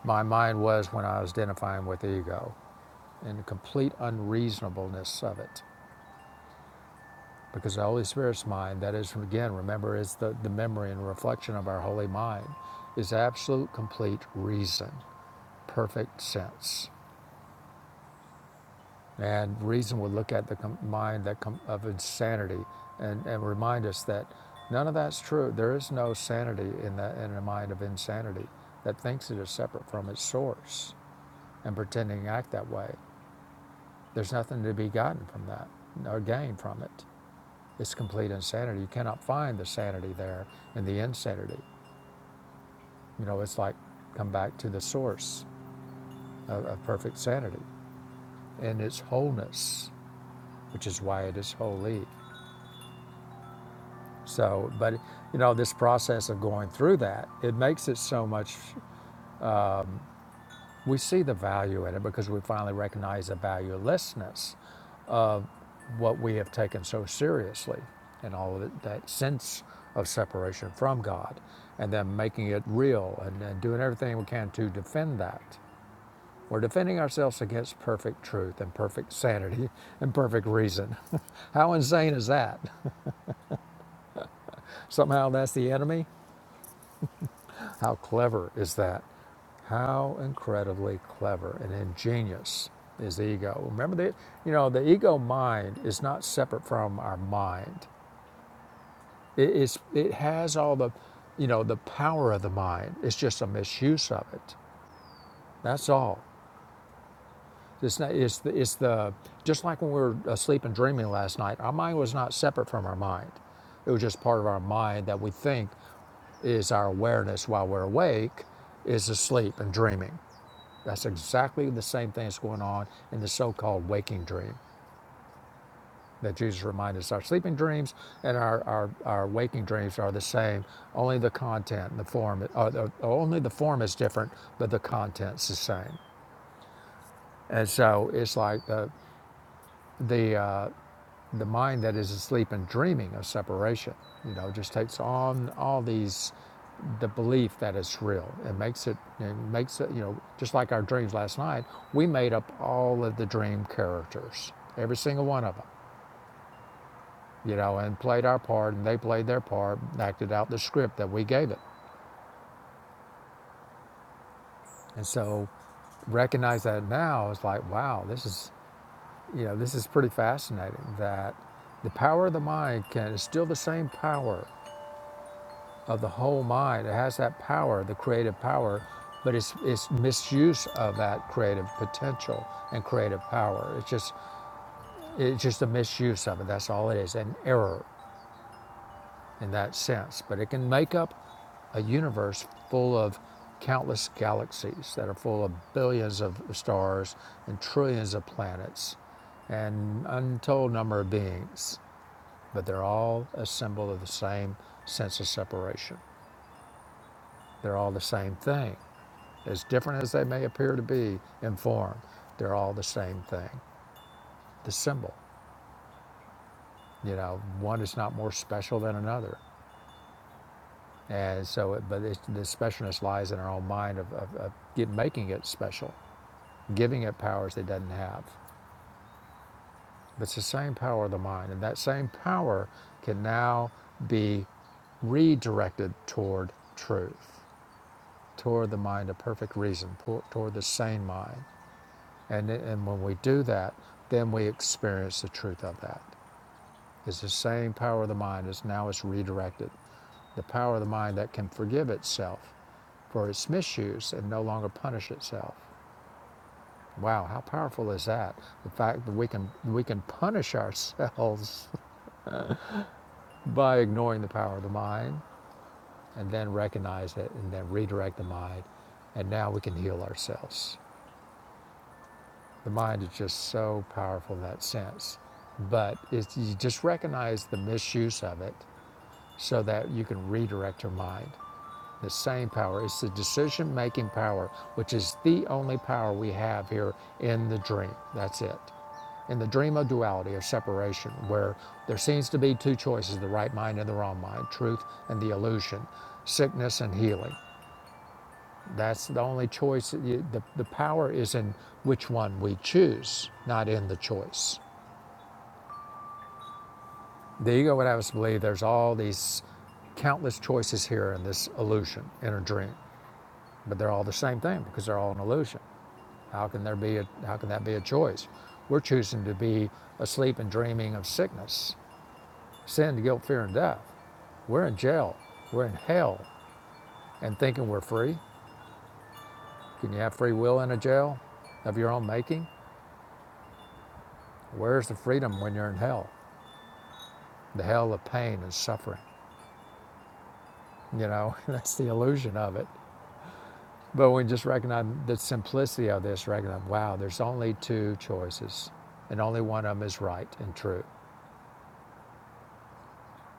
S1: my mind was when I was identifying with ego and the complete unreasonableness of it. because the Holy Spirit's mind, that is, again, remember, is the, the memory and reflection of our holy mind, is absolute, complete reason, perfect sense. And reason would look at the mind that com- of insanity and, and remind us that none of that's true. There is no sanity in the, in the mind of insanity that thinks it is separate from its source and pretending to act that way. There's nothing to be gotten from that or gained from it. It's complete insanity. You cannot find the sanity there in the insanity. You know, it's like come back to the source of, of perfect sanity and its wholeness, which is why it is holy. So, but you know, this process of going through that, it makes it so much. We see the value in it because we finally recognize the valuelessness what we have taken so seriously and all of it, that sense of separation from God and then making it real and, and doing everything we can to defend that. We're defending ourselves against perfect truth and perfect sanity [laughs] and perfect reason. [laughs] How insane is that? Somehow that's the enemy? How clever is that? How incredibly clever and ingenious is the ego. Remember the you know, the ego mind is not separate from our mind. It, it's, it has all the, you know, the power of the mind. It's just a misuse of it. That's all. It's not. It's the. It's the. Just like when we were asleep and dreaming last night, our mind was not separate from our mind. It was just part of our mind that we think is our awareness while we're awake, is asleep and dreaming. That's exactly the same thing that's going on in the so-called waking dream. that Jesus reminded us our sleeping dreams and our, our, our waking dreams are the same. Only the content and the form, or the, only the form is different, but the content's the same. And so it's like the, the, uh, the mind that is asleep and dreaming of separation, you know, just takes on all these, the belief that it's real. It makes it, it makes it, you know, just like our dreams last night, we made up all of the dream characters, every single one of them you know, and played our part, and they played their part, acted out the script that we gave it. And so, recognize that now is like, wow, this is, you know, this is pretty fascinating. That the power of the mind can is still the same power of the whole mind. It has that power, the creative power, but it's it's misuse of that creative potential and creative power. It's just it's just a misuse of it. That's all it is, an error. in that sense, but it can make up a universe full of countless galaxies that are full of billions of stars and trillions of planets and untold number of beings, but they're all a symbol of the same sense of separation. They're all the same thing. As different as they may appear to be in form, they're all the same thing. The symbol, you know, one is not more special than another. And so, it, but it's, the specialness lies in our own mind of, of, of get, making it special, giving it powers it doesn't have. But it's the same power of the mind, and that same power can now be redirected toward truth, toward the mind of perfect reason, toward the sane mind. And, and when we do that, then we experience the truth of that. It's the same power of the mind as now it's redirected. The power of the mind that can forgive itself for its misuse and no longer punish itself. Wow, how powerful is that? The fact that we can we can punish ourselves [laughs] by ignoring the power of the mind and then recognize it and then redirect the mind and now we can heal ourselves. The mind is just so powerful in that sense. But it's, you just recognize the misuse of it so that you can redirect your mind The same power. It's the decision making power, which is the only power we have here in the dream. That's it. In the dream of duality or separation, where there seems to be two choices the right mind and the wrong mind, truth and the illusion, sickness and healing. That's the only choice. The, the power is in which one we choose, not in the choice. The ego would have us believe there's all these countless choices here in this illusion, in a dream, but they're all the same thing because they're all an illusion. How can there be a, how can that be a choice? We're choosing to be asleep and dreaming of sickness, sin, guilt, fear, and death. We're in jail. We're in hell and thinking we're free. Can you have free will in a jail of your own making? Where's the freedom when you're in hell? The hell of pain and suffering. You know, [laughs] that's the illusion of it. But when we just recognize the simplicity of this, recognize, wow, there's only two choices, and only one of them is right and true.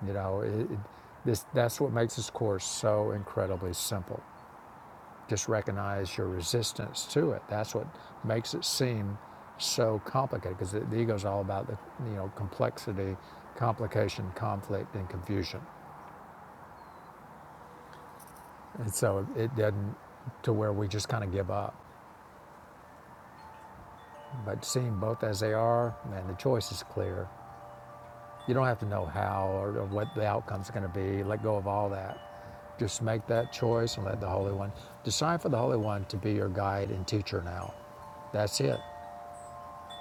S1: You know, it, it, this, that's what makes this course so incredibly simple. Just recognize your resistance to it. That's what makes it seem so complicated because the, the ego is all about the you know complexity, complication, conflict, and confusion. And so it doesn't to where we just kind of give up. But seeing both as they are, and the choice is clear, You don't have to know how or, or what the outcome's going to be. Let go of all that. Just make that choice and let the Holy One decide for the Holy One to be your guide and teacher now. That's it.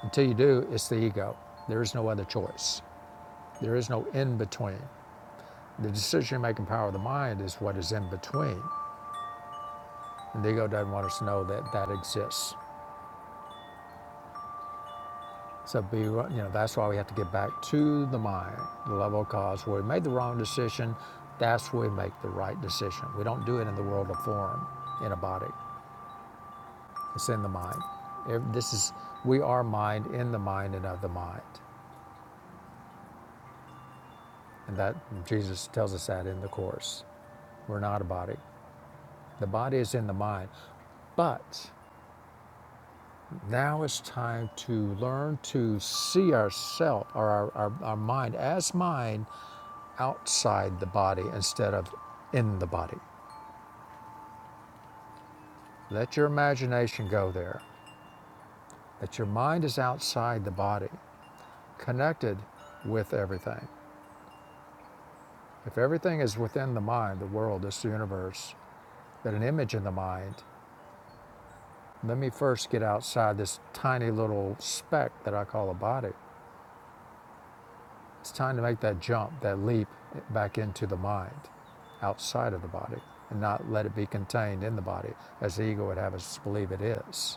S1: Until you do, it's the ego. There is no other choice. There is no in between. The decision making power of the mind is what is in between. And the ego doesn't want us to know that that exists. So be, you know, that's why we have to get back to the mind, the level of cause where we made the wrong decision. That's where we make the right decision. We don't do it in the world of form, in a body. It's in the mind. This is we are mind in the mind and of the mind, and that Jesus tells us that in the course. We're not a body. The body is in the mind, but now it's time to learn to see ourself or our, our, our mind as mind outside the body instead of in the body. Let your imagination go there. That your mind is outside the body, connected with everything. If everything is within the mind, the world, this universe, that an image in the mind, let me first get outside this tiny little speck that I call a body. It's time to make that jump, that leap back into the mind, outside of the body, and not let it be contained in the body as the ego would have us believe it is.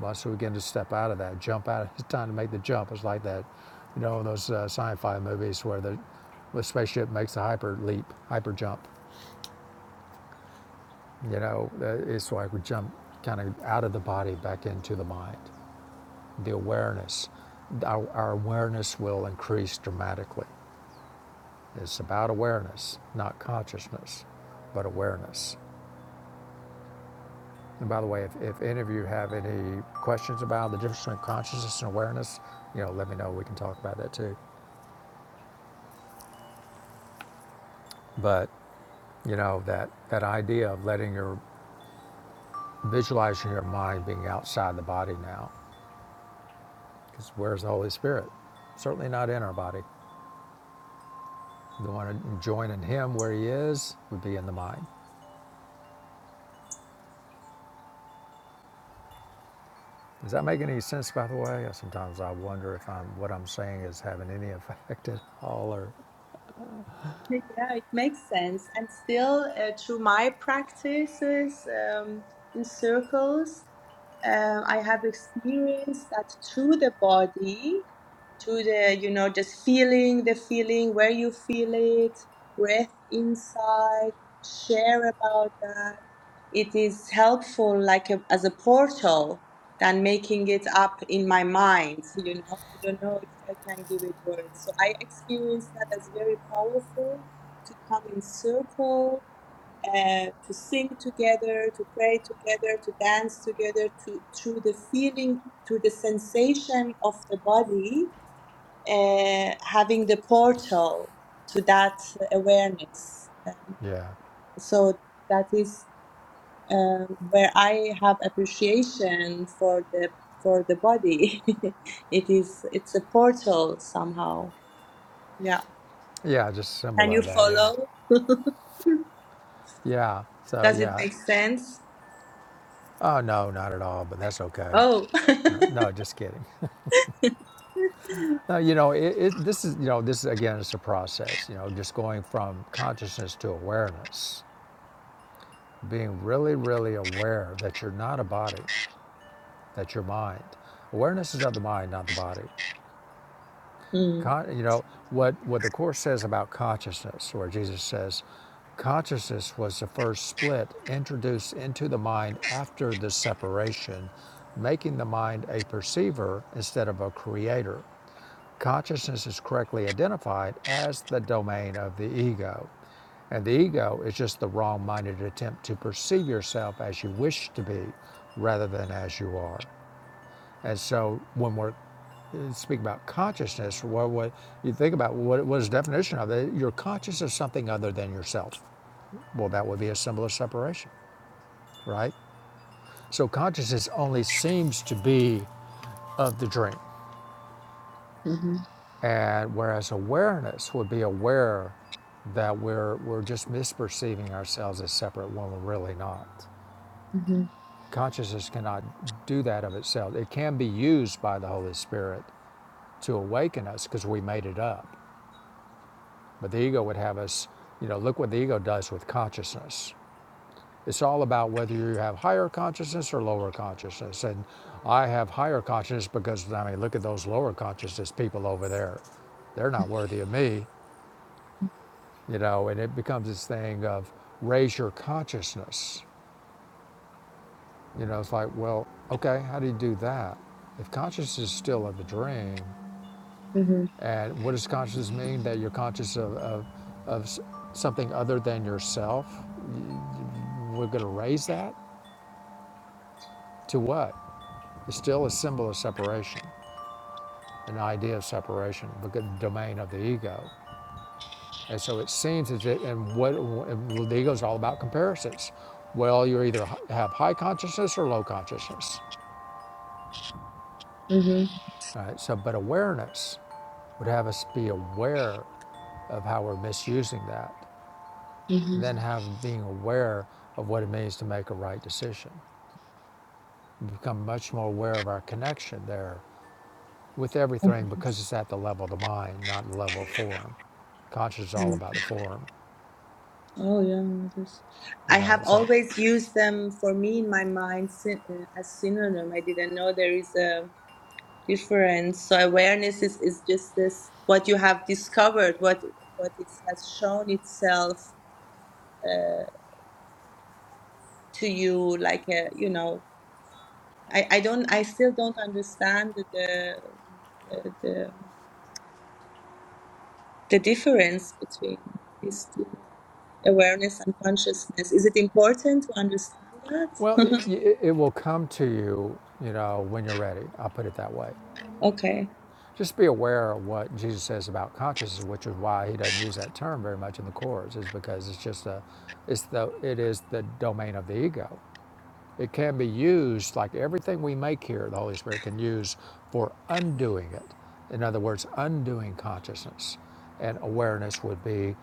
S1: Once we begin to step out of that, jump out, it's time to make the jump. It's like that, you know, those uh, sci-fi movies where the, the spaceship makes the hyper leap, hyper jump. You know, uh, it's like we jump kind of out of the body back into the mind. The awareness, our, our awareness will increase dramatically. It's about awareness, not consciousness, but awareness. And by the way, if, if any of you have any questions about the difference between consciousness and awareness, you know, let me know. We can talk about that too. But You know, that, that idea of letting your, visualizing your mind being outside the body now. Because where's the Holy Spirit? Certainly not in our body. The one to join in Him where He is would be in the mind. Does that make any sense, by the way? Sometimes I wonder if I'm, what I'm saying is having any [laughs] effect at all or,
S3: Yeah, it makes sense. And still, uh, through my practices um, in circles, um, I have experienced that through the body, through the, you know, just feeling the feeling, where you feel it, breath inside, share about that. It is helpful, like a, as a portal than making it up in my mind you know i don't know if i can give it words so i experienced that as very powerful to come in circle uh, to sing together to pray together to dance together to through the feeling through the sensation of the body uh, having the portal to that awareness um,
S1: yeah.
S3: so that is uh, where I have appreciation for the for the body. [laughs] it is it's a portal somehow. Yeah.
S1: Yeah, just a symbol
S3: Can you
S1: of that, yeah.
S3: follow?
S1: Yeah, so
S3: Does it
S1: yeah.
S3: make sense?
S1: Oh, no, not at all, but that's okay.
S3: Oh.
S1: No,
S3: [laughs]
S1: no just kidding. [laughs] Now, you know, it, it, this is, you know, this is, again, it's a process, you know, just going from consciousness to awareness, being really, really aware that you're not a body, that you're mind. Awareness is of the mind, not the body.
S3: mm.
S1: Con- you know, what, what the Course says about consciousness, where Jesus says, consciousness was the first split introduced into the mind after the separation, making the mind a perceiver instead of a creator. Consciousness is correctly identified as the domain of the ego, and the ego is just the wrong minded attempt to perceive yourself as you wish to be rather than as you are. And so when we're uh, speaking about consciousness, what, what you think about what, what is the definition of it? You're conscious of something other than yourself. Well, that would be a symbol of separation, right? So consciousness only seems to be of the dream.
S3: hmm
S1: And whereas awareness would be aware that we're, we're just misperceiving ourselves as separate when we're really not.
S3: hmm
S1: Consciousness cannot do that of itself. It can be used by the Holy Spirit to awaken us because we made it up. But the ego would have us, you know, look what the ego does with consciousness. It's all about whether you have higher consciousness or lower consciousness. And I have higher consciousness because, I mean, look at those lower consciousness people over there. They're not worthy of me. you know, and it becomes this thing of raise your consciousness. You know, it's like, well, okay, how do you do that? If consciousness is still in the dream,
S3: hmm
S1: and what does consciousness mean? That you're conscious of, of, of something other than yourself? We're going to raise that to what? It's still a symbol of separation, an idea of separation, the domain of the ego. And so it seems as it, and what and is all about comparisons. Well, you either have high consciousness or low consciousness.
S3: hmm
S1: All right, so, but awareness would have us be aware of how we're misusing that,
S3: hmm
S1: and then have being aware of what it means to make a right decision. We become much more aware of our connection there with everything because it's at the level of the mind, not the level of form. Conscious is all
S3: Mm.
S1: about the form,
S3: Oh yeah, this. I
S1: you know.
S3: have
S1: So
S3: always used them for me in my mind syn- uh, as synonym. I didn't know there is a different. So awareness is, is just this what you have discovered, what what it has shown itself uh, to you, like a, you know. I, I don't I still don't understand the the, the the difference between these two awareness and consciousness. Is it important to understand
S1: Well, it,
S3: that?
S1: it will come to you, you know, when you're ready. I'll put it that way.
S3: [laughs] okay.
S1: Just be aware of what Jesus says about consciousness, which is why he doesn't use that term very much in the course, is because it's just a, it's the, it is the domain of the ego. It can be used like everything we make here. The Holy Spirit can use for undoing it. In other words, undoing consciousness, and awareness would be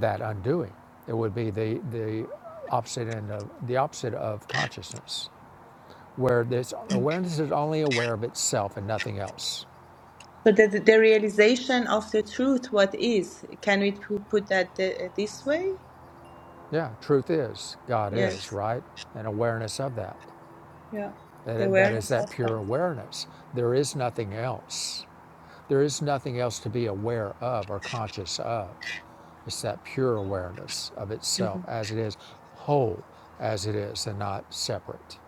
S1: that undoing. It would be the the opposite end of the opposite of consciousness where this awareness is only aware of itself and nothing else.
S3: So the, the the realization of the truth, what is? Can we pu- put that uh, this way?
S1: Yeah, truth is, God is,
S3: Yes.
S1: right? And awareness of that.
S3: Yeah. The
S1: That, that is
S3: awareness
S1: that
S3: of that.
S1: pure awareness. There is nothing else. There is nothing else to be aware of or conscious of. It's that pure awareness of itself
S3: Mhm.
S1: as it is, whole as it is, and not separate.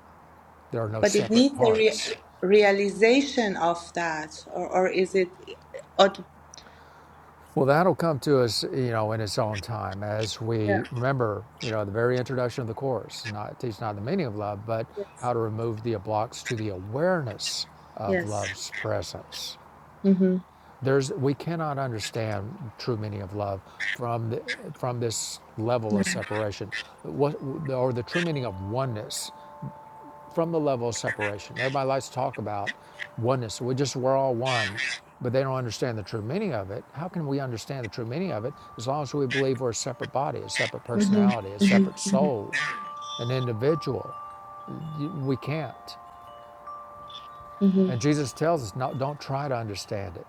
S1: There are no
S3: But it
S1: separate
S3: needs a rea-
S1: parts.
S3: realization of that, or, or is it? aut-
S1: Well, that'll come to us, you know, in its own time as
S3: Yeah.
S1: we remember, you know, the very introduction of the course, not teach not the meaning of love, but
S3: Yes.
S1: how to remove the blocks to the awareness of
S3: Yes.
S1: love's presence.
S3: Mhm.
S1: There's we cannot understand true meaning of love from the, from this level of
S3: Mhm.
S1: separation, what or the true meaning of oneness from the level of separation. Everybody likes to talk about oneness. We just we're all one, but they don't understand the true meaning of it. How can we understand the true meaning of it as long as we believe we're a separate body, a separate
S3: Mhm.
S1: personality, a separate
S3: Mhm.
S1: soul, an individual? We can't.
S3: Mhm.
S1: And Jesus tells us, no, don't try to understand it.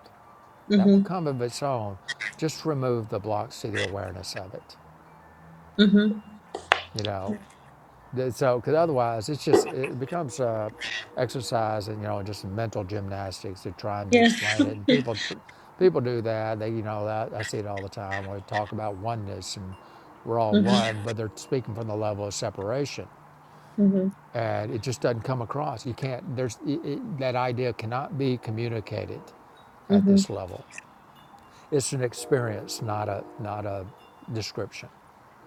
S1: That will
S3: Mhm. Mhm.
S1: come of its own. Just remove the blocks to the awareness of it.
S3: Mhm.
S1: You know, So, because otherwise, it's just it becomes uh, exercise and you know just mental gymnastics. They're trying to
S3: Yes.
S1: explain it,
S3: [laughs]
S1: and people tr- people do that. They you know that I see it all the time. We talk about oneness and we're all
S3: Mhm.
S1: one, but they're speaking from the level of separation,
S3: Mhm.
S1: and it just doesn't come across. You can't. There's it, it, that idea cannot be communicated at
S3: Mhm.
S1: this level. It's an experience, not a not a description.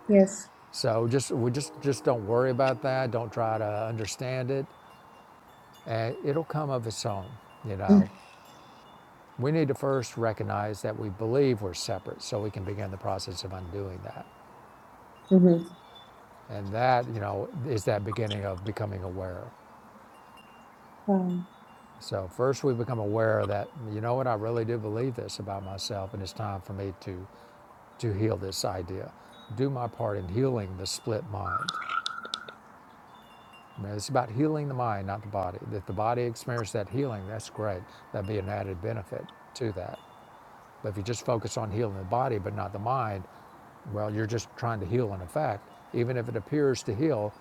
S3: Yes.
S1: So just we just just don't worry about that. Don't try to understand it. and it'll come of its own, you know. We need to first recognize that we believe we're separate so we can begin the process of undoing that.
S3: Mhm.
S1: And that, you know, is that beginning of becoming aware.
S3: Wow.
S1: So first we become aware that, you know what, I really do believe this about myself and it's time for me to to heal this idea. Do my part in healing the split mind. I mean, it's about healing the mind, not the body. If the body experiences that healing, that's great. That'd be an added benefit to that. But if you just focus on healing the body but not the mind, well, you're just trying to heal an effect. Even if it appears to heal,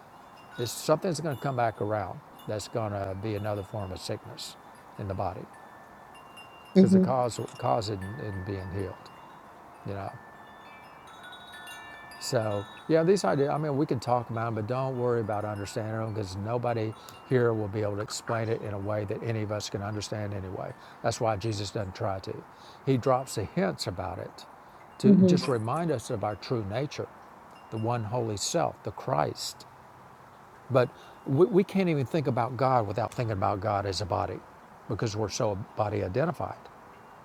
S1: it's, something's going to come back around that's going to be another form of sickness in the body because the
S3: Mhm.
S1: cause, cause isn't, isn't being healed, you know. So yeah, these ideas. I mean, we can talk about them, but don't worry about understanding them because nobody here will be able to explain it in a way that any of us can understand anyway. That's why Jesus doesn't try to. He drops the hints about it to
S3: Mhm.
S1: just remind us of our true nature, the one holy self, the Christ. But we, we can't even think about God without thinking about God as a body, because we're so body identified,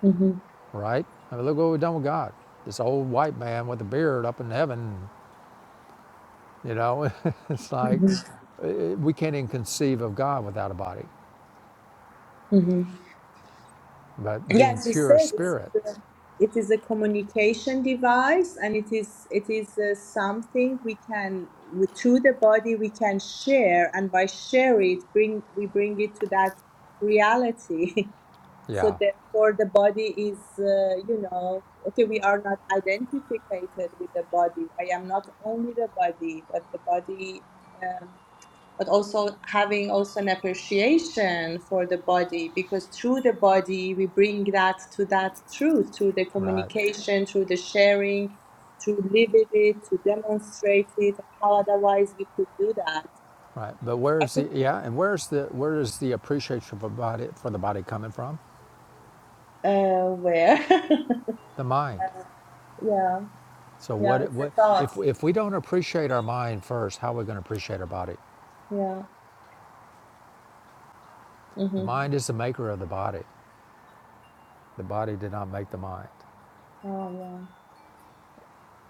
S3: Mhm.
S1: right? I mean, look what we've done with God. This old white man with a beard up in heaven You know, [laughs] it's like
S3: Mhm.
S1: uh, we can't even conceive of God without a body,
S3: Mhm.
S1: but
S3: Yeah,
S1: being
S3: as you
S1: pure
S3: said, it is
S1: spirit,
S3: a, it is a communication device, and it is it is uh, something we can with, through the body we can share, and by share it, bring we bring it to that reality. [laughs] so
S1: yeah,
S3: therefore, the body is uh, you know okay. We are not identified with the body. I am not only the body, but the body. Um, but also having also an appreciation for the body because through the body we bring that to that truth through the
S1: right,
S3: communication through the sharing to live with it to demonstrate it how otherwise we could do that
S1: right. But
S3: i
S1: where's
S3: think
S1: the yeah, and where's the where is the appreciation for body for the body coming from?
S3: uh where [laughs]
S1: The mind.
S3: yeah
S1: So
S3: yeah
S1: what
S3: it's a
S1: what if
S3: thought
S1: if we don't appreciate our mind first, how are we going to appreciate our body?
S3: yeah
S1: The
S3: mm-hmm.
S1: mind is the maker of the body. The body did not make the mind,
S3: oh yeah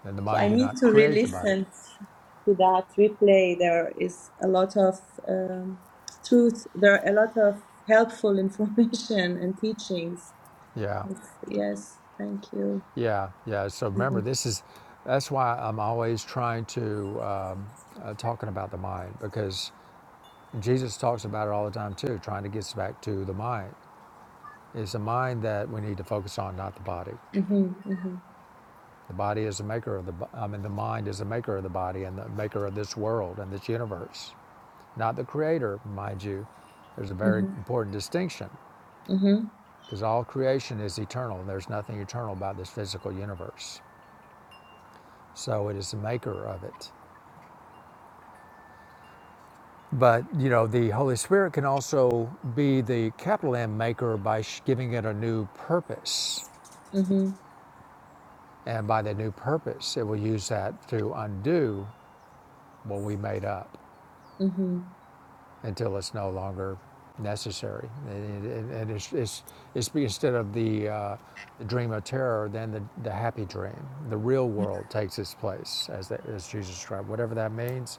S1: and the
S3: So I
S1: mind did
S3: need
S1: not
S3: to
S1: create the body.
S3: re-listen to that replay. There is a lot of um, truth. There are a lot of helpful [laughs] information and teachings.
S1: Yeah.
S3: It's, yes, thank you.
S1: Yeah, yeah. So
S3: Mm-hmm,
S1: remember, this is that's why I'm always trying to um, uh, talking about the mind because Jesus talks about it all the time too. Trying to get us back to the mind. It's the mind that we need to focus on, not the body.
S3: hmm hmm
S1: The body is the maker of the. bo- I mean, the mind is the maker of the body and the maker of this world and this universe, not the creator, mind you. There's a very important distinction
S3: hmm
S1: because all creation is eternal. There's nothing eternal about this physical universe. So it is the maker of it But you know, the Holy Spirit can also be the capital M maker by sh- giving it a new purpose,
S3: hmm
S1: and by the new purpose, it will use that to undo what we made up
S3: hmm
S1: until it's no longer necessary. And, it- it- and it's, it's, it's instead of the, uh, the dream of terror, then the, the happy dream, the real world takes its place, as, that, as Jesus described. Whatever that means,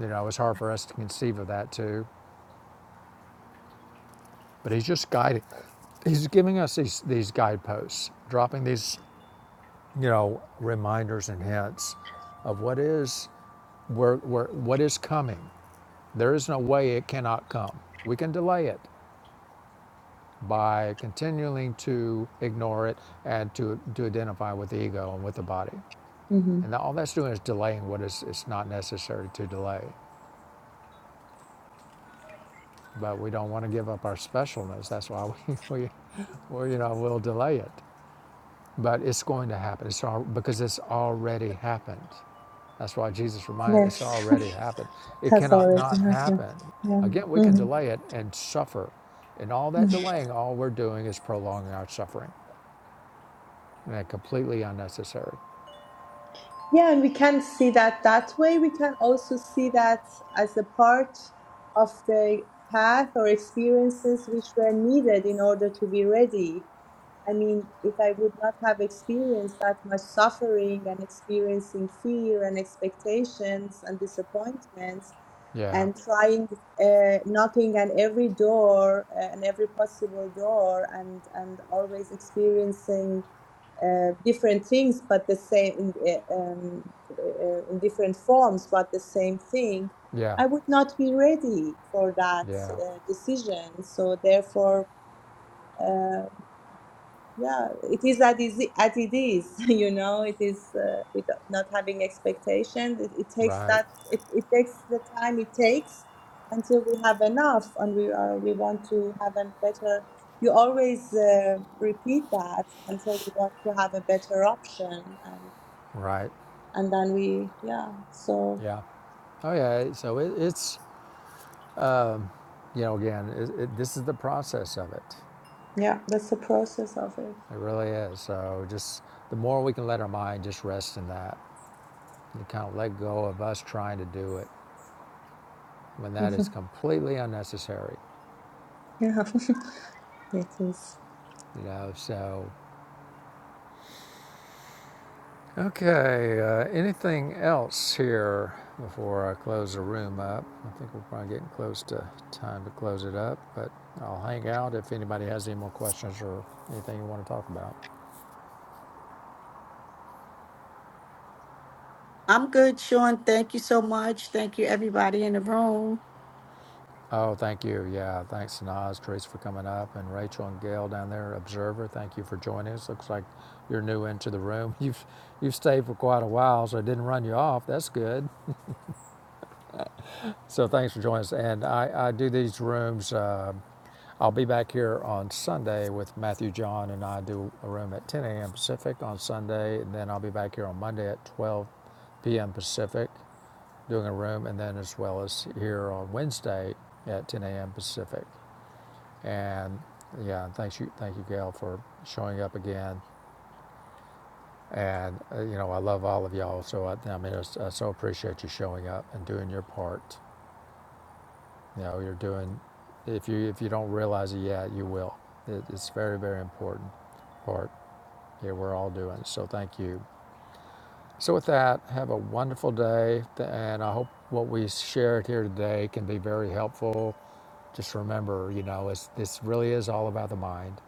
S1: you know, it's hard for us to conceive of that too But he's just guiding. He's giving us these, these guideposts, dropping these, you know, reminders and hints of what is where, where, what is coming. There is no way it cannot come. We can delay it by continuing to ignore it and to, to identify with the ego and with the body.
S3: hmm
S1: And all that's doing is delaying what is it's not necessary to delay. But we don't want to give up our specialness. That's why we, [laughs] we well, you know, we'll delay it. But it's going to happen. It's all, because it's already happened. That's why Jesus reminded us: it's
S3: Yes,
S1: already happened.
S3: [laughs]
S1: It
S3: that's
S1: cannot
S3: already
S1: not
S3: happened.
S1: happen.
S3: Yeah.
S1: Again, we can
S3: Mm-hmm,
S1: delay it and suffer. And all that
S3: Mm-hmm.
S1: delaying, all we're doing is prolonging our suffering. And completely unnecessary.
S3: Yeah, and we can see that that way. We can also see that as a part of the path or experiences which were needed in order to be ready. I mean, if I would not have experienced that much suffering and experiencing fear and expectations and disappointments
S1: Yeah.
S3: and trying, uh, knocking on every door uh, and every possible door and, and always experiencing uh, different things, but the same in, uh, um, uh, in different forms, but the same thing.
S1: Yeah.
S3: I would not be ready for that
S1: Yeah.
S3: uh, decision. So therefore, uh, yeah it is that easy as it is [laughs] you know it is uh, with not having expectations it, it takes
S1: Right.
S3: that it, it takes the time it takes until we have enough and we are we want to have a better you always uh, repeat that until we want to have a better option and
S1: Right.
S3: and then we yeah so
S1: Yeah. Oh yeah. So it, it's you know again it, it, this is the process of it.
S3: yeah that's the process of it
S1: It really is. So just the more we can let our mind just rest in that, You kind of let go of us trying to do it when
S3: [laughs]
S1: that is completely unnecessary,
S3: yeah [laughs] it is
S1: you know. So, okay, uh, anything else here before I close the room up? I think we're probably getting close to time to close it up, but I'll hang out if anybody has any more questions or anything you want to talk about.
S4: [laughs] I'm good, Sean. Thank you so much. Thank you, everybody in the room.
S1: Oh, thank you. Yeah, thanks, Naz, Teresa, for coming up, and Rachel and Gail down there, Observer. Thank you for joining us. Looks like you're new into the room. [laughs] You've you've stayed for quite a while, so I didn't run you off. That's good. So thanks for joining us. And I, I do these rooms. Uh, I'll be back here on Sunday with Matthew John, and I do a room at 10 a.m. Pacific on Sunday, and then I'll be back here on Monday at 12 p.m. Pacific doing a room, and then as well as here on Wednesday at 10 a.m. Pacific. And yeah, thanks you, thank you, Gail, for showing up again. And uh, you know, I love all of y'all. So I, I mean, it's- I so appreciate you showing up and doing your part. You know, you're doing. If you if you don't realize it yet, you will. It, it's very very important part. Yeah, we're all doing. So thank you. So with that, have a wonderful day, and I hope what we shared here today can be very helpful. Just remember, you know, it's, this really is all about the mind.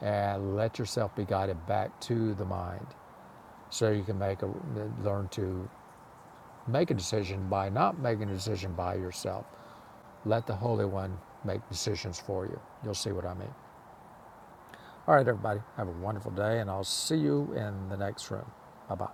S1: and let yourself be guided back to the mind so you can make a learn to make a decision by not making a decision by yourself let the holy one make decisions for you you'll see what i mean all right everybody have a wonderful day and i'll see you in the next room bye bye